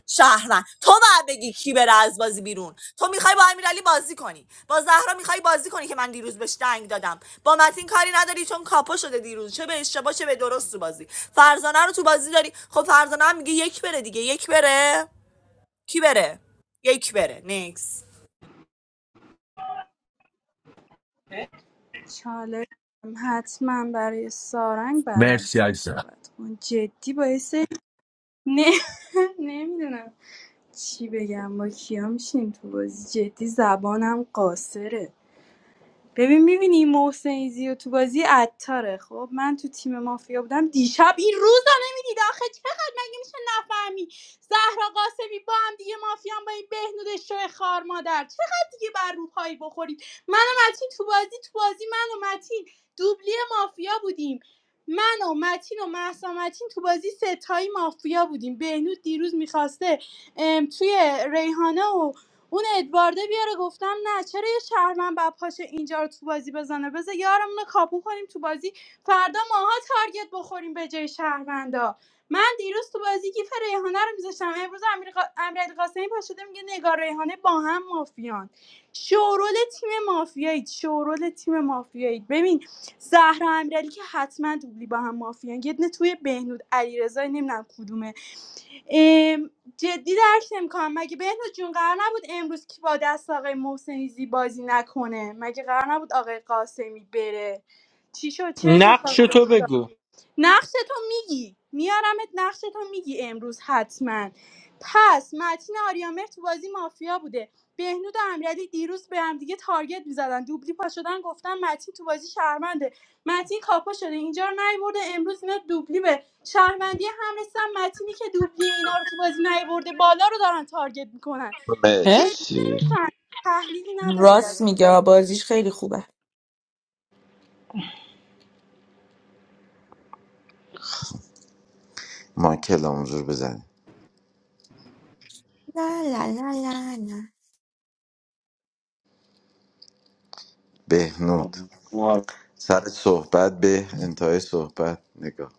Speaker 19: شهروند تو باید بگی کی بره از بازی بیرون تو میخوای با امیرعلی بازی کنی با زهرا میخوای بازی کنی که من دیروز بهش دنگ دادم با متین کاری نداری چون کاپو شده دیروز چه به اشتباه چه به درست تو بازی فرزانه رو تو بازی داری خب فرزانه هم میگه یک بره دیگه یک بره کی بره یک بره نیکس
Speaker 15: چالش حتما برای سارنگ بعد از
Speaker 21: مرسی
Speaker 15: من
Speaker 21: عزیزم
Speaker 15: صحبت کن جدی باعث نه نمیدونم چی بگم با کیا میشیم تو بازی جدی زبانم قاصره ببین میبینی محسن ایزی تو بازی عطاره خب من تو تیم مافیا بودم دیشب این روز رو نمیدید آخه چقدر مگه میشه نفهمی زهرا قاسمی با هم دیگه مافیان با این بهنود شوی خار مادر چقدر دیگه بر روپایی بخورید من و متین تو بازی تو بازی من و متین دوبلی مافیا بودیم من و متین و مهسا متین تو بازی ستایی مافیا بودیم بهنود دیروز میخواسته توی ریحانه و اون ادوارده بیاره گفتم نه چرا یه شهرمن باید پاشه اینجا رو تو بازی بزنه بذار یارمون رو کاپو کنیم تو بازی فردا ماها تارگت بخوریم به جای شهروندا من دیروز تو بازی گیف ریحانه رو میذاشتم امروز امیر قا- امیرعلی قاسمی پا شده میگه نگار ریحانه با هم مافیان شورول تیم مافیایی شورول تیم مافیایی ببین زهرا امیرعلی که حتما دوبلی با هم مافیان یه دونه توی بهنود علیرضا نمیدونم کدومه ام، جدی درک نمیکنم مگه بهنو جون قرار نبود امروز کی با دست آقای محسنیزی بازی نکنه مگه قرار نبود آقای قاسمی بره چی شد چه اتفاقی
Speaker 4: نقش
Speaker 15: افتاد؟
Speaker 4: تو بگو
Speaker 15: نقشتو میگی میارمت نقشتو میگی امروز حتما پس متین آریامر تو بازی مافیا بوده بهنود و امیرعلی دیروز به هم دیگه تارگت میزدن دوبلی پا شدن گفتن متین تو بازی شهرمنده متین کاپا شده اینجا رو نیورده امروز اینا دوبلی به شهروندی هم رسن متینی که دوبلی اینا رو تو بازی نیورده بالا رو دارن تارگت میکنن جدی
Speaker 14: اه؟
Speaker 11: مرسی
Speaker 15: نمیفهم تحلیلی ندارید از
Speaker 14: راست
Speaker 15: این
Speaker 14: میگه
Speaker 15: بازی
Speaker 14: آ، بازیش خیلی خوبه
Speaker 11: ما کلام حضور بزنیم
Speaker 14: لا لا لا لا لا.
Speaker 11: بهنود
Speaker 12: آه.
Speaker 11: سر صحبت به انتهای صحبت نگاه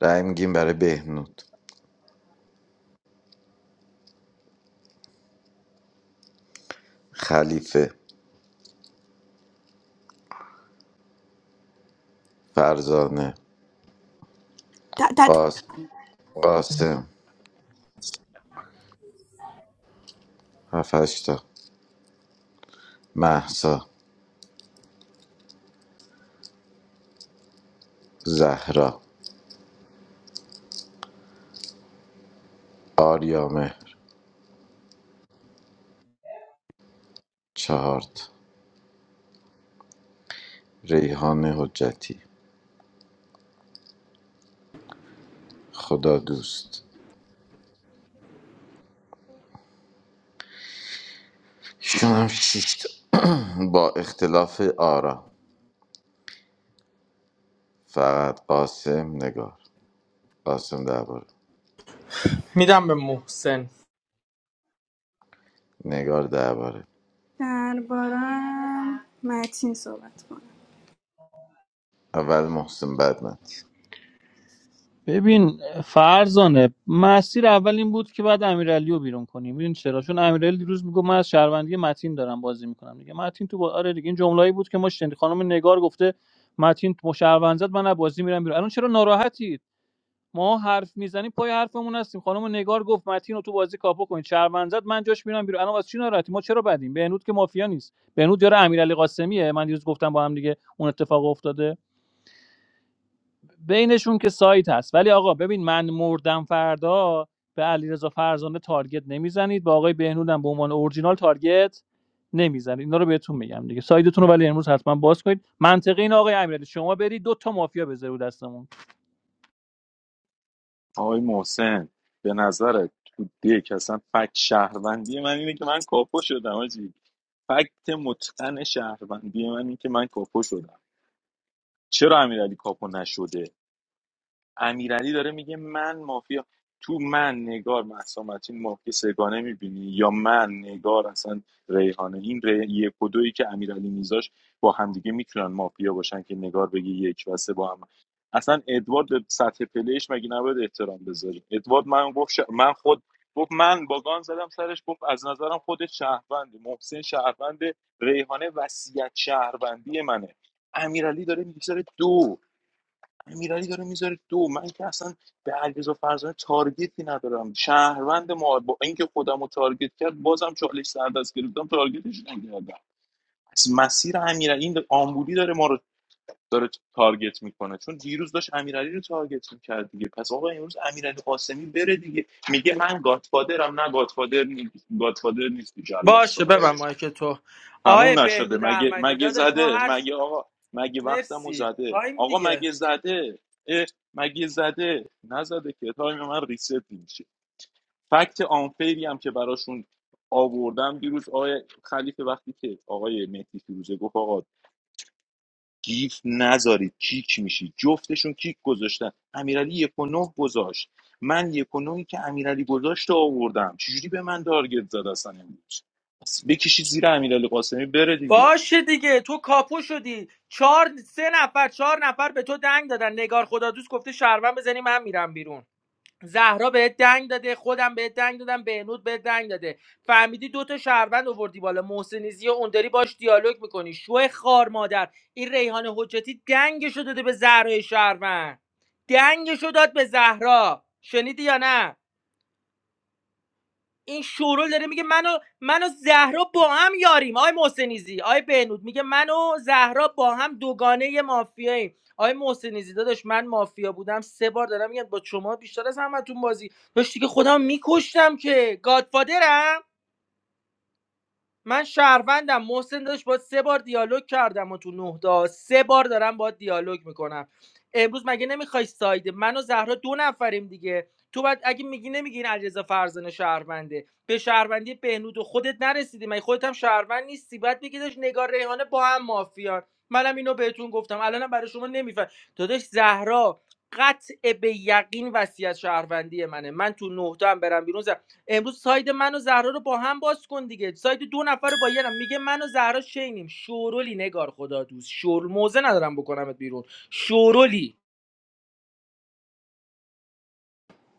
Speaker 11: رأی میگیم برای بهنود خلیفه فرزانه
Speaker 14: تا- تا-
Speaker 11: قاسم قاسم هفشتا مهسا زهرا آریامهر چهارتا ریحان حجتی خدا دوست شونم شیشتا با اختلاف آرا فقط قاسم نگار قاسم درباره
Speaker 4: میدم به محسن
Speaker 11: نگار درباره
Speaker 15: درباره‌م متین صحبت کن.
Speaker 11: اول محسن بعد من
Speaker 16: ببین فرزانه مسیر اول این بود که بعد امیرعلی رو بیرون کنیم ببین چرا چون امیرعلی دیروز میگه من از شهروندی متین دارم بازی میکنم دیگه متین تو با... آره دیگه این جمله‌ای بود که ما شنید خانم نگار گفته متین تو شهروند زد من از بازی میرم بیرون الان چرا ناراحتید ما حرف میزنیم پای حرفمون هستیم خانم نگار گفت متین رو تو بازی کاپو کنید شهروند زد من جاش میرم بیرون الان واسه چی ناراحتی ما چرا بدیم بهنود که مافیا نیست بهنود یاره امیرعلی قاسمیه من دیروز گفتم با هم دیگه اون اتفاق افتاده بینشون که سایت هست ولی آقا ببین من مردم فردا به علیرضا فرزانه تارگت نمیزنید با آقای بهنود هم به عنوان اورجینال تارگت نمیزنید اینا رو بهتون میگم دیگه سایدتون رو ولی امروز حتما باز کنید منطقی این آقای امیرعلی شما برید دو تا مافیا بذارید دستمون
Speaker 2: آقای محسن به نظرت تو دیک اصلا فکت شهروندی من اینه که من کاپو شدم آجی فکت متقن شهروندی من اینه که من کاپو شدم چرا امیرعلی کاپو نشده امیرعلی داره میگه من مافیا تو من نگار مهسا متین مافیا سگانه میبینی یا من نگار اصلا ریحانه این ری... یک و دویی که امیرعلی میذاش با همدیگه میتونن مافیا باشن که نگار بگه یک و سه با هم اصلا ادوارد به سطح پلیش مگه نباید احترام بذاریم ادوارد من گفت ش- من خود گفت من با گان زدم سرش گفت از نظرم خود شهروند محسن شهروند ریحانه وصیت شهروندی منه امیرعلی داره میگه داره دو امیرعلی داره میذاره دو من که اصلا به علیرضا فرزانه تارگتی ندارم شهروند ما با اینکه خودم رو تارگت کرد بازم چالش سر دست گرفتم تارگتش نکردم از مسیر امیرعلی این آمبولی داره ما رو داره تارگت میکنه چون دیروز داشت امیرعلی رو تارگت میکرد دیگه پس آقا امروز امیرعلی قاسمی بره دیگه میگه من گاتفادرم نه گاتفادر نی... گاتفادر نیست جلاد
Speaker 4: باشه ببر
Speaker 2: ساهره
Speaker 4: مایک تو آقای
Speaker 2: تموم نشده
Speaker 4: بهنود
Speaker 2: مگه
Speaker 4: احمدی
Speaker 2: مگه
Speaker 4: داداش ما
Speaker 2: زده
Speaker 4: هر س-
Speaker 2: مگه آقا مگه وقتمو
Speaker 4: مرسی
Speaker 2: زده
Speaker 4: تایم
Speaker 2: آقا
Speaker 4: دیگه
Speaker 2: مگه زده اه مگه زده نزده که تایم من ریست میشه فکت آنفیری هم که براشون آوردم دیروز آقای خلیفه وقتی که آقای مهدی فیروزه گفت آقا گیف نذارید کیک میشی جفتشون کیک گذاشتن امیرعلی یک و نه گذاشت من یک و نهی که امیرعلی گذاشت رو آوردم چجوری به من تارگت زد اصلا امروز بس بکشید زیر امیرعلی قاسمی بره دیگه
Speaker 4: باشه دیگه تو کاپو شدی چهار سه نفر چهار نفر به تو دنگ دادن نگار خدا دوست گفته شهروند بزنی من میرم بیرون زهرا بهت دنگ داده خودم بهت دنگ دادم بهنود بهت دنگ داده فهمیدی دوتا تا شهروند آوردی بالا محسنیزی و اونداری باش دیالوگ میکنی شو خار مادر این ریحان حجتی دنگشو داده به زهرای شهروند دنگشو داد به زهرا شنیدی یا نه این شورول داره میگه منو منو زهرا با هم یاریم آقای محسنیزی آقای بهنود میگه منو زهرا با هم دوگانه مافیاییم آقای محسنیزی داداش من مافیا بودم سه بار دارم میگم با شما بیشتر از همتون بازی داشتی که خودم میکشتم که گادفادرم من شهروندم محسن داشت باید سه بار دیالوگ کردم و تو نه تا سه بار دارم باید دیالوگ میکنم امروز مگه نمیخوای ساید من و زهرا دو نفریم دیگه تو بعد اگه میگی نمیگی این علیرضا فرزانه شهرونده به شهروندی بهنود و خودت نرسیدی مگه خودت هم شهروند نیستی بعد میگی داشت نگار ریحانه با هم مافیان منم اینو بهتون گفتم الانم برای شما نمیفهم داداش زهرا قطع به یقین وصیت شهروندی منه من تو نه تا هم برم بیرون امروز ساید من و زهرا رو با هم باز کن دیگه ساید دو نفر رو با یه نفر. میگه من و زهرا شینیم شورولی نگار خدا دوست شور موزه ندارم بکنمت بیرون شورولی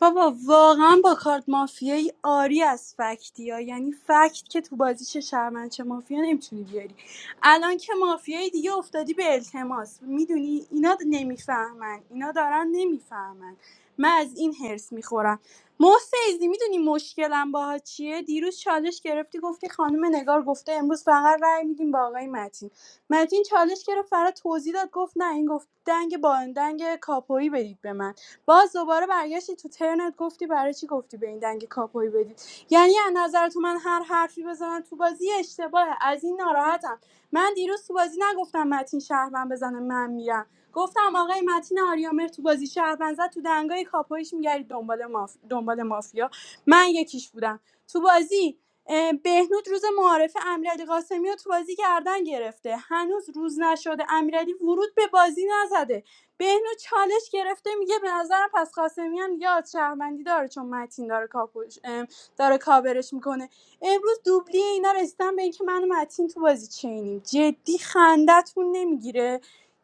Speaker 15: بابا واقعا با کارت مافیایی آری از فکتی ها یعنی فکت که تو بازی چه شرمن چه مافیا نمیتونی بیاری الان که مافیایی دیگه افتادی به التماس میدونی اینا نمیفهمن اینا دارن نمیفهمن من از این هرس میخورم محسیزی میدونی مشکلم باها چیه دیروز چالش گرفتی گفتی خانم نگار گفته امروز فقط رأی میدیم با آقای متین متین چالش گرفت فرا توضیح داد گفت نه این گفت دنگ با دنگ کاپویی بدید به من باز دوباره برگشتی تو ترنت گفتی برای چی گفتی به این دنگ کاپوی بدید یعنی از نظر تو من هر حرفی بزنم تو بازی اشتباهه از این ناراحتم من دیروز تو بازی نگفتم متین شهروند بزنه من میرم گفتم آقای متین آریامر تو بازی شهروند زد تو دنگای کاپویش میگردید دنبال ماف... دنبال مافیا من یکیش بودم تو بازی اه، بهنود روز معارف امیرعلی قاسمی رو تو بازی گردن گرفته هنوز روز نشده امیرعلی ورود به بازی نزده بهنو چالش گرفته میگه به نظرم پس قاسمیان یاد شهروندی داره چون متین داره کاپوش ام، داره کاورش میکنه امروز دوبلی اینا رسیدن به اینکه من و متین تو بازی چینیم جدی خندتون نمیگیره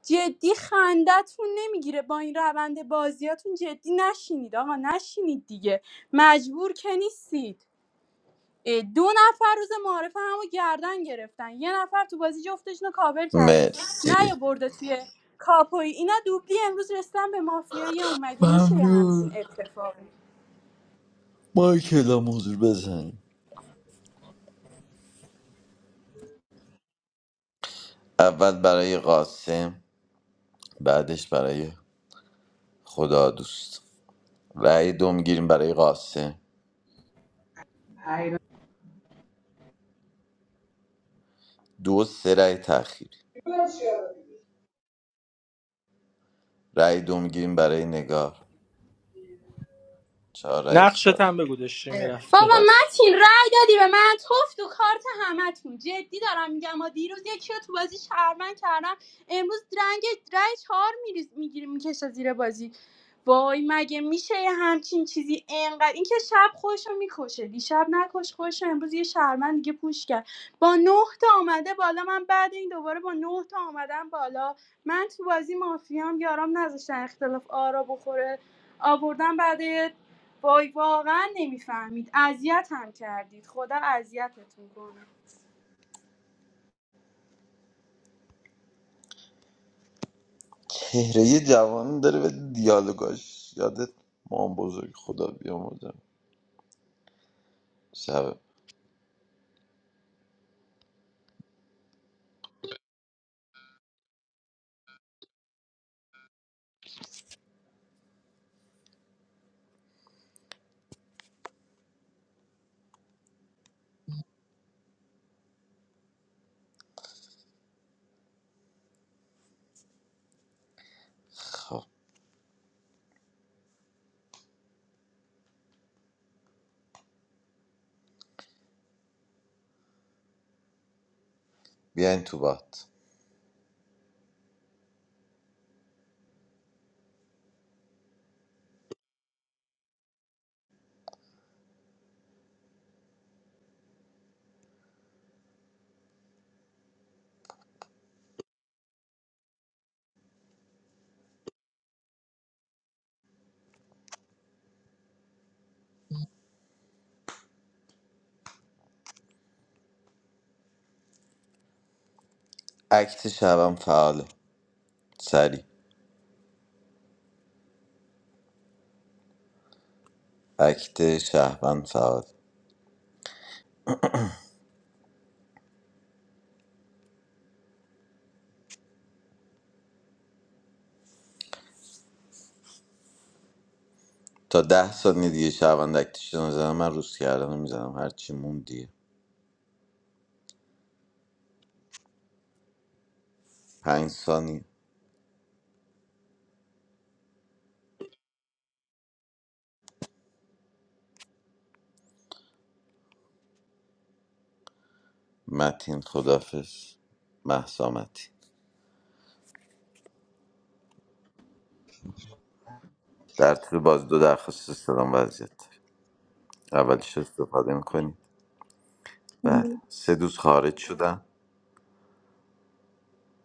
Speaker 15: جدی خندتون نمیگیره با این روند بازیاتون جدی نشینید آقا نشینید دیگه مجبور که نیستید دو نفر روز معارف همو گردن گرفتن یه نفر تو بازی جفتشون رو کاور کرده
Speaker 11: مرسی
Speaker 15: نه برده توی کاپوی اینا دوبلی امروز رسیدن به مافیای اون مگه میشه یه همچین
Speaker 11: ممنون
Speaker 15: اتفاقی
Speaker 11: مایکل هم حضور بزن اول برای قاسم بعدش برای خدا دوست رأی دو میگیریم برای قاسم دو و سه رأی تأخیری رأی دو میگیریم برای نگار چهار رأی
Speaker 4: نقشت
Speaker 11: سال
Speaker 4: هم بگو داشتی میرفته
Speaker 15: بابا
Speaker 11: بس
Speaker 15: متین رای دادی به من توف تو کارت همتون جدی دارم میگم ما دیروز یکی رو تو بازی شهرمن کردم امروز رنگ رای چهار میگیری میکشه زیر بازی وای مگه میشه یه همچین چیزی انقدر اینکه شب خوش میکشه دیشب نکش خوش امروز یه شهرمن دیگه پوش کرد با نه تا آمده بالا من بعد این دوباره با نه تا آمدم بالا من تو بازی مافیام یارام نذاشتن اختلاف آرا بخوره آوردن بعد وای واقعا نمیفهمید اذیت هم کردید خدا اذیتتون کنه
Speaker 11: چهره یه جوانی داره به دیالوگاش یادت مام بزرگ خدا بیاموزم شب خب بیاین تو بات اکت شبم فعاله سری اکت شهروند فعال تا ده ثانیه دیگه شهروند اکتش رو میزنم من روز کردن میزنم هرچی موند دیگه پنج ثانیه متین خدافش محسامتی در طول باز دو درخواست استلام وضعیت داریم اولش رو استفاده میکنیم بله سه دوست خارج شدن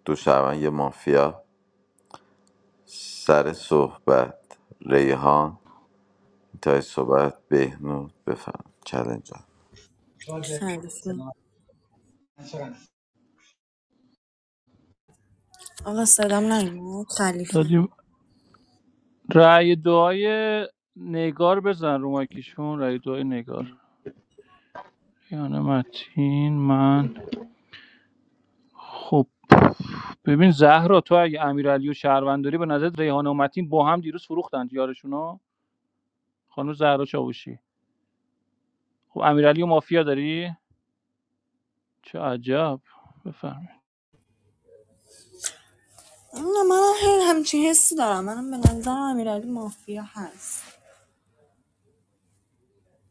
Speaker 11: دو شهروند یه مافیا سر صحبت ریحان انتهای صحبت بهنود بفهم چلنج ها.
Speaker 19: خلیفه
Speaker 7: متین.
Speaker 19: آقا صدام نیومد خلیفه
Speaker 16: دادیم رأی دعای نگار بزن رو مایکیشون رأی دعای نگار یعنی متین من خب ببین زهرا تو اگه امیرعلی و شهرونداری به نظر ریحانه و متین با هم دیروز فروختن یارشونا خانم زهرا چاوشی خب امیرعلی و مافیا داری چه عجب بفهم
Speaker 19: نه من همچین حسی دارم منم به نظرم امیرعلی مافیا هست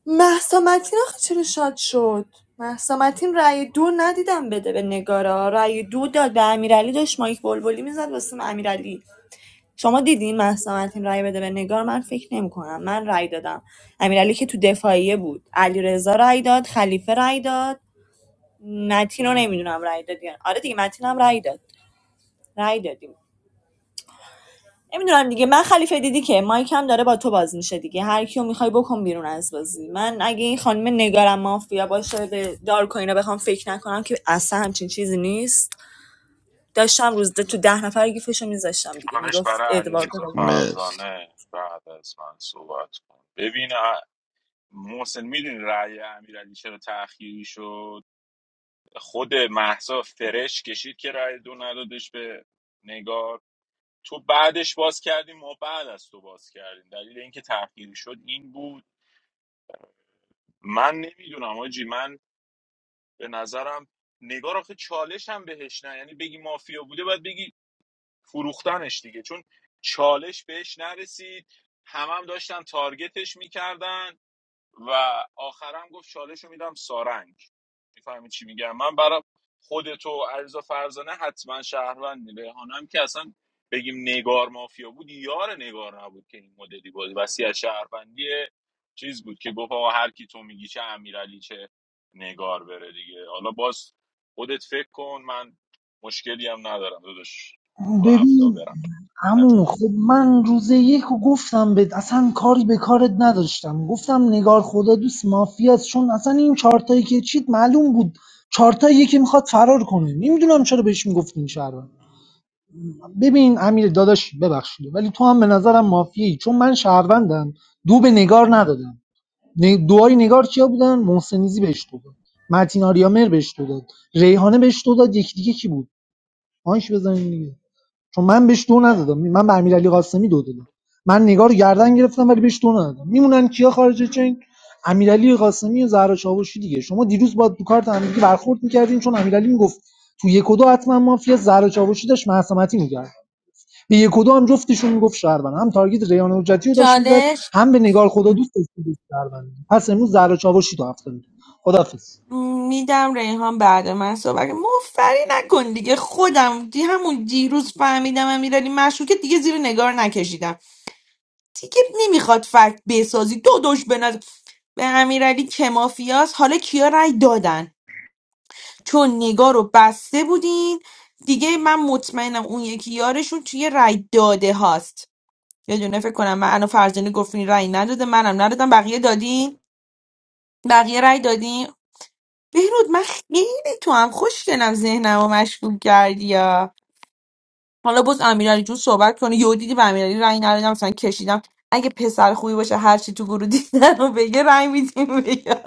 Speaker 19: مهسا متین آخه چرا شاد شد مهسا متین رأی دو ندیدم بده به نگارا رأی دو داد به امیرعلی داشت مایک بلبلی میزد واسه امیرعلی شما دیدین مهسا متین رأی بده به نگار من فکر نمی‌کنم من رأی دادم امیرعلی که تو دفاعیه بود علیرضا رأی داد خلیفه رأی داد متین رو نمیدونم رأی دادین آره دیگه متین هم رأی داد رأی دادیم نمیدونم دیگه من خلیفه دیدی که مایک هم داره با تو باز میشه دیگه هر کیو میخوای بکن بیرون از بازی من اگه این خانم نگارم مافیا باشه به دارک و اینا بخوام فکر نکنم که اصلا همچین چیزی نیست داشتم روز ده- تو ده نفر گیفشو میذاشتم دیگه
Speaker 2: چالش
Speaker 19: میگفت
Speaker 2: برای علیرضا
Speaker 19: ادوارد
Speaker 11: مرسی
Speaker 2: فرزانه بعد از من صحبت کن ببین ا- محسن میدونی رأی امیرعلی چرا تأخیری شد خود مهسا فرش کشید که رأی دو ندادش به نگار تو بعدش باز کردیم ما بعد از تو باز کردیم دلیل اینکه تأخیری شد این بود من نمیدونم آجی من به نظرم نگار آخه چالش هم بهش نه یعنی بگی مافیا بوده باید بگی فروختنش دیگه چون چالش بهش نرسید همم هم داشتن تارگتش میکردن و آخرم گفت چالش رو میدم سارنگ میفهمی چی میگم من برای خودتو و علیرضا فرزانه حتما شهروندی ریحانم که اصلا بگیم نگار مافیا بود یار نگار نبود که این مدلی بود وسیع شهروندی چیز بود که گفت آقا هر کی تو میگی چه امیرعلی چه نگار بره دیگه حالا باز خودت فکر کن من مشکلی هم ندارم داداش تو هفته
Speaker 7: ببین
Speaker 2: برم
Speaker 7: عمو خب من روز یک رو گفتم بهت اصلا کاری به کارت نداشتم گفتم نگار خدا دوست مافیاست چون اصلا این چارتایی که چیت معلوم بود چارتایی که میخواد فرار کنه نمیدونم چرا بهش میگفتین این شهروند ببین امیر داداش ببخشید ولی تو هم به نظرم مافیایی چون من شهروندم دو به نگار ندادم ن- دعای نگار کیا بودن محسنیزی بهش دو داد متین آریامر بهش دو داد ریحانه بهش دو داد یکی دیگه کی بود آنش بزنین دیگه چون من بهش دو ندادم من به امیرعلی قاسمی دو دادم من نگار رو گردن گرفتم ولی بهش دو ندادم میمونن کیا خارج چین امیرعلی قاسمی و زهرا چاوشی دیگه شما دیروز با دو کارت هم دیگه برخورد میکردین چون امیرعلی میگفت تو یک و دو حتما مافیا زهرا چاوشی داشت معصمتی میکرد به یک و دو هم جفتشون میگفت شهروند هم تارگت ریان حجتی رو داشت میزد
Speaker 14: چالش
Speaker 7: هم به نگار خدا دوست داشت می‌گفت شهروند پس امروز زهرا چاوشی تو هفته میده خدافظ
Speaker 14: میدم ریحان بعد من صحبت کنه. مفری نکن دیگه خودم دی همون دیروز فهمیدم امیرعلی مشروکه دیگه زیر نگار نکشیدم دیگه نمیخواد فکت بسازی دو دوش بنز به نظر- به امیرعلی که مافیاس حالا کیا رأی دادن چون نگاه رو بسته بودین دیگه من مطمئنم اون یکی یارشون توی رای داده هاست یه دونه فکر کنم من انا فرزانه گفتین رای نداده منم ندادم بقیه دادین بقیه رای دادین بهرود من خیلی تو هم خوشگلم ذهنم رو مشغول کردی یا حالا باز امیرعلی جون صحبت کنه یهو دیدی به امیرعلی رای ندادم مثلا کشیدم اگه پسر خوبی باشه هر چی تو گروه دیدن رو بگه رای میدیم بگه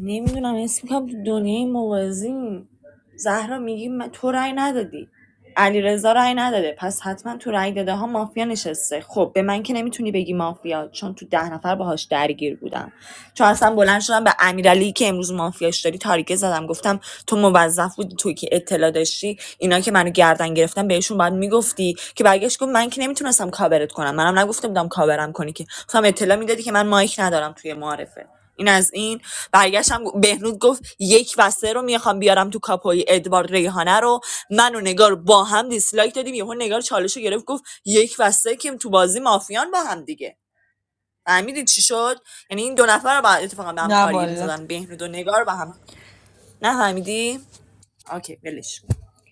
Speaker 19: نمیدونم حس میکنم تو دنیای موازیم زهرا میگی من- تو رأی ندادی علیرضا رضا رأی نداده پس حتما تو رأی داده ها مافیا نشسته خب به من که نمیتونی بگی مافیا چون تو ده نفر باهاش درگیر بودم چون اصلا بلند شدم به امیرعلی که امروز مافیاش داری تاریکه زدم گفتم تو موظف بودی توی که اطلاع داشتی اینا که منو گردن گرفتن بهشون باید میگفتی که برگشت گفت من که نمیتونستم کاورت کنم منم نگفته بودم کاورم کنی که گفتم اطلاع میدادی که من مایک ندارم توی معارفه این از این برگشتم گفت- بهنود گفت یک و سه رو میخوام بیارم تو کاپوی ادوارد ریحانه رو من و نگار با هم دیسلایک دادیم یهو نگار چالش رو گرفت گفت یک و سه که تو بازی مافیان با هم دیگه فهمیدی چی شد یعنی این دو نفر رو با اتفاقا به هم
Speaker 14: نه
Speaker 19: تارگت
Speaker 14: والا
Speaker 19: میزدن بهنود و نگار با هم نه فهمیدی اوکی ولش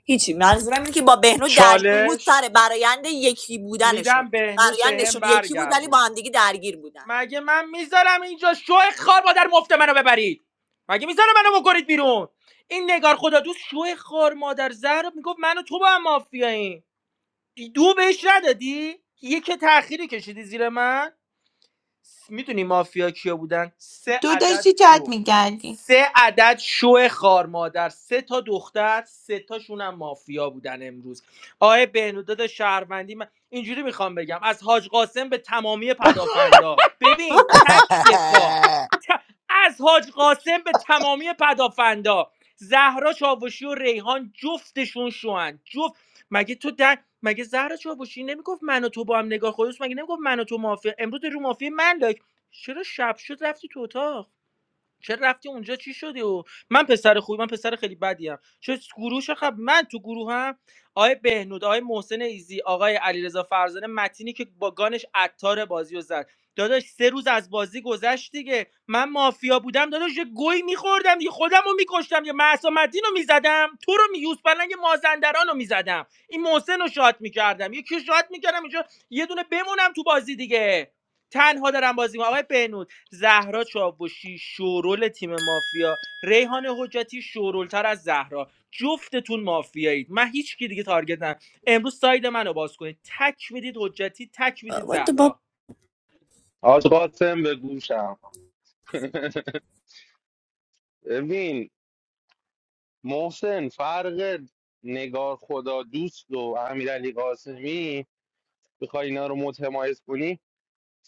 Speaker 19: هیچی منظورم اینه که با بهنود درگیر بود
Speaker 4: چالش
Speaker 19: سر برایند یکی بودنشون
Speaker 4: میدم بهنود به هم
Speaker 19: برایندشون یکی بود ولی با
Speaker 4: برگردون
Speaker 19: هم دیگه درگیر بودن
Speaker 4: مگه من میذارم اینجا شو خار مادر مفت منو ببرید مگه میذارم منو بکنید بیرون این نگار خدا دوست شو خار مادر زهرا میگفت من و تو با هم مافیاییم دو بهش ندادی یه که تأخیری کشیدی زیر من میدونی مافیا کیا بودن سه
Speaker 14: تو
Speaker 4: عدد
Speaker 14: داشتی چت
Speaker 4: شو
Speaker 14: میکردی
Speaker 4: سه عدد شو خار مادر سه تا دختر سه تاشون هم مافیا بودن امروز آقای بهنوداد شهروندی من اینجوری میخوام بگم از حاج قاسم به تمامی پدافندا ببین تک دفاع ت- از حاج قاسم به تمامی پدافندا زهرا چاوشی و ریحان جفتشون شوهن جفت مگه تو مگه زهر چاوشی نمیگفت من و تو با هم نگاه خودش مگه نمیگفت من و تو مافیا امروز رو مافیا من لایک چرا شب شد رفتی تو اتاق چه رفتی اونجا چی شدی و من پسر خوبی من پسر خیلی بدی ام چه گروه خب من تو گروه هم آقای بهنود آقای محسن ایزی آقای علیرضا فرزانه متینی که با گانش عطار بازی رو زد داداش سه روز از بازی گذشت دیگه من مافیا بودم داداش یه گوی میخوردم دیگه خودم رو میکشتم یه محسا مدین رو میزدم تو رو می یوز پلنگ مازندران رو میزدم این محسن رو شات میکردم یکی رو شات میکردم اینجا یه دونه بمونم تو بازی دیگه تنها دارم بازی می‌کنم. آقای بهنود زهرا چاوشی شورول تیم مافیا ریحان حجتی شورولتر از زهرا جفتتون مافیایید من هیچ کی دیگه تارگت ندارم امروز ساید منو باز کنید تک میدید حجتی تک میدید
Speaker 19: با
Speaker 4: زهرا
Speaker 12: آج قاسم به گوشم ببین محسن فرق نگار خدا دوست و امیرعلی قاسمی بخوای اینا رو متمایز کنی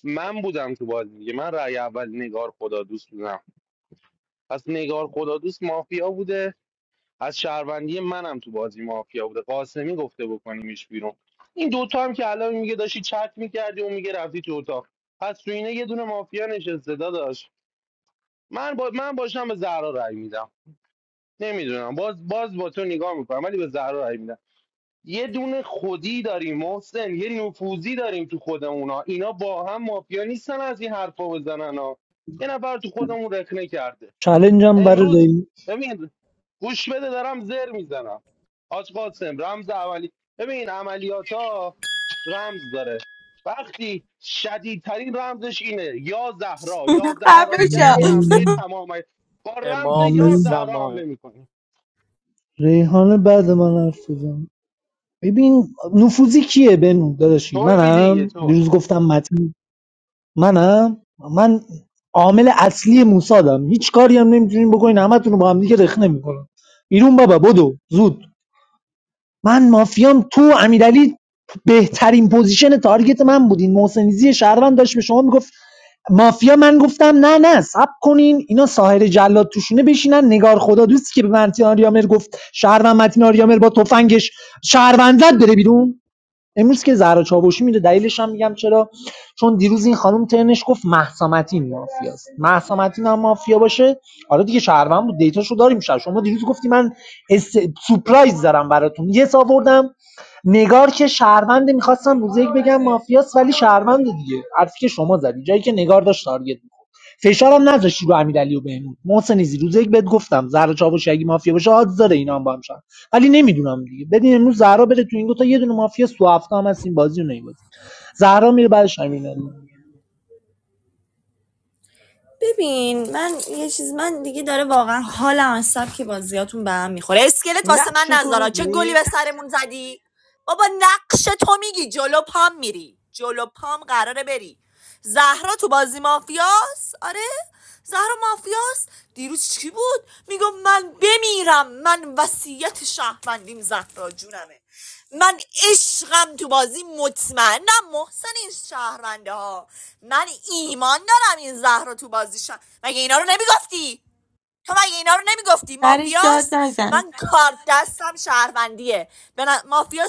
Speaker 12: من بودم تو بازی دیگه من رأی اول نگار خدا دوست بودم پس نگار خدا دوست مافیا بوده از شهروندی منم تو بازی مافیا بوده قاسمی گفته بکنیمش بیرون این دوتا هم که الان میگه داشتی چت میکردی و میگه رفتی تو اتاق پس تو اینه یه دونه مافیا نشسته داداش من با من باشم به زهرا رأی میدم نمیدونم باز باز با تو نگاه میکنم ولی به زهرا رأی میدم یه دونه خودی داریم محسن یه نفوذی داریم تو خود اونا اینا با هم مافیا نیستن از این حرفا بزنن ها یه نفر تو خودمون رخنه کرده
Speaker 7: چالنجم برای
Speaker 12: امروز
Speaker 7: ری...
Speaker 12: ببین گوش بده دارم زر میزنم حاج قاسم رمز اولی ببین عملیات ها رمز داره وقتی شدیدترین رمزش اینه یا زهرا یا زهرا
Speaker 14: خفه
Speaker 12: میگن
Speaker 14: شو.
Speaker 12: یعنی حمله تمام با رمز یا
Speaker 7: ری-
Speaker 12: زهرا حمله میکنی
Speaker 7: ریحانه بعد من حرف بزن ببین نفوذی کیه بنو داداشی
Speaker 12: توی دیگه
Speaker 7: منم
Speaker 12: تو
Speaker 7: دیروز گفتم متین منم من عامل اصلی موسادم هیچ کاری هم نمیتونین بکنین همتون رو با هم دیگه رخنه میکنم بیرون بابا بدو زود من مافیام تو امیرعلی بهترین پوزیشن تارگت من بودین محسنیزی شهروند داشت به شما میگفت مافیا من گفتم نه نه سب کنین اینا ساحر جلاد توشونه بشینن نگار خدا دوست که به مرتین آریامر گفت شهروند متین آریامر با تفنگش شهروند زد بره بیرون امروز که زهرا چاوشی میره دلیلش هم میگم چرا چون دیروز این خانم ترنش گفت مهسا متین مافیاست مهسا متین هم مافیا باشه حالا دیگه شهروند بود دیتاشو داریم شد شما دیروز گفتی من اس... سورپرایز دارم براتون یه سا آوردم نگار که شهرونده میخواستم روز یک بگم مافیاست ولی شهرونده دیگه حرفی که شما زدی جایی که نگار داشت تارگت می‌خورد. فشارم نذاشتی رو امیرعلی و بهنود محسن ایزی روز یک بهت گفتم زهرا چاوشی اگه مافیا باشه آدز داره اینا هم با هم شن. ولی نمیدونم دیگه بدین امروز زهرا بره تو این دو تا یه دونه مافیا سو هفته هم هست این بازی رو نمیبازی زهرا میره بعدش امین علی.
Speaker 19: ببین من یه چیز من دیگه داره واقعا حالم از سبک بازیاتون به هم میخوره اسکلت واسه
Speaker 4: نقش
Speaker 19: من نذارا
Speaker 4: تو
Speaker 19: چه گلی
Speaker 4: میدی
Speaker 19: به سرمون زدی بابا نقش تو میگی جلو پام میری جلو پام قراره بری زهرا تو بازی مافیاس آره زهرا مافیاست دیروز چی بود میگم من بمیرم من وصیت شهروندیم زهرا جونمه من عشقم تو بازی مطمئنم محسن این شهرونده ها من ایمان دارم این زهرا تو بازی شهر مگه اینا رو نمیگفتی تو مگه اینا رو نمیگفتی
Speaker 14: سرش داد
Speaker 19: مافیاس
Speaker 14: نزن
Speaker 19: من کار دستم شهروندیه به ن-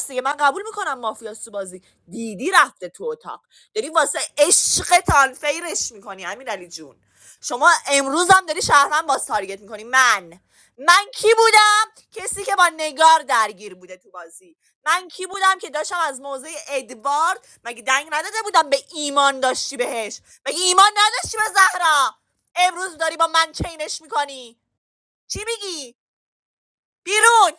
Speaker 19: دیگه من قبول میکنم مافیاس تو بازی دیدی رفته تو اتاق داری واسه عشق تانفیرش میکنی امیر علی جون شما امروز هم داری شهروند باز تارگت میکنی من من کی بودم کسی که با نگار درگیر بوده تو بازی من کی بودم که داشتم از موضع ادوارد مگه دنگ نداده بودم به ایمان داشتی بهش مگه ایمان نداشتی به زهرا امروز داری با من چینش میکنی چی میگی بیرون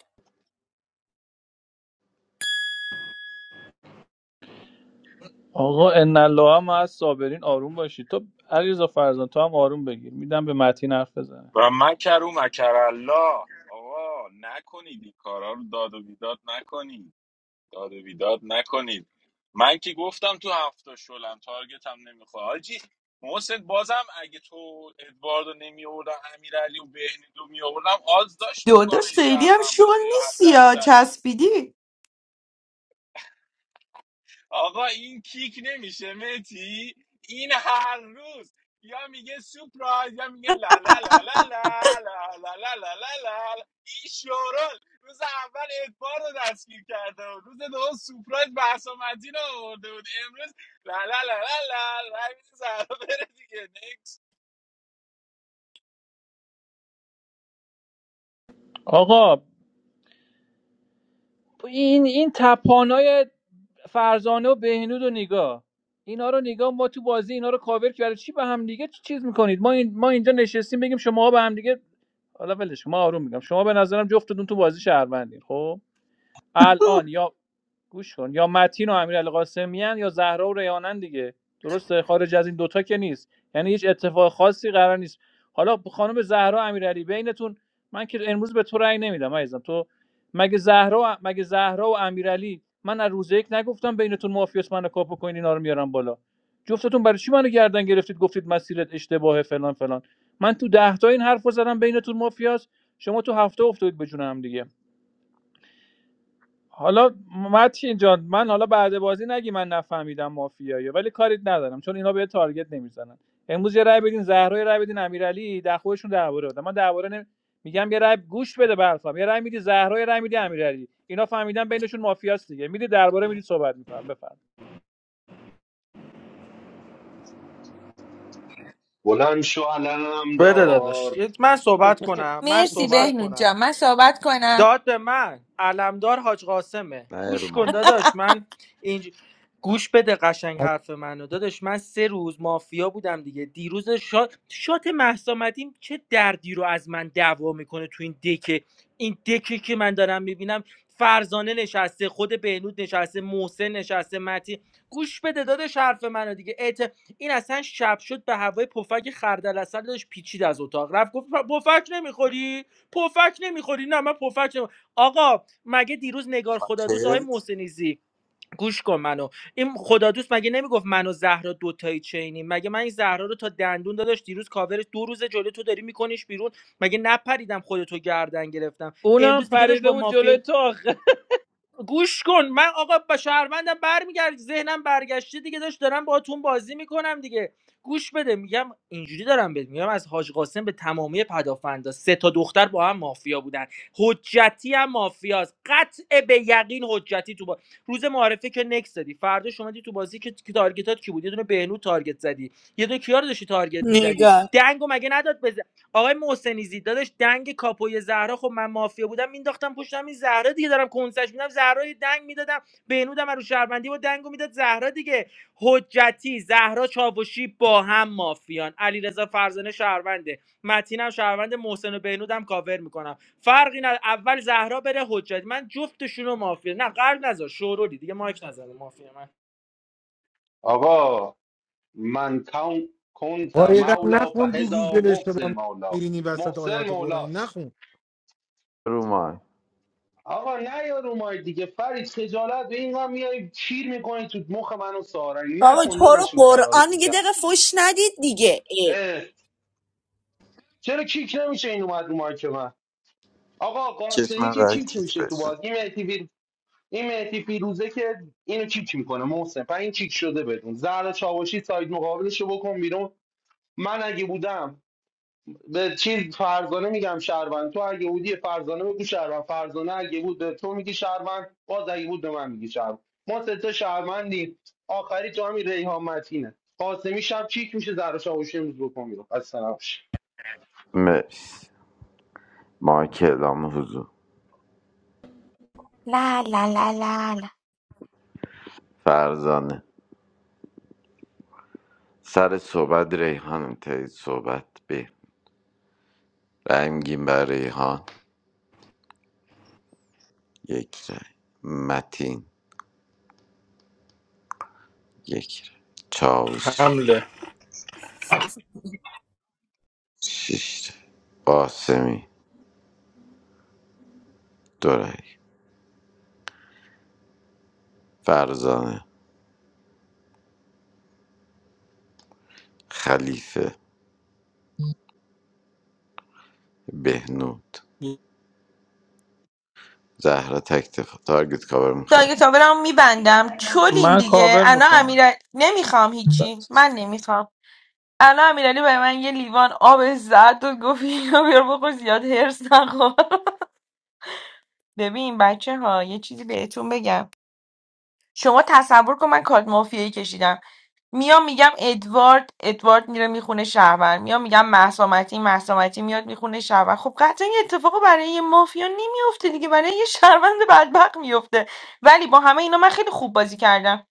Speaker 16: آقا ان الله هم از صابرین آروم باشید تو علیرضا فرزان تو هم آروم بگیر میدم به متین حرف بزنه
Speaker 2: و مکر و مکر الله آقا نکنید این کارا رو داد و بیداد نکنید داد و بیداد نکنید من که گفتم تو هفته شلم تارگت هم نمیخواد حاجی محسن بازم اگه تو ادواردو نمی آوردن امیرعلی و بهنود رو می آوردم آز داشت
Speaker 14: داداش
Speaker 2: دوگانه
Speaker 14: خیلی هم
Speaker 2: شهروند
Speaker 14: شل
Speaker 2: باشه یا حد
Speaker 14: نیستی یا
Speaker 2: اکثر
Speaker 14: چسبیدی
Speaker 2: آقا این کیک نمیشه متی این هر روز یا میگه سپرایز یا میگه لا لا لا لا لا لا لا لا لا لا لا این شورال روز اول ادبار رو دستگیر کرده بود روز دوم سپرایز بحث و مدین رو آورده بود امروز لا لا لا لا لا لا این زهرا بره دیگه نکس
Speaker 16: آقا این این تپانای فرزانه و بهنود و نگاه اینا رو نگاه ما تو بازی اینا رو کاور که برای چی به هم دیگه چیز میکنید ما این ما اینجا نشستیم بگیم شما به هم دیگه حالا ولش ما آروم میگم شما به نظرم جفتتون تو بازی شهروندین خب الان یا گوش کن یا متین و امیرعلی قاسمیان یا زهرا و ریانن دیگه درسته خارج از این دوتا که نیست یعنی هیچ اتفاق خاصی قرار نیست حالا خانم زهرا امیرعلی بینتون من که امروز به تو رأی نمیدم عزیزم تو مگه زهرا مگه زهرا و امیرعلی من از روز یک نگفتم بینتون مافیاس منو کاپو کنین اینا رو میارم بالا جفتتون برای چی منو گردن گرفتید گفتید مسیرت اشتباهه فلان فلان من تو ده تا این حرفو زدم بینتون مافیاس شما تو هفته افتادید به جون هم دیگه حالا متین جان من حالا بعد بازی نگی من نفهمیدم مافیایی ولی کاریت ندارم چون اینا به تارگت نمیزنن امروز یه رای بدین زهرا یه رای بدین امیرعلی در خودشون درباره بدن من درباره نمی... میگم یه رای گوش بده برفام یه رای میدی زهرا یه رای میدی امیرعلی اینا فهمیدن بینشون مافیاست دیگه میدی درباره میدی صحبت میکنن بفهم
Speaker 12: بلند شو علم
Speaker 4: بده
Speaker 12: دار،
Speaker 4: داداش من صحبت کنم من
Speaker 14: مرسی
Speaker 4: صحبت
Speaker 14: بهنود
Speaker 4: کنم
Speaker 14: جان من صحبت کنم
Speaker 4: داد به من علمدار حاج قاسمه
Speaker 11: نه رو
Speaker 4: گوش کن داداش من اینج... گوش بده قشنگ حرف منو داداش من سه روز مافیا بودم دیگه دیروز شات شات مهسا مدین چه دردی رو از من دعوا میکنه تو این دکه این دکه که من دارم میبینم فرزانه نشسته خود بهنود نشسته محسن نشسته متی گوش بده داداش حرف منو دیگه اعت... این اصلا شب شد به هوای پفک خردل اصلا داشت پیچید از اتاق رفت گفت پفک نمیخوری پفک نمیخوری نه من پفک نمی... آقا مگه دیروز نگار خدا دوست آقای
Speaker 11: مایکل
Speaker 4: محسنیزی گوش کن منو این خدا مگه نمیگفت من و زهرا دوتایی چینی مگه من این زهرا رو تا دندون داداش دیروز کاورش دو روز جلو تو داری میکنیش بیرون مگه نپریدم خودتو گردن گرفتم
Speaker 16: اونم
Speaker 4: امروز دیگه داشت
Speaker 16: پریده
Speaker 4: با
Speaker 16: بود
Speaker 4: مافیا
Speaker 16: جلوی تو آخه
Speaker 4: گوش کن من آقا با شهروندم برمیگرد ذهنم برگشته دیگه داشت دارم باهاتون بازی میکنم دیگه گوش بده میگم اینجوری دارم بهت میگم از حاج قاسم به تمامی پدافندا سه تا دختر با هم مافیا بودن حجتی هم مافیاست قطع به یقین حجتی تو با... روز معارفه که نکس زدی فردا شما دی تو بازی که که تارگتات کی بود یه دونه بهنو تارگت زدی یه دونه کیا رو داشتی تارگت میزدی
Speaker 19: نگار
Speaker 4: دنگو مگه نداد به آقای محسنی زی داداش دنگ کاپوی زهرا خب من مافیا بودم مینداختم پشتم این زهرا دیگه دارم کنسش میدم زهرا یه دنگ میدادم بهنودم رو شهروندی با دنگو میداد زهرا دیگه حجتی زهرا چاوشی با هم مافیان علیرضا فرزانه شهرونده متینم شهروند محسن و بهنودم کاور میکنم فرقی نداره اول زهرا بره حجتی من جفتشون رو مافیا نه قلب نذار شورولی دیگه مایک نذار مافیا من
Speaker 12: آقا من کون کنت
Speaker 5: قایقا
Speaker 12: مولا
Speaker 5: نخون رو
Speaker 12: فهزا
Speaker 5: گوگل
Speaker 12: محسن
Speaker 5: اشتباه
Speaker 12: مولا
Speaker 5: میرینی وسط
Speaker 12: محسن
Speaker 5: آیات قرآنی
Speaker 12: مولاست
Speaker 5: نخون
Speaker 11: رو مایک
Speaker 12: آقا نه یا رو مای دیگه فرید خجالت به این هم میای کیر میکنی تو مخ منو سارنگ
Speaker 19: بابا
Speaker 12: نکن
Speaker 19: تو رو
Speaker 12: داداش این کارا رو
Speaker 19: قرآن
Speaker 12: تو
Speaker 19: یه
Speaker 12: جمع
Speaker 19: دقیقه فش ندید دیگه ای.
Speaker 12: اه، چرا کیک نمیشه این اومد رو مایک من آقا
Speaker 11: کس
Speaker 12: قاسمی
Speaker 11: من
Speaker 12: که
Speaker 11: قرار
Speaker 12: کیک
Speaker 11: کیک
Speaker 12: میشه تو
Speaker 11: بشه
Speaker 12: بازی این مهدی فیر- این مهدی فیروزه که اینو کیک میکنه محسن پس این کیک شده بدون زهر چاوشی ساید مقابلشو بکن بیرون من اگه بودم به چیز فرزانه میگم شهروند تو اگه بودی فرزانه بگو شهروند فرزانه اگه بود به تو میگی شهروند باز اگه بود به من میگی شهروند ما سه تا شهروندیم آخری تو همین ریحان متینه قاسمی شب چیک میشه زهرا شاوشی امروز بکن میرو اصلا نباشه.
Speaker 11: مرسی مایکل هم حضور
Speaker 14: لا لا لا لا لا
Speaker 11: فرزانه سر صحبت ریحان انتهای صحبت به رای میگیم بر ریحان یک رای متین یک رای چاوشی
Speaker 4: حمله
Speaker 11: شش رای قاسمی دو رای فرزانه خلیفه بهنود زهرا تکتفا تارگت کاور میخوای
Speaker 14: تاگه تاورم میبندم چلین
Speaker 16: من
Speaker 14: دیگه
Speaker 16: کاور
Speaker 14: انا
Speaker 16: میخوام
Speaker 14: امیر نمیخوام هیچی من نمیخوام انا امیرعلی برای من یه لیوان آب زد و گفت اینو بیار بخور زیاد هرس نخور ببین بچه ها یه چیزی بهتون بگم شما تصور کن من کارت مافیایی کشیدم میام میگم ادوارد ادوارد میره میخونه شهرور میام میگم مهسا متی مهسا متی میاد میخونه شهرور خب قطعا این اتفاق برای یه مافیا نمیفته دیگه برای یه شهروند بدبخت میفته ولی با همه اینا من خیلی خوب بازی کردم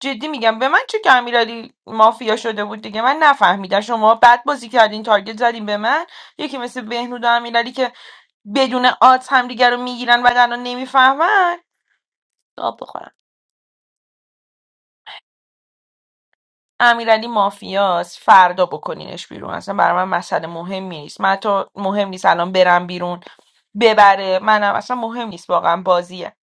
Speaker 14: جدی میگم به من چه که امیرعلی مافیا شده بود دیگه من نفهمیدم شما بد بازی کردین تارگت زدین به من یکی مثل بهنود و امیرعلی که بدون آت همدیگه رو میگیرن و دندون نمیفهمن آب بخورن امیرعلی مافیاس فردا بکنینش بیرون اصلا برای من مسئله مهمی نیست من حتی مهم نیست الان برم بیرون ببره منم اصلا مهم نیست واقعا بازیه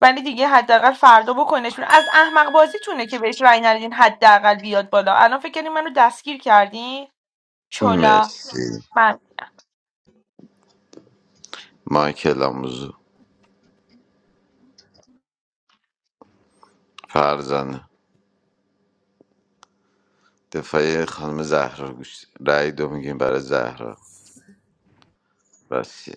Speaker 14: ولی دیگه حداقل فردا بکنش بیرون از احمق بازیتونه که بهش رأی ندین حداقل بیاد بالا الان فکر کنین منو دستگیر کردین چلا
Speaker 11: مرسی
Speaker 14: من
Speaker 11: مایکل آموزو فرزانه دفاعی خانم زهرا گوش رای دو میگیم برای زهرا بسیه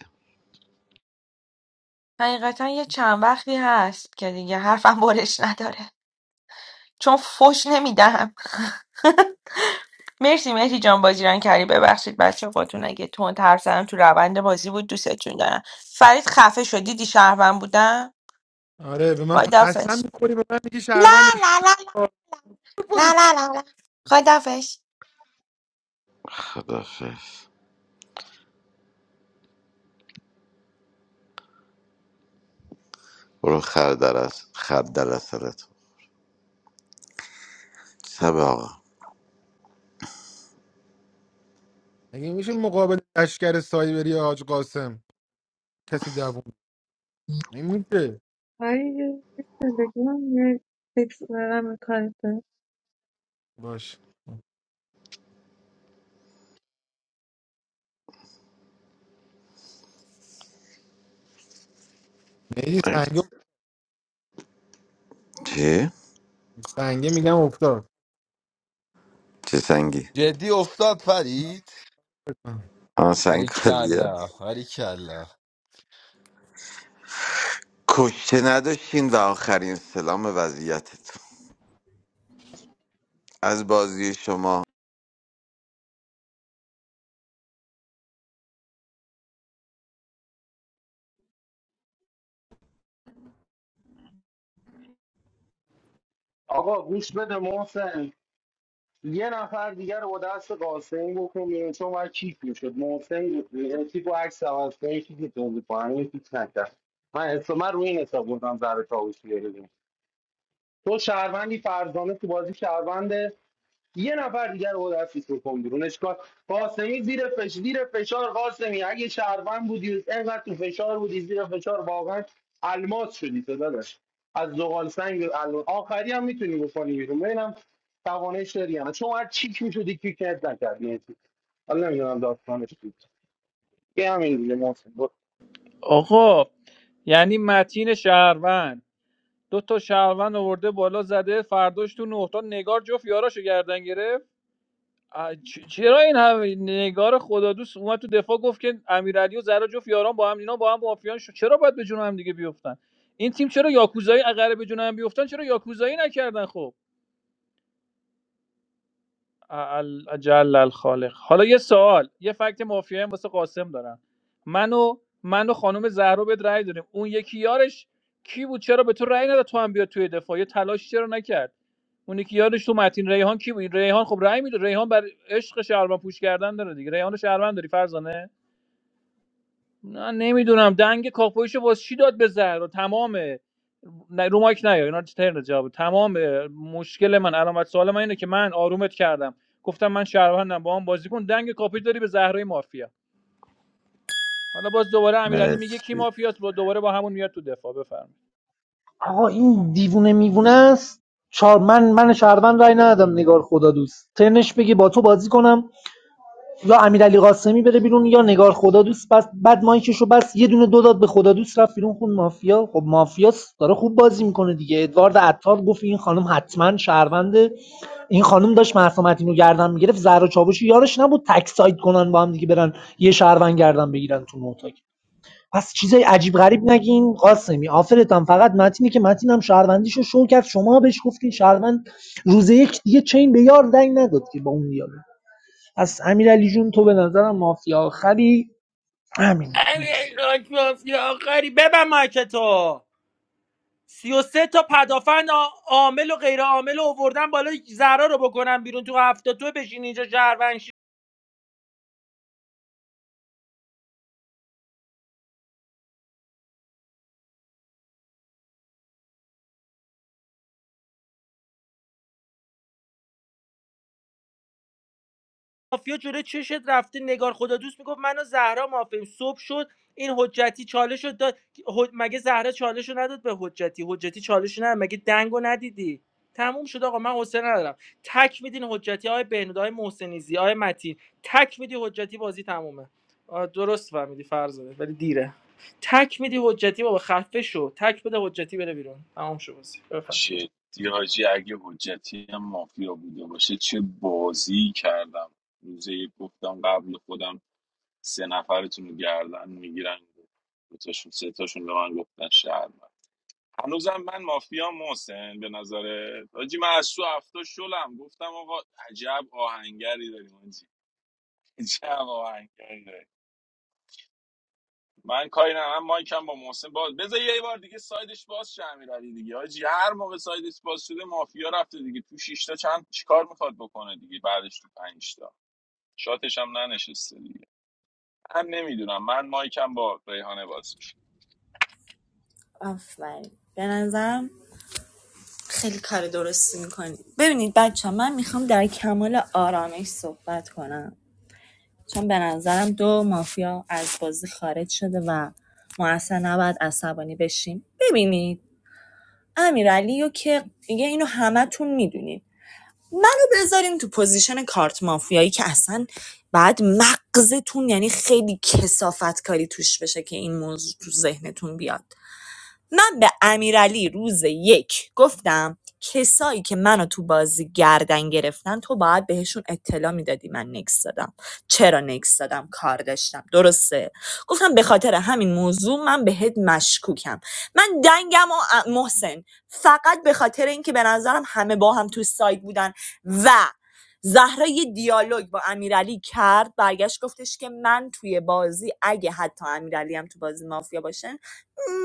Speaker 14: حقیقتا یه چند وقتی هست که دیگه حرفم برش نداره چون فش نمیدم مرسی مهدی جان بازی ران کردی ببخشید بچه خودتون اگه تون حرف زدم تو روند بازی بود دوستتون دارم فرید خفه شدی دیدی شهروند بودم
Speaker 5: آره به من پ- قسم
Speaker 14: خدافش
Speaker 5: میخوری به من میگی
Speaker 14: لا
Speaker 5: شهروندم
Speaker 14: لا
Speaker 5: شو
Speaker 14: لا لا
Speaker 5: کنی.
Speaker 14: لا لا لا لا. خداحافظ.
Speaker 11: خدافز برو خر در از خر در از سرت. سب آقا
Speaker 5: مگه میشه مقابل لشکر سایبری حاج قاسم کسی دووم نمیده
Speaker 8: ولی تلگرام یه تکس برم به کارت داد.
Speaker 5: باش میری
Speaker 11: ای،
Speaker 5: سنگه
Speaker 11: چی؟
Speaker 5: سنگه میگم افتاد
Speaker 11: چه سنگی؟
Speaker 21: جدی افتاد فرید
Speaker 11: آن
Speaker 21: ولی
Speaker 11: سنگ خالیه
Speaker 21: کلا ولی کلا
Speaker 11: کشته نداشتین و آخرین سلام وضعیتتون از بازی شما
Speaker 12: آقا گوش بده محسن یه نفر دیگه رو با دست قاسمی بکن بیرون چون باید چیک میشد محسن یکی با عکس عوض کنه یکی که توضیح پاهمه یکی نکرد من حساب من روی این حساب بودم زهرا شاوشی رو ببینم. تو شهروندی فرزانه تو بازی شهرونده یه نفر دیگر رو باید دستیس بکن بیرون اشکال قاسمی زیر فش زیر فشار قاسمی اگه شهروند بودی اینقدر تو فشار بودی زیر فشار واقعا الماس شدی تو داداش از زغال سنگ به الم- آخری هم میتونی بکنی بیرون ببینم توانش داری هم چون هر چیک میشدی کیک نت نکردی حالا نمیدونم داستانش بود یه همین دیگه محسن. برو.
Speaker 16: آقا یعنی متین شهروند دو تا شهروند آورده بالا زده فرداش تو نقطا نگار جفت یاراشو گردن گرفت آ، چ- چرا این همه نگار خدادوست اومد تو دفاع گفت که امیرعلی و زرا جفت یاران با هم اینا با هم مافیان شد چرا باید به جون هم دیگه بیفتن این تیم چرا یاکوزایی اگر به جون هم بیفتن چرا یاکوزایی نکردن خب ال- جل الخالق حالا یه سوال یه فکت مافیایی هم واسه قاسم دارم من و من و خانم زهرا بهت رأی دادیم اون یکی یارش کی بود چرا به تو رأی نداد تو هم بیا توی دفاع یه تلاش چرا نکرد اون یکی یارش تو متین ریحان کی بود ریحان خب رأی میده ریحان بر عشق شهروند پوش کردن داره دیگه ریحان رو شهروند داری فرزانه نه نمیدونم دنگ کاپویشو باز چی داد به زهرا تمام نه رو مایک نیا اینا ترن جواب تمام مشکل من علامت سوال من اینه که من آرومت کردم گفتم من شهروندم با هم بازی کن دنگ کاپوی داری به زهرای مافیا حالا باز دوباره امیرعلی میگه کی
Speaker 11: مرسی
Speaker 16: مافیاست با دوباره با همون میاد تو دفاع بفرمایید
Speaker 7: آقا این دیوونه میوونه است چهار من من شهروند رای ندادم نگار خدا دوست تنش بگی با تو بازی کنم یا امیرعلی قاسمی بره بیرون یا نگار خدادوست بس بعد مایکشو بس یه دونه دو داد به خدادوست رفت بیرون خون مافیا خب مافیاس داره خوب بازی میکنه دیگه ادوارد عطار گفت این خانم حتما شهرونده این خانم داشت مهسا متین رو گردن میگرفت زهرا چاوشی یارش نبود تک ساید کنن با هم دیگه برن یه شهروند گردن بگیرن تو نوتاک پس چیزای عجیب غریب نگین قاسمی آفرتم فقط متینی که متینم شهروندیشو شو کرد شما بهش گفتین شهروند روز یک دیگه چین به یار دنگ نداد که با اون دیالوگ پس امیرعلی جون تو به نظرم مافیا آخری همین دیگه نکس
Speaker 4: ای وای، مافیا آخری ببن مایک تو سی و سه تا پدافند آ- عامل و غیر عامل رو آوردن بالا زهرا رو بکنن بیرون تو هفته تو بشین اینجا شهروند شی. مافیا جلو چشت رفته نگار خدا دوست میگفت منو زهرا مافیم صبح شد این حجتی چالش رو داد حج- مگه زهرا چالش رو نداد به حجتی حجتی چالش رو نداد مگه دنگو ندیدی تموم شد آقا من حوصله ندارم تک میدین حجتی های بهنود های محسنیزی های متین تک میدی حجتی بازی تمومه درست فهمیدی فرزانه ولی دیره تک میدی حجتی بابا خفه شو تک بده حجتی بره بیرون تمام شو بازی بفهم.
Speaker 2: چه حاجی اگه حجتی هم مافیا بوده باشه چه بازی کردم روزه یک گفتم قبل خودم سه نفرتون رو گردن میگیرن دوتاشون سه تاشون به من گفتن شهر هنوزم من مافیا محسن به نظر حاجی من از تو هفته شلم گفتم آقا عجب آهنگری داریم حاجی عجب آهنگری داریم من کاری نه من مایکم با محسن باز بذار یه بار دیگه سایدش باز شه امیرعلی دیگه حاجی هر موقع سایدش باز شده مافیا رفته دیگه تو شیشتا چند چیکار میخواد بکنه دیگه بعدش تو پنجتا شاتش هم ننشسته دیگه من نمیدونم من مایکم با ریحانه باز میشه.
Speaker 19: آفرین به نظرم خیلی کار درستی میکنی ببینید بچه ها، من میخوام در کمال آرامش صحبت کنم چون به نظرم دو مافیا از بازی خارج شده و ما اصلا نباید عصبانی بشیم ببینید امیرعلی رو که میگه اینو همه همتون میدونید منو بذارین تو پوزیشن کارت مافیایی که اصلا بعد مغزتون یعنی خیلی کسافت کاری توش بشه که این موضوع تو ذهنتون بیاد من به امیرعلی روز یک گفتم کسایی که منو تو بازی گردن گرفتن تو باید بهشون اطلاع میدادی من نکس دادم چرا نکس دادم کار داشتم درسته گفتم به خاطر همین موضوع من بهت مشکوکم من دنگم و محسن فقط به خاطر اینکه به نظرم همه با هم تو سایت بودن و زهرا یه دیالوگ با امیرعلی کرد برگشت گفتش که من توی بازی اگه حتی امیرعلی هم تو بازی مافیا باشه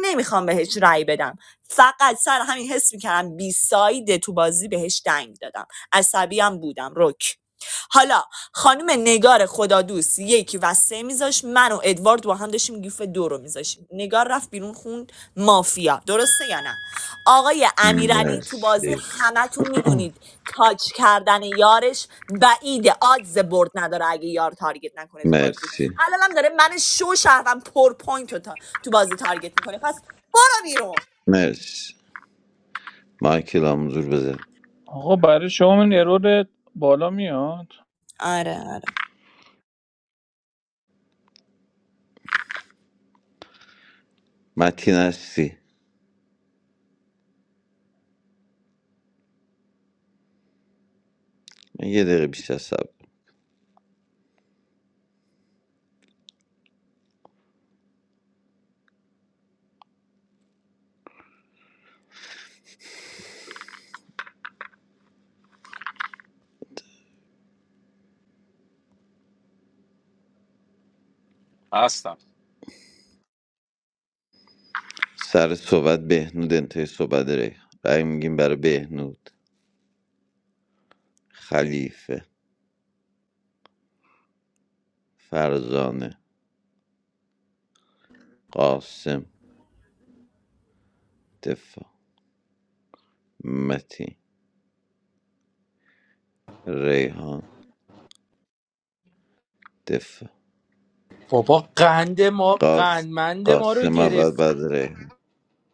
Speaker 19: نمیخوام بهش رأی بدم فقط سر همین حس میکردم بی سایده تو بازی بهش دنگ دادم عصبی هم بودم رک حالا خانم نگار خدا یکی و سه میذاش من و ادوارد با هم داشتیم گیف دو رو میذاشیم نگار رفت بیرون خوند مافیا درسته یا نه آقای امیرعلی تو بازی
Speaker 11: مرسی
Speaker 19: همتون میدونید تاچ کردن یارش بعید آدز برد نداره اگه یار تارگت نکنه تو بازی
Speaker 11: مرسی
Speaker 19: الانم داره من شو شهرم پر پوینت رو تا- تو بازی تارگت میکنه پس برو بیرون
Speaker 11: مرسی مایکل آمزور بزن
Speaker 16: آقا برای شما این ارور بالا میاد
Speaker 19: آره آره
Speaker 11: متین هستی من یه دقیقه بیشتر صبر
Speaker 2: هستم
Speaker 11: سر صحبت بهنود انتهای صحبت ری رای میگیم برای بهنود خلیفه فرزانه قاسم دفاع متین ریحان دفاع
Speaker 4: بابا قند ما
Speaker 11: قاسم
Speaker 4: قندمند ما رو
Speaker 11: قاسم
Speaker 4: گرفتی
Speaker 11: اول بعد ریحان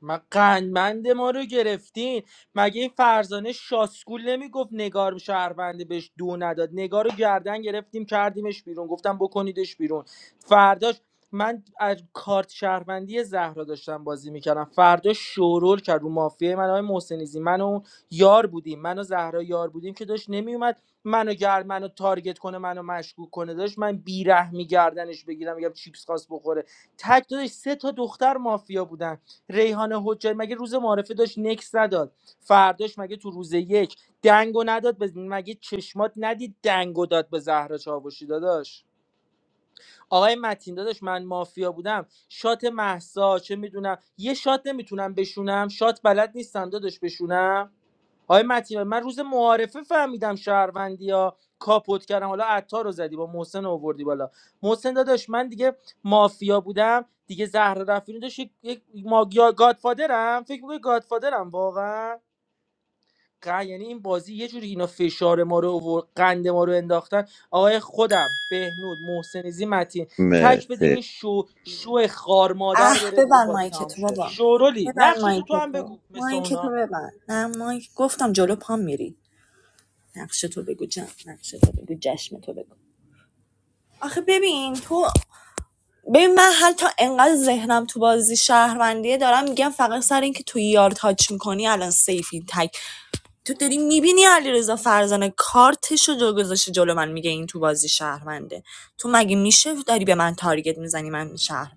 Speaker 4: ما قندمند ما رو گرفتین مگه این فرزانه شاسکول نمیگفت نگار شهرونده بهش دو نداد نگار رو گردن گرفتیم کردیمش بیرون گفتم بکنیدش بیرون فرداش من از کارت شهروندی زهرا داشتم بازی میکردم فردا شورول کرد رو مافیه من های محسنیزی من و اون یار بودیم من و زهرا یار بودیم که داشت نمیومد منو گرد منو تارگت کنه منو مشکوک کنه داشت من بیره میگردنش بگیرم میگم چیپس خواست بخوره تک دادش سه تا دختر مافیا بودن ریحان حجاری مگه روز معارفه داشت نکس نداد فرداش مگه تو روز یک دنگو نداد به مگه چشمات ندید دنگو داد به زهرا چاوشی داداش آقای متین داداش من مافیا بودم شات محسا چه میدونم یه شات نمیتونم بشونم شات بلد نیستم داداش بشونم آقای متین من روز معارفه فهمیدم شهروندی ها کاپوت کردم حالا عطار رو زدی با محسن رو آوردی بالا محسن داداش من دیگه مافیا بودم دیگه زهر رفیعی داشت یک, یک ماگیا گادفادرم فکر میکنی گادفادرم واقعا ق- یعنی این بازی یه جوری اینا فشار ما رو آورد، قند ما رو انداختن آقای خودم بهنود محسنیزی متین تک بدین
Speaker 11: مرسی
Speaker 4: این شو شو خار
Speaker 19: اه
Speaker 4: مادر بره بیرون
Speaker 19: ببند
Speaker 4: بازی
Speaker 19: مایک
Speaker 4: تمام
Speaker 19: تو
Speaker 4: شه
Speaker 19: بابا
Speaker 4: شورولی
Speaker 19: ببند
Speaker 4: نقش تو
Speaker 19: مایک
Speaker 4: تو هم
Speaker 19: تو
Speaker 4: بگو مثل
Speaker 19: مایک
Speaker 4: اونا.
Speaker 19: تو ببند نه مایک گفتم جلو پام میری نقشه تو بگو جم نقشه تو بگو جشم تو بگو آخه ببین تو ببین من هر تا انقدر ذهنم تو بازی شهروندیه دارم میگم فقط سر اینکه تو یار تاچ میکنی الان سیفی تک تو داری میبینی علیرضا فرزانه کارتشو رو گذاشته جلو من میگه این تو بازی شهرونده تو مگه میشه داری به من تارگت میزنی من شهروند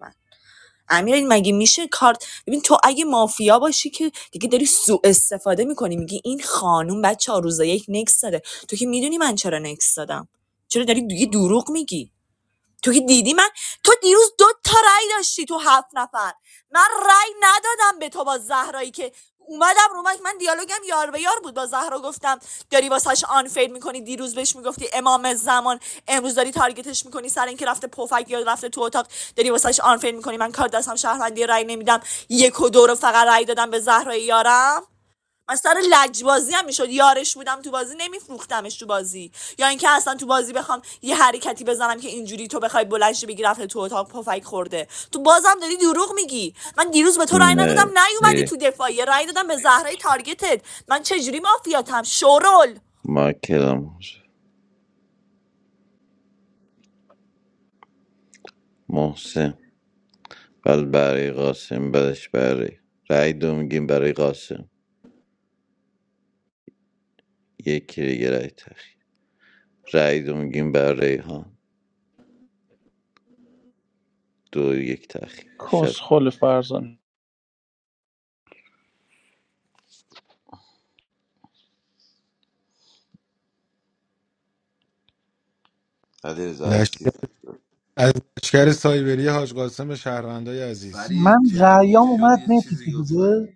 Speaker 19: امیر مگه میشه کارت ببین تو اگه مافیا باشی که دیگه داری سوء استفاده میکنی میگی این خانوم بعد چهار روزه یک نکس داده تو که میدونی من چرا نکس دادم چرا داری دیگه دروغ میگی تو که دیدی من تو دیروز دو تا رأی داشتی تو هفت نفر من رأی ندادم به تو با زهرایی که اومدم رو مایک من دیالوگم یار به یار بود با زهرا گفتم داری واسهش آنفیل میکنی دیروز بهش میگفتی امام زمان امروز داری تارگتش میکنی سر اینکه رفته پفک یا رفته تو اتاق داری واسهش آنفیل میکنی من کار دستم شهروندی رأی نمیدم یک و دو رو فقط رأی دادم به زهرای یارم من سر لجبازی هم میشد یارش بودم تو بازی نمیفروختمش تو بازی یا اینکه اصلا تو بازی بخوام یه حرکتی بزنم که اینجوری تو بخوای بلندش شی بگی رفته تو اتاق پفک خورده تو بازم داری دروغ میگی من دیروز به تو رأی ندادم نیومدی
Speaker 11: مرسی
Speaker 19: تو دفاعیه رأی دادم به زهرای تارگتت من چجوری مافیاتم شورل
Speaker 11: مایکلم محسن بعد برای قاسم بعدش برای رأی دو میگیم برای قاسم یکی دیگه رأی تخیر رأی دو میگیم برای ریحان دو یک تخیر شب
Speaker 16: کس خل فرزان
Speaker 11: علی رضا هستی
Speaker 5: لشکر از لشکر سایبری حاج قاسم به شهروندای عزیز
Speaker 7: من
Speaker 21: فرید جوگیر
Speaker 7: رأیام
Speaker 21: شد
Speaker 7: اومد
Speaker 21: یه
Speaker 7: مهدی
Speaker 21: چیزی گفت
Speaker 7: فیروزه
Speaker 21: فرید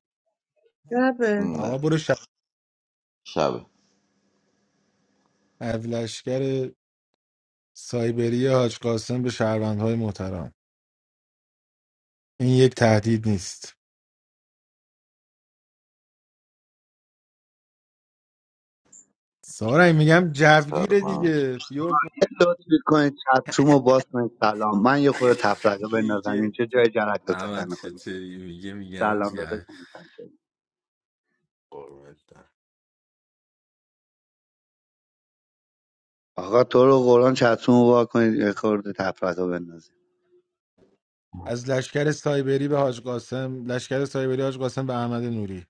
Speaker 8: ربه
Speaker 5: آقا
Speaker 11: نه
Speaker 5: برو ش...
Speaker 11: شب
Speaker 5: از لشکر سایبری حاج قاسم به شهروندهای محترم این یک تهدید نیست سارنگ میگم جوگیره
Speaker 11: سلام
Speaker 5: دیگه بیا
Speaker 23: Hello, to the one who is talking to me, Salaam. I want to
Speaker 21: میگه
Speaker 23: make a donation. Where is the place to
Speaker 21: احمد
Speaker 23: donate?
Speaker 21: چطوری میگه میگم
Speaker 23: Salaam, that is
Speaker 21: جوگیر
Speaker 23: my
Speaker 21: قربونت برم.
Speaker 23: name. If you want to talk to the one who is making a donation,
Speaker 5: از لشکر سایبری به حاج قاسم لشکر سایبری حاج قاسم به احمد نوری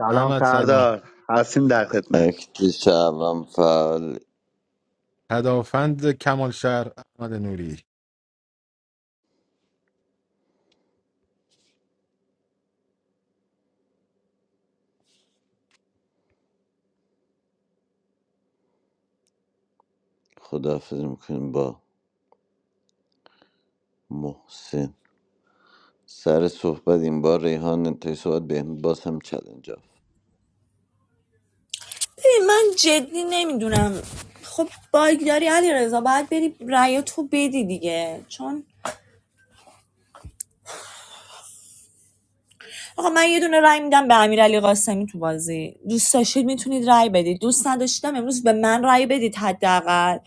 Speaker 23: Salaam,
Speaker 5: احمد سلام
Speaker 23: Commander, handsome, handsome. I
Speaker 11: اکتی شبم فعال
Speaker 5: پدافند کمال شهر احمد نوری
Speaker 11: خداحافظی میکنیم با محسن سر صحبت این بار ریحان انتهای صحبت به باز هم چلنج آف
Speaker 19: ببین من جدی نمیدونم خب باگ داری علی رضا باید بری رأی تو بدی دیگه چون آقا من یه دونه رای میدم به امیرعلی قاسمی تو بازی دوست داشتید میتونید رای بدید دوست نداشتم امروز به من رای بدید حداقل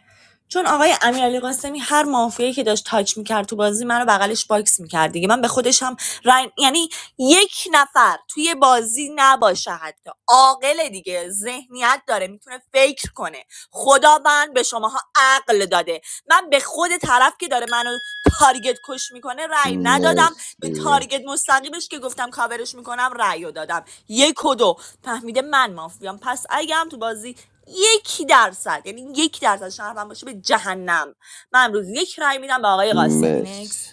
Speaker 19: چون آقای امیرعلی قاسمی هر مافیایی که داشت تاچ میکرد تو بازی منو بغلش باکس میکرد دیگه من به خودش هم رای... یعنی یک نفر توی بازی نباشه حتی عاقل دیگه ذهنیت داره میتونه فکر کنه نکنه خدا من به شماها عقل داده من به خود طرف که داره منو تارگت کش میکنه رأی ندادم به
Speaker 11: مرسی
Speaker 19: تارگت مستقیمش که گفتم کاورش میکنم رأی دادم یک و دو فهمیده من مافیام پس اگه هم تو بازی یکی درصد یعنی یک درصد شهروند باشه به جهنم من امروز یک رأی میدم به آقای قاسمی Next.
Speaker 11: مرسی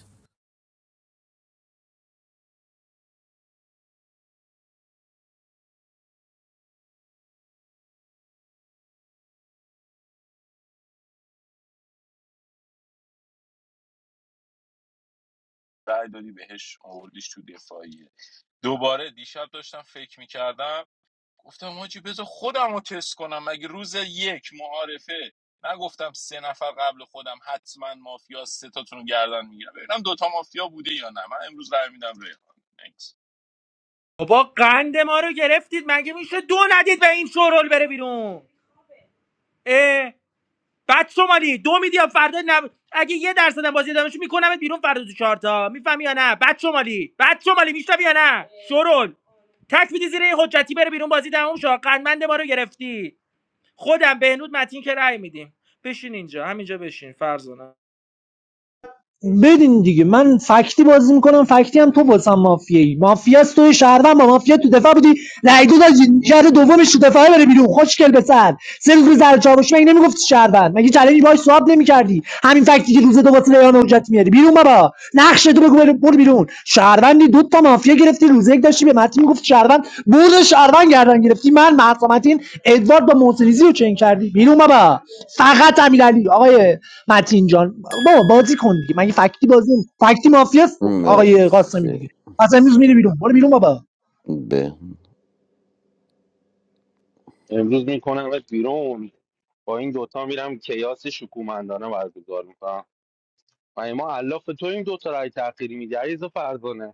Speaker 2: رای دادی بهش آوردیش تو دفاعیه دوباره دیشب داشتم فکر میکردم گفتم حاجی بذار خودم رو تست کنم مگه روز یک معارفه نگفتم سه نفر قبل خودم حتما مافیا سه تاتون رو گردن میگیرم ببینم دوتا مافیا بوده یا نه من امروز رای میدم ریحان Thanks.
Speaker 4: بابا قند ما رو گرفتید مگه میشه دو ندید به این شورول بره بیرون اه بعد شمالی دو میدی یا فردا نب... اگه یه درصد هم بازی ادامهش میکنمت بیرون فردا تو چهارتا میفهمی یا نه بعد شمالی بعد شمالی میشنوی یا نه شورول تک میدی زیر یه حجتی بره بیرون بازی تموم شو قندمند ما رو گرفتی خودم بهنود متین که رأی میدیم بشین اینجا همینجا بشین فرزانه
Speaker 7: بدین دیگه من فکتی بازی میکنم فکتی هم تو بازم مافیایی مافیاست توی شهروند با مافیا تو دفاع بودی رای دو داشتی شهر دومش تو دفاع بره بیرون خوشگل به سر سه روز روز زر چاوش مگه نمیگفتی شهروند مگه چالش باهاش سواب نمیکردی همین فکتی که روز دو واسه ریان حجت میاری بیرون بابا نقش تو تو بگو برو بیرون شهروندی دو تا مافیا گرفتی روز یک داشتی به متین میگفت شهروند برد شهروند گردن گرفتی من معصومتین ادوارد با محسنیزی رو چنگ کردی بیرون بابا فقط امیرعلی آقای متین جان بابا بازی کن دیگه مگه فکتی بازی فکتی مافیا آقای قاسمی
Speaker 11: مرسی
Speaker 7: دیگه قاسمی میز میره بیرون برو بیرون بابا
Speaker 11: به
Speaker 12: امروز میکنم بیرون با این دوتا میرم کیاس شکومندانه برگزار میکنم و ما علاف تو این دو تا رای تأخیری میدی عریض فرزانه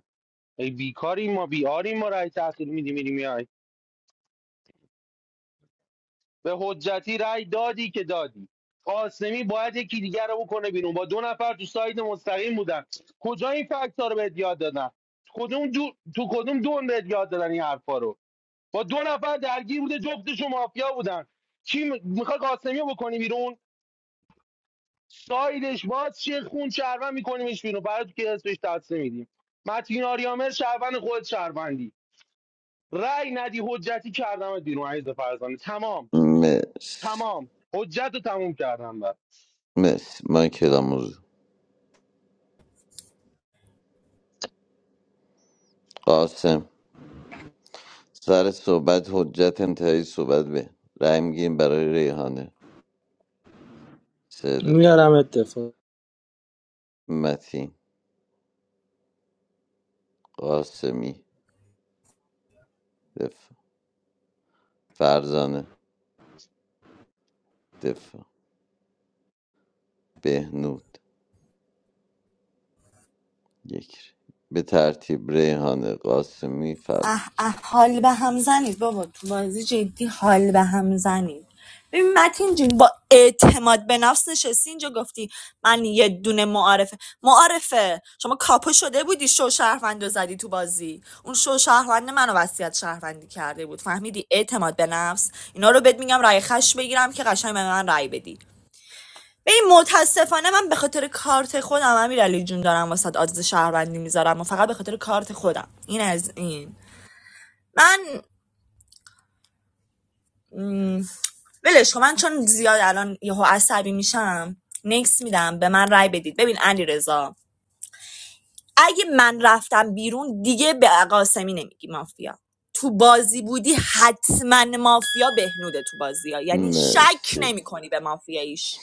Speaker 12: ای بیکاریم ما بیاریم ما رای تأخیر میدی میری میای به حجتی رای دادی که دادی قاسمی باید یکی دیگر رو بکنه بیرون با دو نفر تو ساید مستقیم بودن کجا این فکت ها رو بهت یاد دادن کدوم دو... تو کدوم دون بهت یاد دادن این حرفا رو با دو نفر درگیر بوده جفتشون مافیا بودن کی م... میخوای قاسمی رو بکنی بیرون سایدش باز چه خون شهروند میکنیمش بیرون برای تو که اسمش دست نمیدیم متین آریامر شهروند خود شهروندی رأی ندی حجتی کردم بیرون عیز فرزانه تمام
Speaker 11: مرسی
Speaker 12: تمام حجت رو تموم کردم بر
Speaker 11: مرسی من کلام حضور. قاسم سر صحبت حجت انتهایی صحبت به رای میگیم برای ریحانه سه دفع
Speaker 4: میارم اتفاق
Speaker 11: متین قاسمی دفع فرزانه دفع بهنود یک ری. به ترتیب ریحانه قاسمی
Speaker 19: اه
Speaker 11: فرزانه
Speaker 19: اه حال به هم زنید بابا تو بازی جدی حال به هم زنید ببین متین جون با اعتماد به نفس نشستی اینجا گفتی من یه دونه معارفه معارفه شما کاپو شده بودی شو شهروند رو زدی تو بازی اون شو شهروند منو وصیت شهروندی کرده بود فهمیدی اعتماد به نفس اینا رو بهت میگم رای خش بگیرم که قشنگ به من رای بدی ببین متاسفانه من به خاطر کارت خودم امیرعلی جون دارم واسه آدرس شهروندی میذارم و فقط به خاطر کارت خودم این از این من م، ولش کن. من چون زیاد الان یهو عصبی میشم نکس میدم به من رای بدید ببین علی اگه من رفتم بیرون دیگه به قاسمی نمیگی مافیا تو بازی بودی حتما مافیا بهنوده تو بازی ها یعنی شک
Speaker 11: مرسی
Speaker 19: نمی کنی به مافیاییش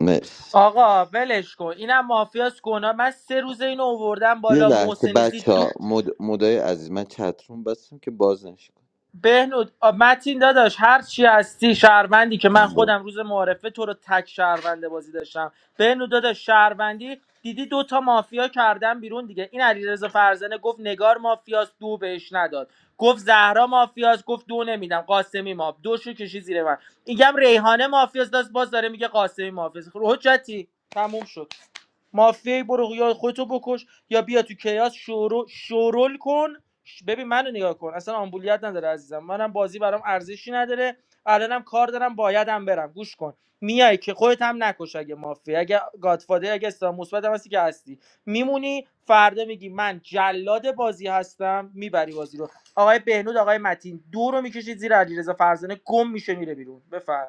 Speaker 11: مرسی
Speaker 4: آقا ولش کن اینم مافیاس گناه من سه روز اینو آوردم
Speaker 11: یه
Speaker 4: بالا
Speaker 11: لحظه
Speaker 4: محسنیزی
Speaker 11: بچه
Speaker 4: دو
Speaker 11: ها مد... مدای عزیز من چتروم بستم که باز نشه
Speaker 4: بهنود آ، متین داداش هر چی هستی شهروندی که من خودم روز معارفه تو رو تک شهرونده بازی داشتم بهنود داداش شهروندی دیدی دو تا مافیا کردن بیرون دیگه این علیرضا فرزانه گفت نگار مافیاست دو بهش نداد گفت زهرا مافیاست گفت دو نمیدم قاسمی ماف دوشو کشی زیر من اینگم ریحانه مافیاست داشت باز داره میگه قاسمی مافیاست خب حجتی تموم شد مافیای برو یا خودتو بکش یا بیا تو کیاس شورو شورول کن ببین منو نگاه کن اصلا آمبولیت نداره عزیزم منم بازی برام ارزشی نداره الانم کار دارم بایدم برم گوش کن میای که خودت هم نکش اگه مافیا اگه گادفادر اگه استاد مثبت هم هستی که هستی میمونی فردا میگی من جلاد بازی هستم میبری بازی رو آقای بهنود آقای متین دو رو میکشید زیر علیرضا فرزانه گم میشه میره بیرون بفر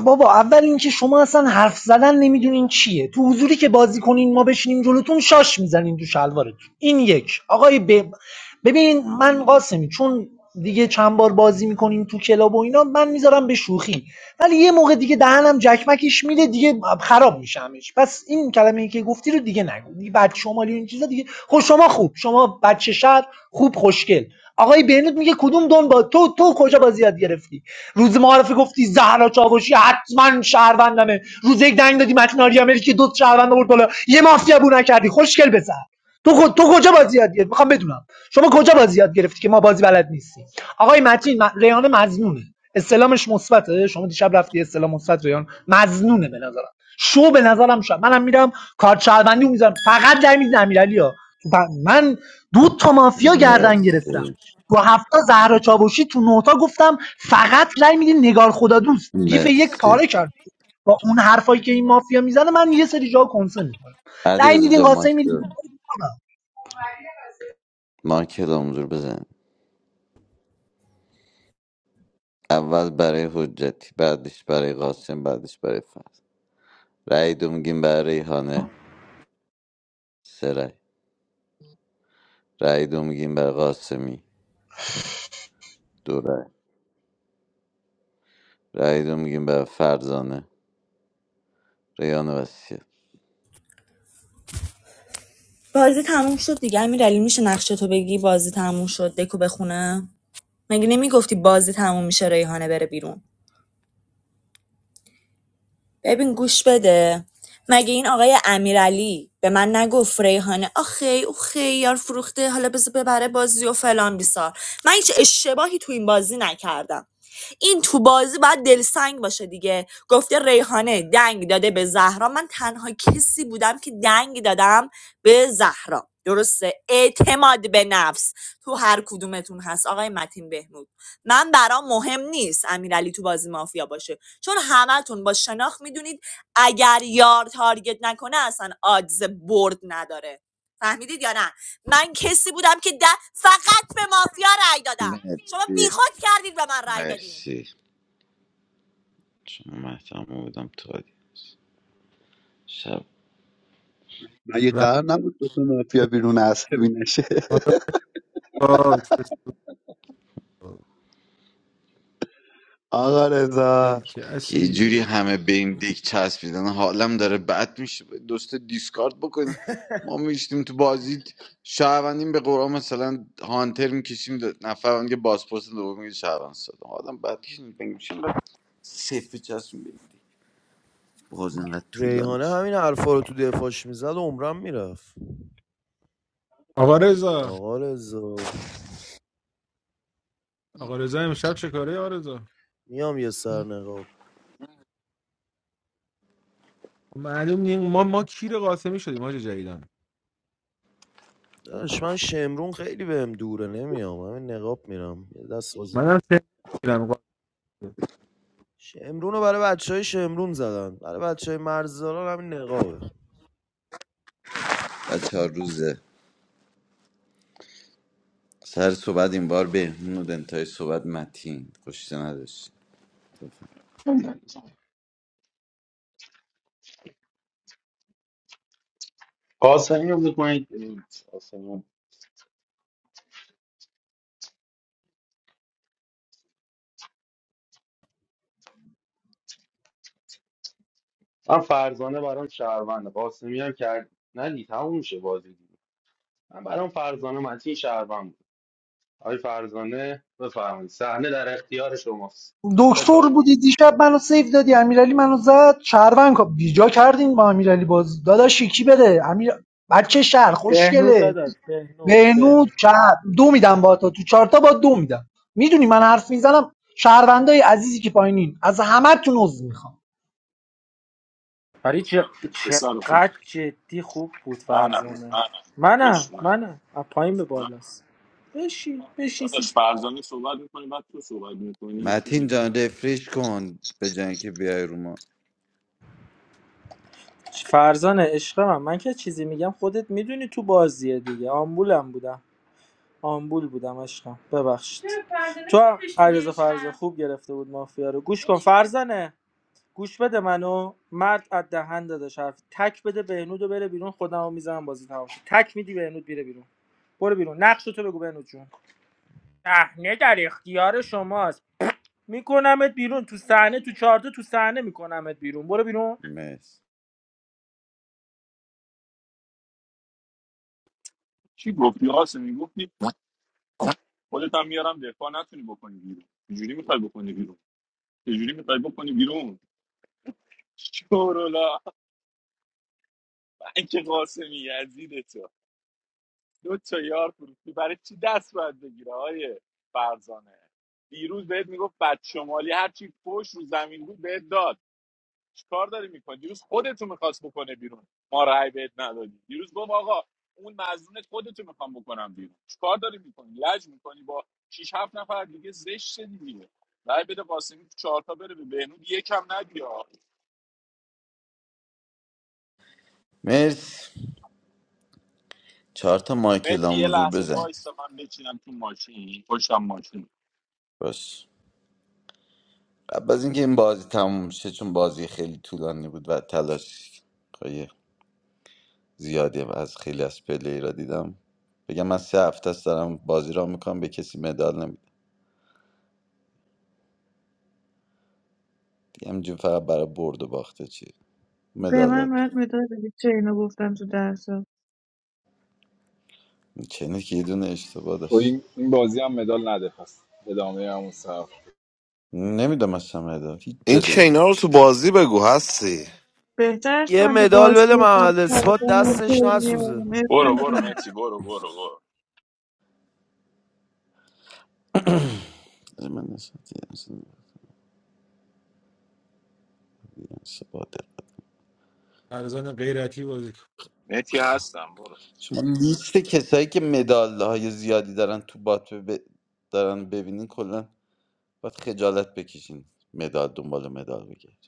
Speaker 7: بابا اول اینکه شما اصلا حرف زدن نمیدونین چیه تو حضوری که بازی کنین ما بشینیم جلوتون شاش میزنین تو شلوارتون این یک آقای ب... ببین من قاسمی چون دیگه چند بار بازی میکنیم تو کلاب و اینا من میذارم به شوخی ولی یه موقع دیگه دهنم جکمکش میره دیگه خراب میشمش پس این کلمه ای که گفتی رو دیگه نگو دیگه بچه شمالی و این چیزا دیگه خب شما خوب شما بچه شهر خوب خوشگل آقای بهنود میگه کدوم دنبال تو تو کجا بازی یاد گرفتی روز معارفه گفتی زهرا چاوشی حتما شهروندمه روز یک دنگ دادی متناری امریکی دو تا شهروند آورد بالا یه مافیا بو نکردی خوشگل بزن تو خود تو کجا بازی یاد گرفتی میخوام بدونم شما کجا بازی یاد گرفتی که ما بازی بلد نیستیم آقای متین م- ریان مزنونه استلامش مثبته شما دیشب رفتی استلام مثبت ریان مزنونه به نظرم شو به نظرم شد منم میرم کارت شهروندی میذارم فقط در میز امیرعلی ها تو پ- من دو تا مافیا گردن گرفتم
Speaker 11: مرسی
Speaker 7: با هفتا زهرا چاوشی تو نوتا گفتم فقط رای میدین نگار خدا دوست گیف یک
Speaker 11: مرسی
Speaker 7: پاره کردی با اون حرفایی که این مافیا میزنه من یه سری جا کنسه میکنم
Speaker 11: علی
Speaker 7: رای
Speaker 11: رزا
Speaker 7: میدین
Speaker 11: جان
Speaker 7: قاسم
Speaker 11: مایکل
Speaker 7: میدین
Speaker 11: مایکل حضور بزن اول برای حجتی بعدش برای قاسم بعدش برای فرد رأی دو میگیم برای ریحانه سه رأی رأی دو میگیم برای قاسمی دو رأی رأی دو میگیم برای فرزانه ریان وسیه
Speaker 19: بازی تموم شد دیگه امیر میشه نقشه تو بگی بازی تموم شد دکو بخونه مگه نمیگفتی بازی تموم میشه ریحانه بره بیرون ببین گوش بده مگه این آقای امیرعلی به من نگفت ریحانه آخی او خیار فروخته حالا بذار ببره بازی و فلان بیسار من هیچ اشتباهی تو این بازی نکردم این تو بازی باید دلسنگ باشه دیگه گفته ریحانه دنگ داده به زهرا من تنها کسی بودم که دنگ دادم به زهرا درسته اعتماد به نفس تو هر کدومتون هست آقای متین بهمود من برام مهم نیست امیرعلی تو بازی مافیا باشه چون همتون با شناخت میدونید اگر یار تارگت نکنه اصلا آدز برد نداره فهمیدید یا نه من کسی بودم که ده فقط به مافیا رای دادم شما
Speaker 11: مرسی
Speaker 19: بیخود کردید به من رأی دادین
Speaker 11: مرسی چون من تمام بودم تو آدیانس. شب
Speaker 23: want to say,
Speaker 5: و
Speaker 23: I don't know what to say,
Speaker 5: حالا با
Speaker 23: I don't know what to say. If
Speaker 5: دل که
Speaker 11: یه جوری
Speaker 5: اسیر
Speaker 11: همه به این دیک چسبیدن حالم داره بد میشه دوست دیسکارد بکنیم ما میشتیم تو بازی شهروندیم به قرآن مثلا هانتر میکشیم نفر که بازپرس دوم میگه شهروند ساده آدم بعد میشه سفه چسبیم به این دیگ. باز اینقدر طولانی
Speaker 24: Reyhaneh,
Speaker 11: شد
Speaker 24: Hamine, Arfaro, Tudefash, Mizaad, Omram, Miraf.
Speaker 5: آقا رضا
Speaker 24: Aghalazoo.
Speaker 5: آقا رضا امشب چه کاره آقا رضا
Speaker 24: I am yesar Naghab.
Speaker 5: معلوم نیم ما ما کیر قاسمی شدیم حاج جدیدن
Speaker 24: Ashman Shemrun, Kheliweh, Douran. I am. I am Naghab. Miram. Dasazoo.
Speaker 5: منم سه میرم قاسم
Speaker 24: Shemruna, Barbadchay, Shemrunzadan. Barbadchay Marzalan. I am Naghab.
Speaker 11: بچه ها روزه سر صحبت این بار بهنود انتهای صحبت متین خوشیده نداشت
Speaker 12: قاسمی رو بکنید بیرون. قاسمی رو. من فرزانه برام شهرونده قاسمی هم کرد ندی تموم میشه بازی دیگه. من برام فرزانه متین شهروند بود آقای فرزانه بفرمایید صحنه در اختیار شماست
Speaker 7: دکتر
Speaker 12: بتازم
Speaker 7: بودی دیشب منو سیف دادی امیرعلی منو زد شهروند کا- بیجا کردین با امیرعلی باز داداش یکی بده امیر بچه شهر
Speaker 4: بهنود
Speaker 7: خوشگله
Speaker 4: داداش بهنود
Speaker 7: بهنود
Speaker 4: بهنود
Speaker 7: شهر دو میدم با تو تو چارتا با دو میدم میدونی من حرف میزنم شهروندای عزیزی که پایینین از همه تون عضو میخوام
Speaker 4: ولی چق-
Speaker 2: پسر خوب
Speaker 4: چقدر جدی خوب بود
Speaker 2: منم
Speaker 4: فرزانه
Speaker 2: منم
Speaker 4: منم
Speaker 2: داداش، من
Speaker 4: منم از پایین به
Speaker 2: من
Speaker 4: بالاست بشین بشین سی-
Speaker 2: داداش فرزانه صحبت میکنی بعد تو صحبت میکنی چی
Speaker 11: متین
Speaker 2: میگی
Speaker 11: جان رفرش کن به جنگ که بیای رو ما
Speaker 4: فرزانه عشق من من که چیزی میگم خودت میدونی تو بازیه دیگه آمبولم بودم آمبول بودم عشقم ببخشید تو هم علیرضا فرزانه خوب گرفته بود مافیا رو گوش کن فرزانه گوش بده منو مرد از دهن داداش حرف تک بده بهنود و بره بیرون خودمو میزنم بازی تمام شد. تک میدی بهنود میره بیرون برو بیرون نقش تو بگو بهنود جون صحنه در اختیار شماست میکنمت بیرون تو صحنه تو چارت تو صحنه میکنمت بیرون برو بیرون
Speaker 11: مرس
Speaker 2: چی گفتی قاسم میگفتی خودت هم میارم دفاع نتونی بکنی بیرون چجوری میخوای بکنی بیرون چجوری میخوای بکنی بیرون شورولا که قاسمی یزید تو دو تا یار فروختی برای چی دست باید بگیره های فرزانه دیروز بهت میگفت بچه شمالی هرچی پشت رو زمین بود بهت داد چیکار داری میکنی دیروز خودتو میخواست بکنه بیرون ما رأی بهت ندادی دیروز گفت آقا اون مظنونت خودتو میخوام بکنم بیرون چیکار داری میکنی لج میکنی با شش 7 نفر دیگه زشت دیگه رأی بده قاسمی تو چهار تا بره به بهنود یکم ندی
Speaker 11: مرس چهار تا مایکل
Speaker 2: مهدی
Speaker 11: هم
Speaker 2: یه
Speaker 11: حضور
Speaker 2: لحظه
Speaker 11: بزن
Speaker 2: وایسا من بچینم تو ماشین پشتم ماشین
Speaker 11: باش قبل از اینکه این بازی تموم شه چون بازی خیلی طولانی بود و تلاش های زیادی از خیلی از پلی را دیدم بگم من سه هفته است دارم بازی را میکنم به کسی مدال نمیدم دیگه همینجور فقط برای برد و باخته چی
Speaker 8: به من
Speaker 11: مدالات
Speaker 8: باید مداد بدی چه اینو گفتم تو درسا
Speaker 11: چنه که یه دونه اشتباه
Speaker 20: خب
Speaker 11: داشت
Speaker 20: این, این بازی هم مدال نده پس ادامه همون صحب
Speaker 11: نمیدونم اصلا مدال هیچ جا
Speaker 1: این
Speaker 11: دیگه
Speaker 1: چینا رو تو بازی بگو هستی
Speaker 8: بهتر
Speaker 24: I
Speaker 8: شدم که
Speaker 24: medal,
Speaker 8: باز
Speaker 24: but
Speaker 8: گفتم
Speaker 24: the
Speaker 8: سر
Speaker 24: spot
Speaker 8: دارم
Speaker 24: Dasazoo.
Speaker 2: برو برو
Speaker 8: ترمیه
Speaker 2: مهدی برو برو برو
Speaker 11: از من نسبت دیگه اصلا دیگه اشتباه دارم.
Speaker 5: ارزان غیرتی بازی کن
Speaker 2: مهدی هستم برو
Speaker 11: شما لیست کسایی که مدال های زیادی دارن تو بات به- دارن ببینین کلا باید خجالت بکشین مدال دنبال مدال بگرد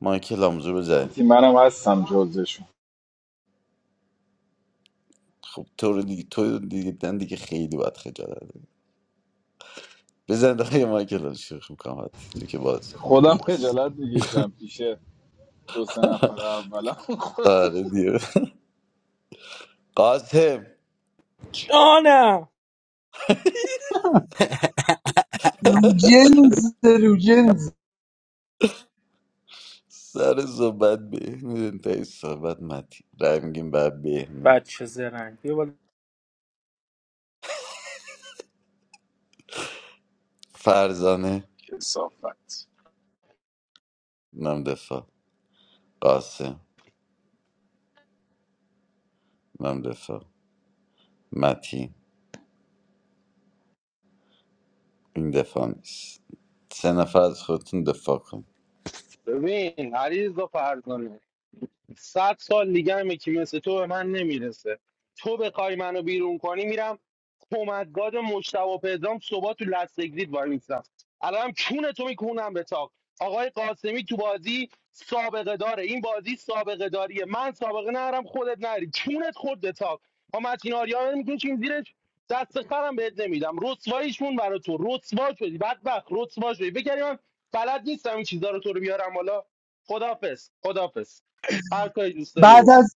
Speaker 11: مایکل آموزو بزن
Speaker 20: مرتی منم هستم جزشون
Speaker 11: خب تو رو دیگه تو رو دیگه دیدن دیگه خیلی باید خجالت بکشی. بزن آقای مایکل رو شوخ میکنم حتی تو که باز کن
Speaker 20: خودم
Speaker 11: خوبی هست
Speaker 20: خجالت میکشم پیش دو سه نفر اولم
Speaker 11: آره دیگه قاسم
Speaker 4: جانم
Speaker 7: لوجنز روجنز
Speaker 11: سر صحبت بهنود انتهای صحبت متی رای میگیم بعد بهنود
Speaker 4: بچه زرنگ بیا بالا.
Speaker 11: فرزانه
Speaker 2: کسافت
Speaker 11: نم دفاع قاسم نم دفاع متین این دفاع نیست سه نفر از خودتون دفاع کن
Speaker 12: ببین عریض و فرزانه صد سال دیگه هم یکی مثل تو به من نمیرسه تو بخوای منو بیرون کنی میرم کمدگاد مجتبی پدرام صبح تو لستگرید وای میستم الان چون تو میکنم به تاق آقای قاسمی تو بازی سابقه داره این بازی سابقه داریه من سابقه نرم خودت نری چونت خود به تاق ما متین آریا میگن چین زیرش دست خرم بهت نمیدم رسواییشون برا تو رسوا شدی بدبخت رسوا شدی بگم من بلد نیستم این چیزا رو تو رو بیارم حالا خدافظ خدافظ هر کاری دوست داری
Speaker 7: بعد
Speaker 12: بکن
Speaker 7: از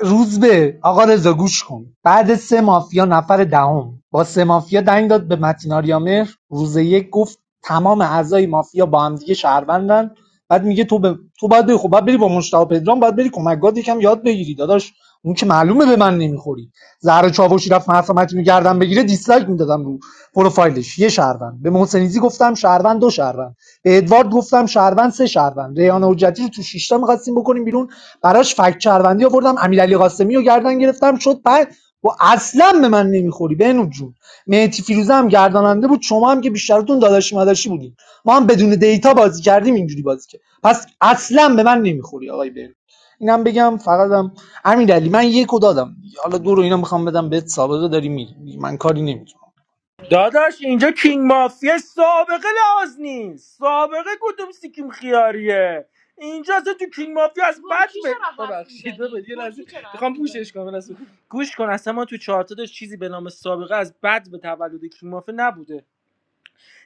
Speaker 7: روز به آقا رضا گوش کن بعد سه مافیا نفر دهم با سه مافیا دنگ داد به متین آریامر روز یک گفت تمام اعضای مافیا با هم دیگه شهروندن بعد میگه تو به... تو باید بری خب باید بری با مشتاق پدرام باید بری کمکگاد یکم یاد بگیری داداش اون که معلومه به من نمیخوری زهر چاوشی رفت حرف متین بگیره دیسلایک میدادم رو پروفایلش یه شهروند به محسنیزی گفتم شهروند دو شهروند به ادوارد گفتم شهروند سه شهروند ریان حجتی رو تو شیشتا میخواستیم بکنیم بیرون براش فکت شهروندی آوردم امیرعلی قاسمی رو گردن گرفتم شد بعد و اصلا به من نمیخوری بهنود جون مهدی فیروزه هم گرداننده بود شما هم که بیشترتون داداشی مداشی بودیم ما هم بدون دیتا بازی کردیم اینجوری بازی کرد پس اصلا به من نمیخوری آقای بهنود اینم بگم فقط امیرعلی من یکو دادم حالا دو رو اینا میخوام بدم بهت سابقه داری میری من کاری نمیتونم
Speaker 4: داداش اینجا کینگ مافیا سابقه لاز نیست سابقه کدوم سیکیم خیاریه اینجا اصلا تو کینگ مافیا از بد به ببخشید ببخشید. یه لحظه میخوام پوشش کنم یه لحظه. گوش کن اصلا ما تو چارت داشت چیزی به نام سابقه از بد به تولد کینگ مافیا نبوده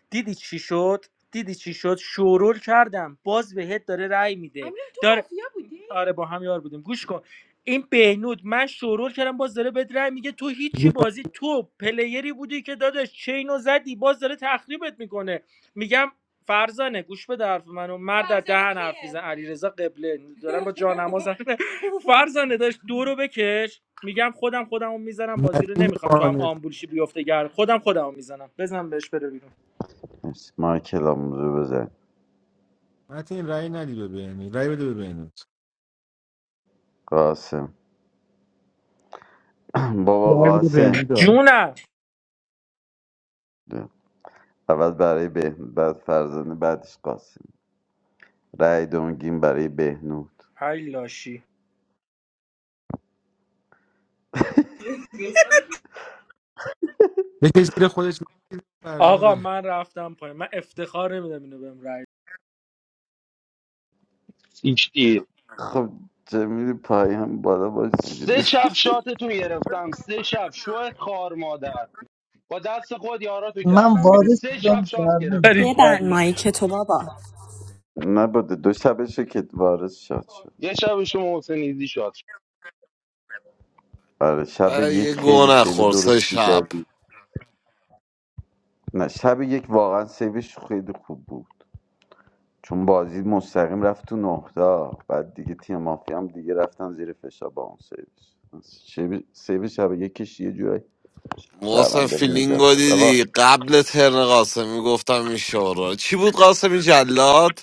Speaker 4: دیدی چی شد دیدی چی شد شورول کردم باز بهت داره رأی میده امیر تو داره مافیا بودی آره با هم یار بودیم گوش کن این بهنود من شورول کردم باز داره بهت رأی میگه تو هیچی بازی تو پلیری بودی که داداش چینو زدی باز داره تخریبت میکنه میگم فرزانه گوش بده حرف منو مرد از فرزانه دهن حرف کیه میزن علیرضا قبله دارم با جانماز حرف- می‌زنم. فرزانه داشت دو رو بکش میگم خودم خودمو میزنم بازی رو
Speaker 5: متین
Speaker 4: نمیخوام تو هم
Speaker 5: قانع کن.
Speaker 4: آمبولشی بیفته گر خودم خودمو میزنم بزنم بهش بره بیرون
Speaker 11: مایکل آموزو بزن
Speaker 5: متین رأی ندی به بینی رأی بده به بینی
Speaker 11: قاسم بابا
Speaker 10: رای بده
Speaker 11: قاسم
Speaker 10: بهنود
Speaker 4: جونم
Speaker 11: اول برای بهنود بعد فرزند بعدش قاسم رأی دونگین برای بهنود
Speaker 4: ای لاشی
Speaker 5: یکی زیر خودش نکشید، فرزانه
Speaker 4: آقا
Speaker 5: بره
Speaker 4: من رفتم پایین من افتخار نمیدم اینو بهم رای
Speaker 12: هیچ دیر
Speaker 11: خب چه میری پایم بالا باش
Speaker 12: سه
Speaker 11: دیگه
Speaker 12: شب شاتتون گرفتم سه شب شو خار مادر با دست خود یاراتو
Speaker 7: من
Speaker 12: کردم بیرون
Speaker 7: وارث
Speaker 12: سه
Speaker 7: بودم
Speaker 12: شب شات
Speaker 7: زربون
Speaker 4: بری
Speaker 12: گرفتم
Speaker 19: ببن
Speaker 4: کلا
Speaker 19: مایک تو بابا
Speaker 11: نبوده دو شبشه که وارث شاد شد
Speaker 12: یه شب شما حسینیزی شات شد.
Speaker 11: آره شب
Speaker 1: ای یه
Speaker 11: یک
Speaker 1: گو
Speaker 11: خیلی سیو
Speaker 1: نخور سه
Speaker 11: درستی
Speaker 1: شب
Speaker 11: دادی نه شب یک واقعا سیوش خیلی خوب بود چون بازی مستقیم رفت تو نهتا بعد دیگه تیم مافیا هم دیگه رفتن زیر فشار با اون سیوش سیو سیو شب یکش یه جورایی
Speaker 1: محسن
Speaker 11: شهروندا رو نجات
Speaker 1: فیلینگو
Speaker 11: داد آقا
Speaker 1: دیدی قبل ترن قاسمی گفتم این شورا چی بود قاسمی جلاد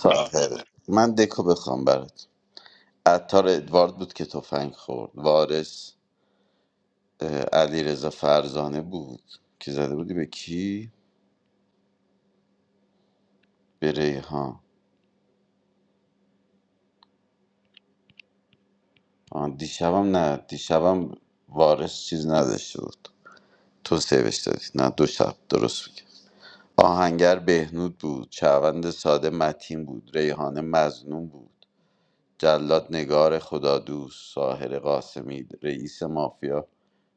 Speaker 11: سال خیرت من دکو بخوام برات عطار ادوارد بود که تفنگ خورد وارث علی رضا فرزانه بود که زده بودی به کی به ریحان آه، دیشبم نه دیشبم وارث چیز نداشته بود تو سیوش دادی نه دو شب درست میگه آهنگر بهنود بود چوند ساده متین بود ریحانه مزنون بود جلاد نگار خدادوست ساحر قاسمی رئیس مافیا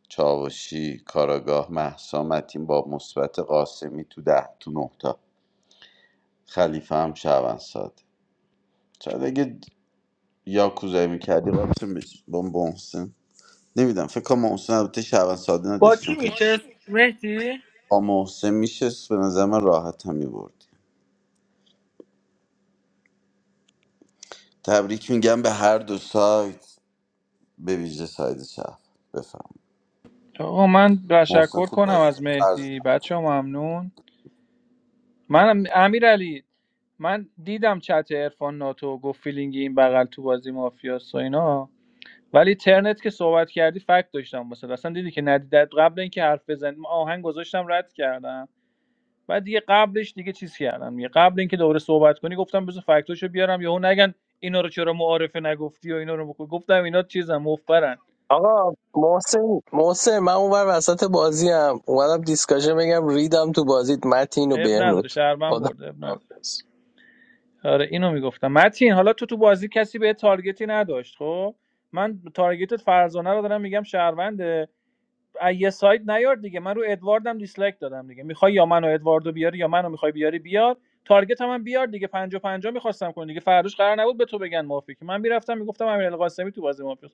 Speaker 11: چاوشی کاراگاه مهسا متین با مثبت قاسمی تو ده تو نه تا خلیفه هم شهروند ساده شاید اگه یاکوزایی میکردی رابطه بشی با محسن نمیدونم فکر کنم محسن البته شهروند ساده
Speaker 4: با
Speaker 11: نداشت
Speaker 4: کی
Speaker 11: چون
Speaker 4: میشه
Speaker 11: خیلی
Speaker 4: مهدی
Speaker 11: با محسن میشست به نظر من راحت هم میبردی تبریک میگم به هر دو سایت به ویژه سایت شهر بفهم
Speaker 16: آقا من
Speaker 11: محسن
Speaker 16: تشکر
Speaker 11: خوب
Speaker 16: کنم
Speaker 11: بازی
Speaker 16: از
Speaker 11: کرد فرض
Speaker 16: مهدی بچه ممنون من امیرعلی. من دیدم چت عرفان ناتو گفت فیلینگی این بغل تو بازی مافیاس و اینا ولی ترنت که صحبت کردی فکت داشتم واسه اصلا دیدی که ندیدت قبل اینکه حرف بزنیم آهنگ گذاشتم رد کردم بعد دیگه قبلش دیگه چیز کردم دیگه قبل اینکه دوباره صحبت کنی گفتم بذار فکتاشو بیارم یهو نگن اینا رو چرا معارفه نگفتی و اینا رو بگو. گفتم اینا چیزن مفبرن
Speaker 6: آقا محسن محسن من اونور وسط بازی هم اومدم دیسکاشن بگم ریدم تو بازیت متین و
Speaker 16: اب نداره
Speaker 6: بهنود
Speaker 16: شهرمن برد
Speaker 2: حافظ
Speaker 16: آره اینو میگفتم متین حالا تو تو بازی کسی به تارگتی نداشت خب من تارگتت فرزانه رو دارم میگم شهروند از یه سایت نیار دیگه من رو ادواردم دیسلایک دادم دیگه میخوای یا منو ادواردو بیاری یا منو میخوای بیاری بیار تارگت هم, من بیار دیگه پنجاه پنجاه میخواستم کنی دیگه فرداش قرار نبود به تو بگن مافی که من میرفتم میگفتم امیر القاسمی تو بازی مافی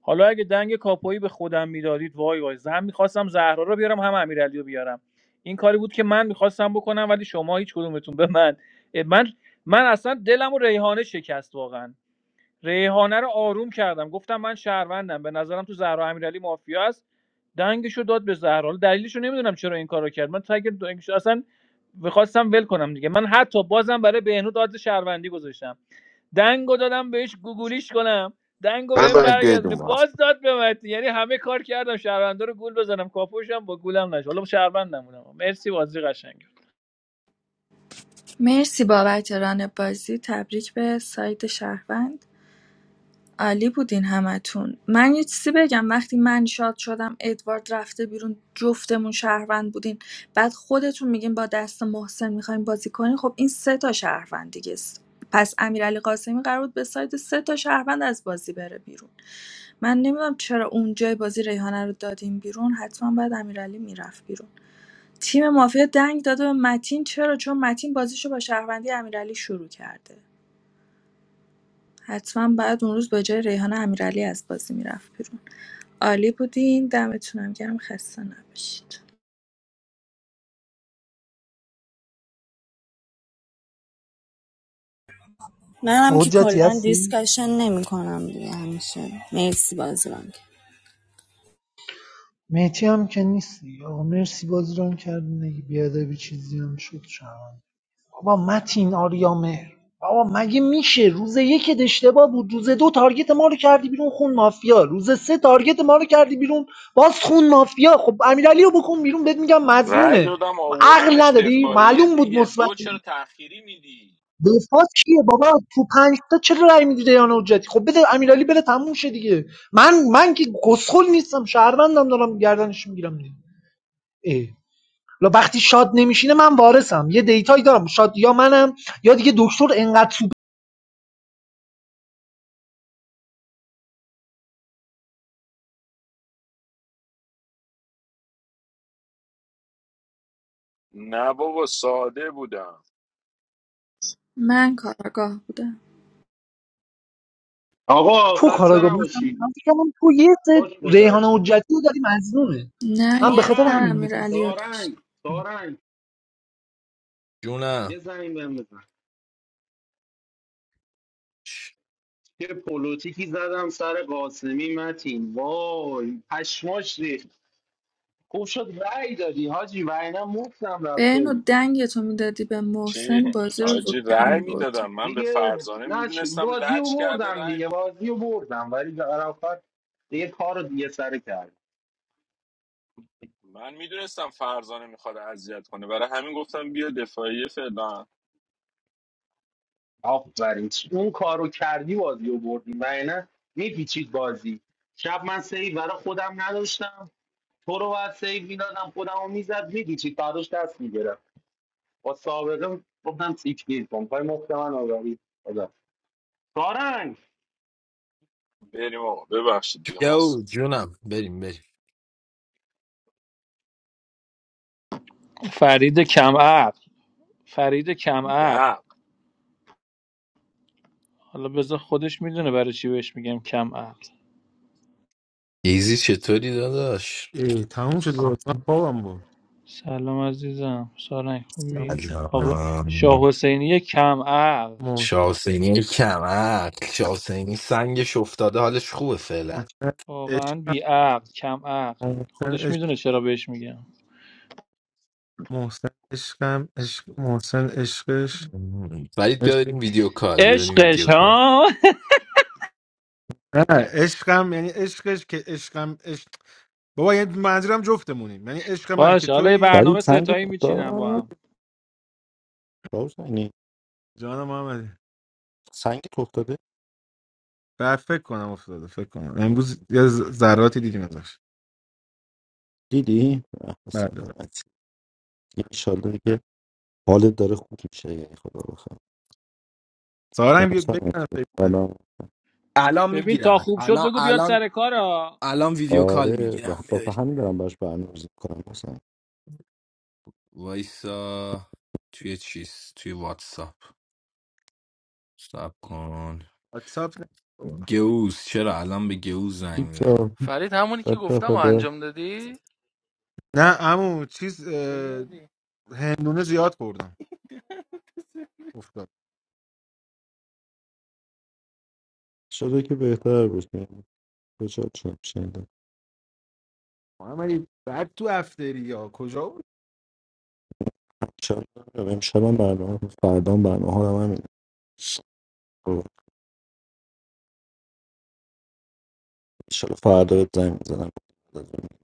Speaker 16: حالا اگه دنگ کاپویی به خودم میدادید وای وای زم میخواستم زهرا رو بیارم هم امیرعلی رو بیارم این کاری بود که من میخواستم بکنم ولی شما هیچ کدومتون به من من من اصلا دلم و ریحانه شکست واقعا ریحانه رو آروم کردم گفتم من شهروندم به نظرم تو زهرا امیرعلی مافیا است دنگشو داد به زهرا حالا دلیلش رو نمیدونم چرا این کارو کرد من تگ دنگش اصلا میخواستم ول کنم دیگه من حتی بازم برای بهنود داد شهروندی گذاشتم دنگو دادم بهش گوگولیش کنم دنگو بهم
Speaker 1: بزنید
Speaker 16: برگردونه
Speaker 1: بدون
Speaker 16: باز داد به من یعنی همه کار کردم شهروندا رو گول بزنم کاپوشم با گولم نشه حالا شهروندم بودم مرسی بازی قشنگ
Speaker 17: مرسی بابت ران بازی تبریک به سایت شهروند عالی بودین همتون من یه چیزی بگم وقتی من شاد شدم ادوارد رفته بیرون جفتمون شهروند بودین بعد خودتون میگین با دست محسن میخوایم بازی کنین خب این سه تا شهروند دیگه است پس امیرعلی قاسمی قرار بود به سایت سه تا شهروند از بازی بره بیرون من نمیدونم چرا اونجای بازی ریحانه رو دادیم بیرون حتما بعد امیرعلی میرفت بیرون تیم مافیا دنگ داده به متین چرا چون متین بازیشو با شهروندی امیرعلی شروع کرده حتما بعد اون روز با جای ریحان امیرعلی از بازی میرفت بیرون عالی بودین دمتونم گرم خسته نباشید
Speaker 19: منم که
Speaker 7: حجتی
Speaker 19: کلا
Speaker 7: هستی
Speaker 19: دیسکشن نمی کنم دیگه همیشه مرسی بازی رو هم
Speaker 7: مهدی هم که نیست دیگه آقا مرسی بازی ران کردین اگه بیادبی چیزی هم شد شرمنده بابا متین آریا مهر بابا مگه میشه روز یک اشتباه بود روز دو تارگت ما رو کردی بیرون خون مافیا روز سه تارگت ما رو کردی بیرون باز خون مافیا خب امیرعلی رو بکن بیرون بهت میگم
Speaker 2: رأی
Speaker 7: مزنونه
Speaker 2: دادم
Speaker 7: عقل
Speaker 2: آوردمش
Speaker 7: ندادی
Speaker 2: دفاعیه
Speaker 7: معلوم بود
Speaker 2: دیگه
Speaker 7: مثبت
Speaker 2: دو چرا تأخیری میدی
Speaker 7: دفاع کیه بابا تو پنج تا چرا رای میدی دیان حجتی خب بده امیرعلی بره تموم شه دیگه من من که گسخل نیستم شهروندم دارم گردنش میگیرم دیگه اه. لا وقتی شاد نمیشینه من وارثم یه دیتایی دارم شاد یا منم یا دیگه دکتر انقدر سوپ
Speaker 2: نه بابا ساده بودم
Speaker 17: من کاراگاه بودم
Speaker 12: آقا
Speaker 7: تو
Speaker 12: خسته
Speaker 7: کاراگاه مثلا
Speaker 12: نباشی
Speaker 7: من فکر کردم تو یه
Speaker 12: خوش
Speaker 7: سه
Speaker 12: گذشت
Speaker 7: ریحانه حجتی رو داری مظنونه
Speaker 17: نه
Speaker 7: من به
Speaker 17: یه
Speaker 7: خاطر
Speaker 17: سر
Speaker 12: سارنگ
Speaker 7: همین بهت گفتم
Speaker 17: امیرعلی رو داشت
Speaker 12: سارنگ سارنگ یه
Speaker 21: جونم
Speaker 12: زنگ بهم بزن یه پلوتیکی زدم سر قاسمی متین وای پشماش ریخت خوب شد رأی دادی حاجی وگرنه مفتم رفته بود
Speaker 17: بهنو دنگتو میدادی به
Speaker 2: چی؟
Speaker 17: محسن بازی رو
Speaker 2: آجی
Speaker 17: زودتر
Speaker 2: رأی
Speaker 17: میبردی
Speaker 2: میدادم من به
Speaker 12: دیگه
Speaker 2: فرزانه
Speaker 12: نه چی-
Speaker 2: میدونستم
Speaker 12: بازی رو
Speaker 2: لج کرده
Speaker 12: بردم
Speaker 2: رأی می-
Speaker 12: دیگه بازی رو بردم ولی عرفت دیگه کار رو دیگه سر کرد
Speaker 2: من میدونستم فرزانه میخواد اذیت کنه برای همین گفتم بیا دفاعیه فعلا
Speaker 12: آفرین اون کار رو کردی بازی رو بردیم و اینه میپیچید بازی شب من سیو برای خودم نداشتم تو رو باید سیو میدادم خودم رو میزد میپیچید بعدش دست میگرم با سابقه گفتم سیچ گیر کن پای مفت من آگاهی خدا. سارنگ
Speaker 2: بریم آقا ببخشید دیگه
Speaker 21: جو
Speaker 2: ماست
Speaker 21: جونم بریم بریم
Speaker 16: فرید کم عقل فرید کم عقل حالا بذار خودش میدونه برای چی بهش میگم کم عقل.
Speaker 21: ایزی چطوری داداش
Speaker 5: ای تموم شد بود من خوابم بود
Speaker 16: سلام عزیزم سارنگ
Speaker 5: من
Speaker 16: خوبی آقا شاه
Speaker 21: سلام
Speaker 16: حسینی کم عقل
Speaker 5: محسن
Speaker 21: شاسینی کمک شاسینی سنگش افتاده حالش خوبه فعلا
Speaker 5: محسن
Speaker 16: واقعا بی
Speaker 5: عشقم
Speaker 16: عقل کم عقل
Speaker 5: محسن
Speaker 16: خودش
Speaker 5: عشق
Speaker 16: میدونه چرا بهش میگم
Speaker 5: محسن عشقم عشق محسن عشقش
Speaker 21: مم. ولی بیا
Speaker 5: عشق
Speaker 21: بریم ویدیو کال بیا بریم ویدیو
Speaker 16: عشقش
Speaker 21: کال
Speaker 16: ها
Speaker 5: نه عشقم یعنی عشقش که عشقم عشق بابا یعنی منظورم جفتمونیم یعنی عشق من که
Speaker 16: باش حالا یه
Speaker 5: تویی
Speaker 25: Sadih
Speaker 16: برنامه
Speaker 25: Sangi
Speaker 16: ستایی میچینم با
Speaker 25: tofta,
Speaker 16: هم
Speaker 25: how is he?
Speaker 5: جان محمدی
Speaker 25: Sangi tofta, deh,
Speaker 5: بعد فکر کنم افتاده فکر کنم امروز یه ز- ذراتی دیدیم ازش
Speaker 25: Didi, I'm
Speaker 5: بله.
Speaker 25: sad.
Speaker 5: بله
Speaker 25: May God give you health and happiness. I hope
Speaker 5: سارنگ بیا بگم فکر کنم
Speaker 25: you
Speaker 21: الان
Speaker 16: ببین تا
Speaker 21: میگیرم
Speaker 16: خوب شد
Speaker 21: الان
Speaker 16: بگو بیاد
Speaker 21: الان
Speaker 16: سر کار ها.
Speaker 21: الان
Speaker 25: are
Speaker 21: ویدیو
Speaker 25: well.
Speaker 21: کال
Speaker 25: I
Speaker 21: میگیرم
Speaker 25: hope you are well. I
Speaker 21: وایسا توی چیز توی واتساپ سب کن
Speaker 5: واتساپ نه
Speaker 21: گوز چرا الان به گوز زنگ میزنم
Speaker 26: فرید همونی که
Speaker 25: hope you are well. I hope you
Speaker 26: گفتم و
Speaker 25: are
Speaker 26: انجام دادی؟
Speaker 5: نه عمو چیز
Speaker 26: چه کردی؟
Speaker 5: هندونه زیاد خوردم افتاد
Speaker 25: well. I hope you are well. I hope
Speaker 5: محمدی بعد تو افتری یا کجا بود
Speaker 25: you are well. I hope you are well. I hope you are well. I hope you are well.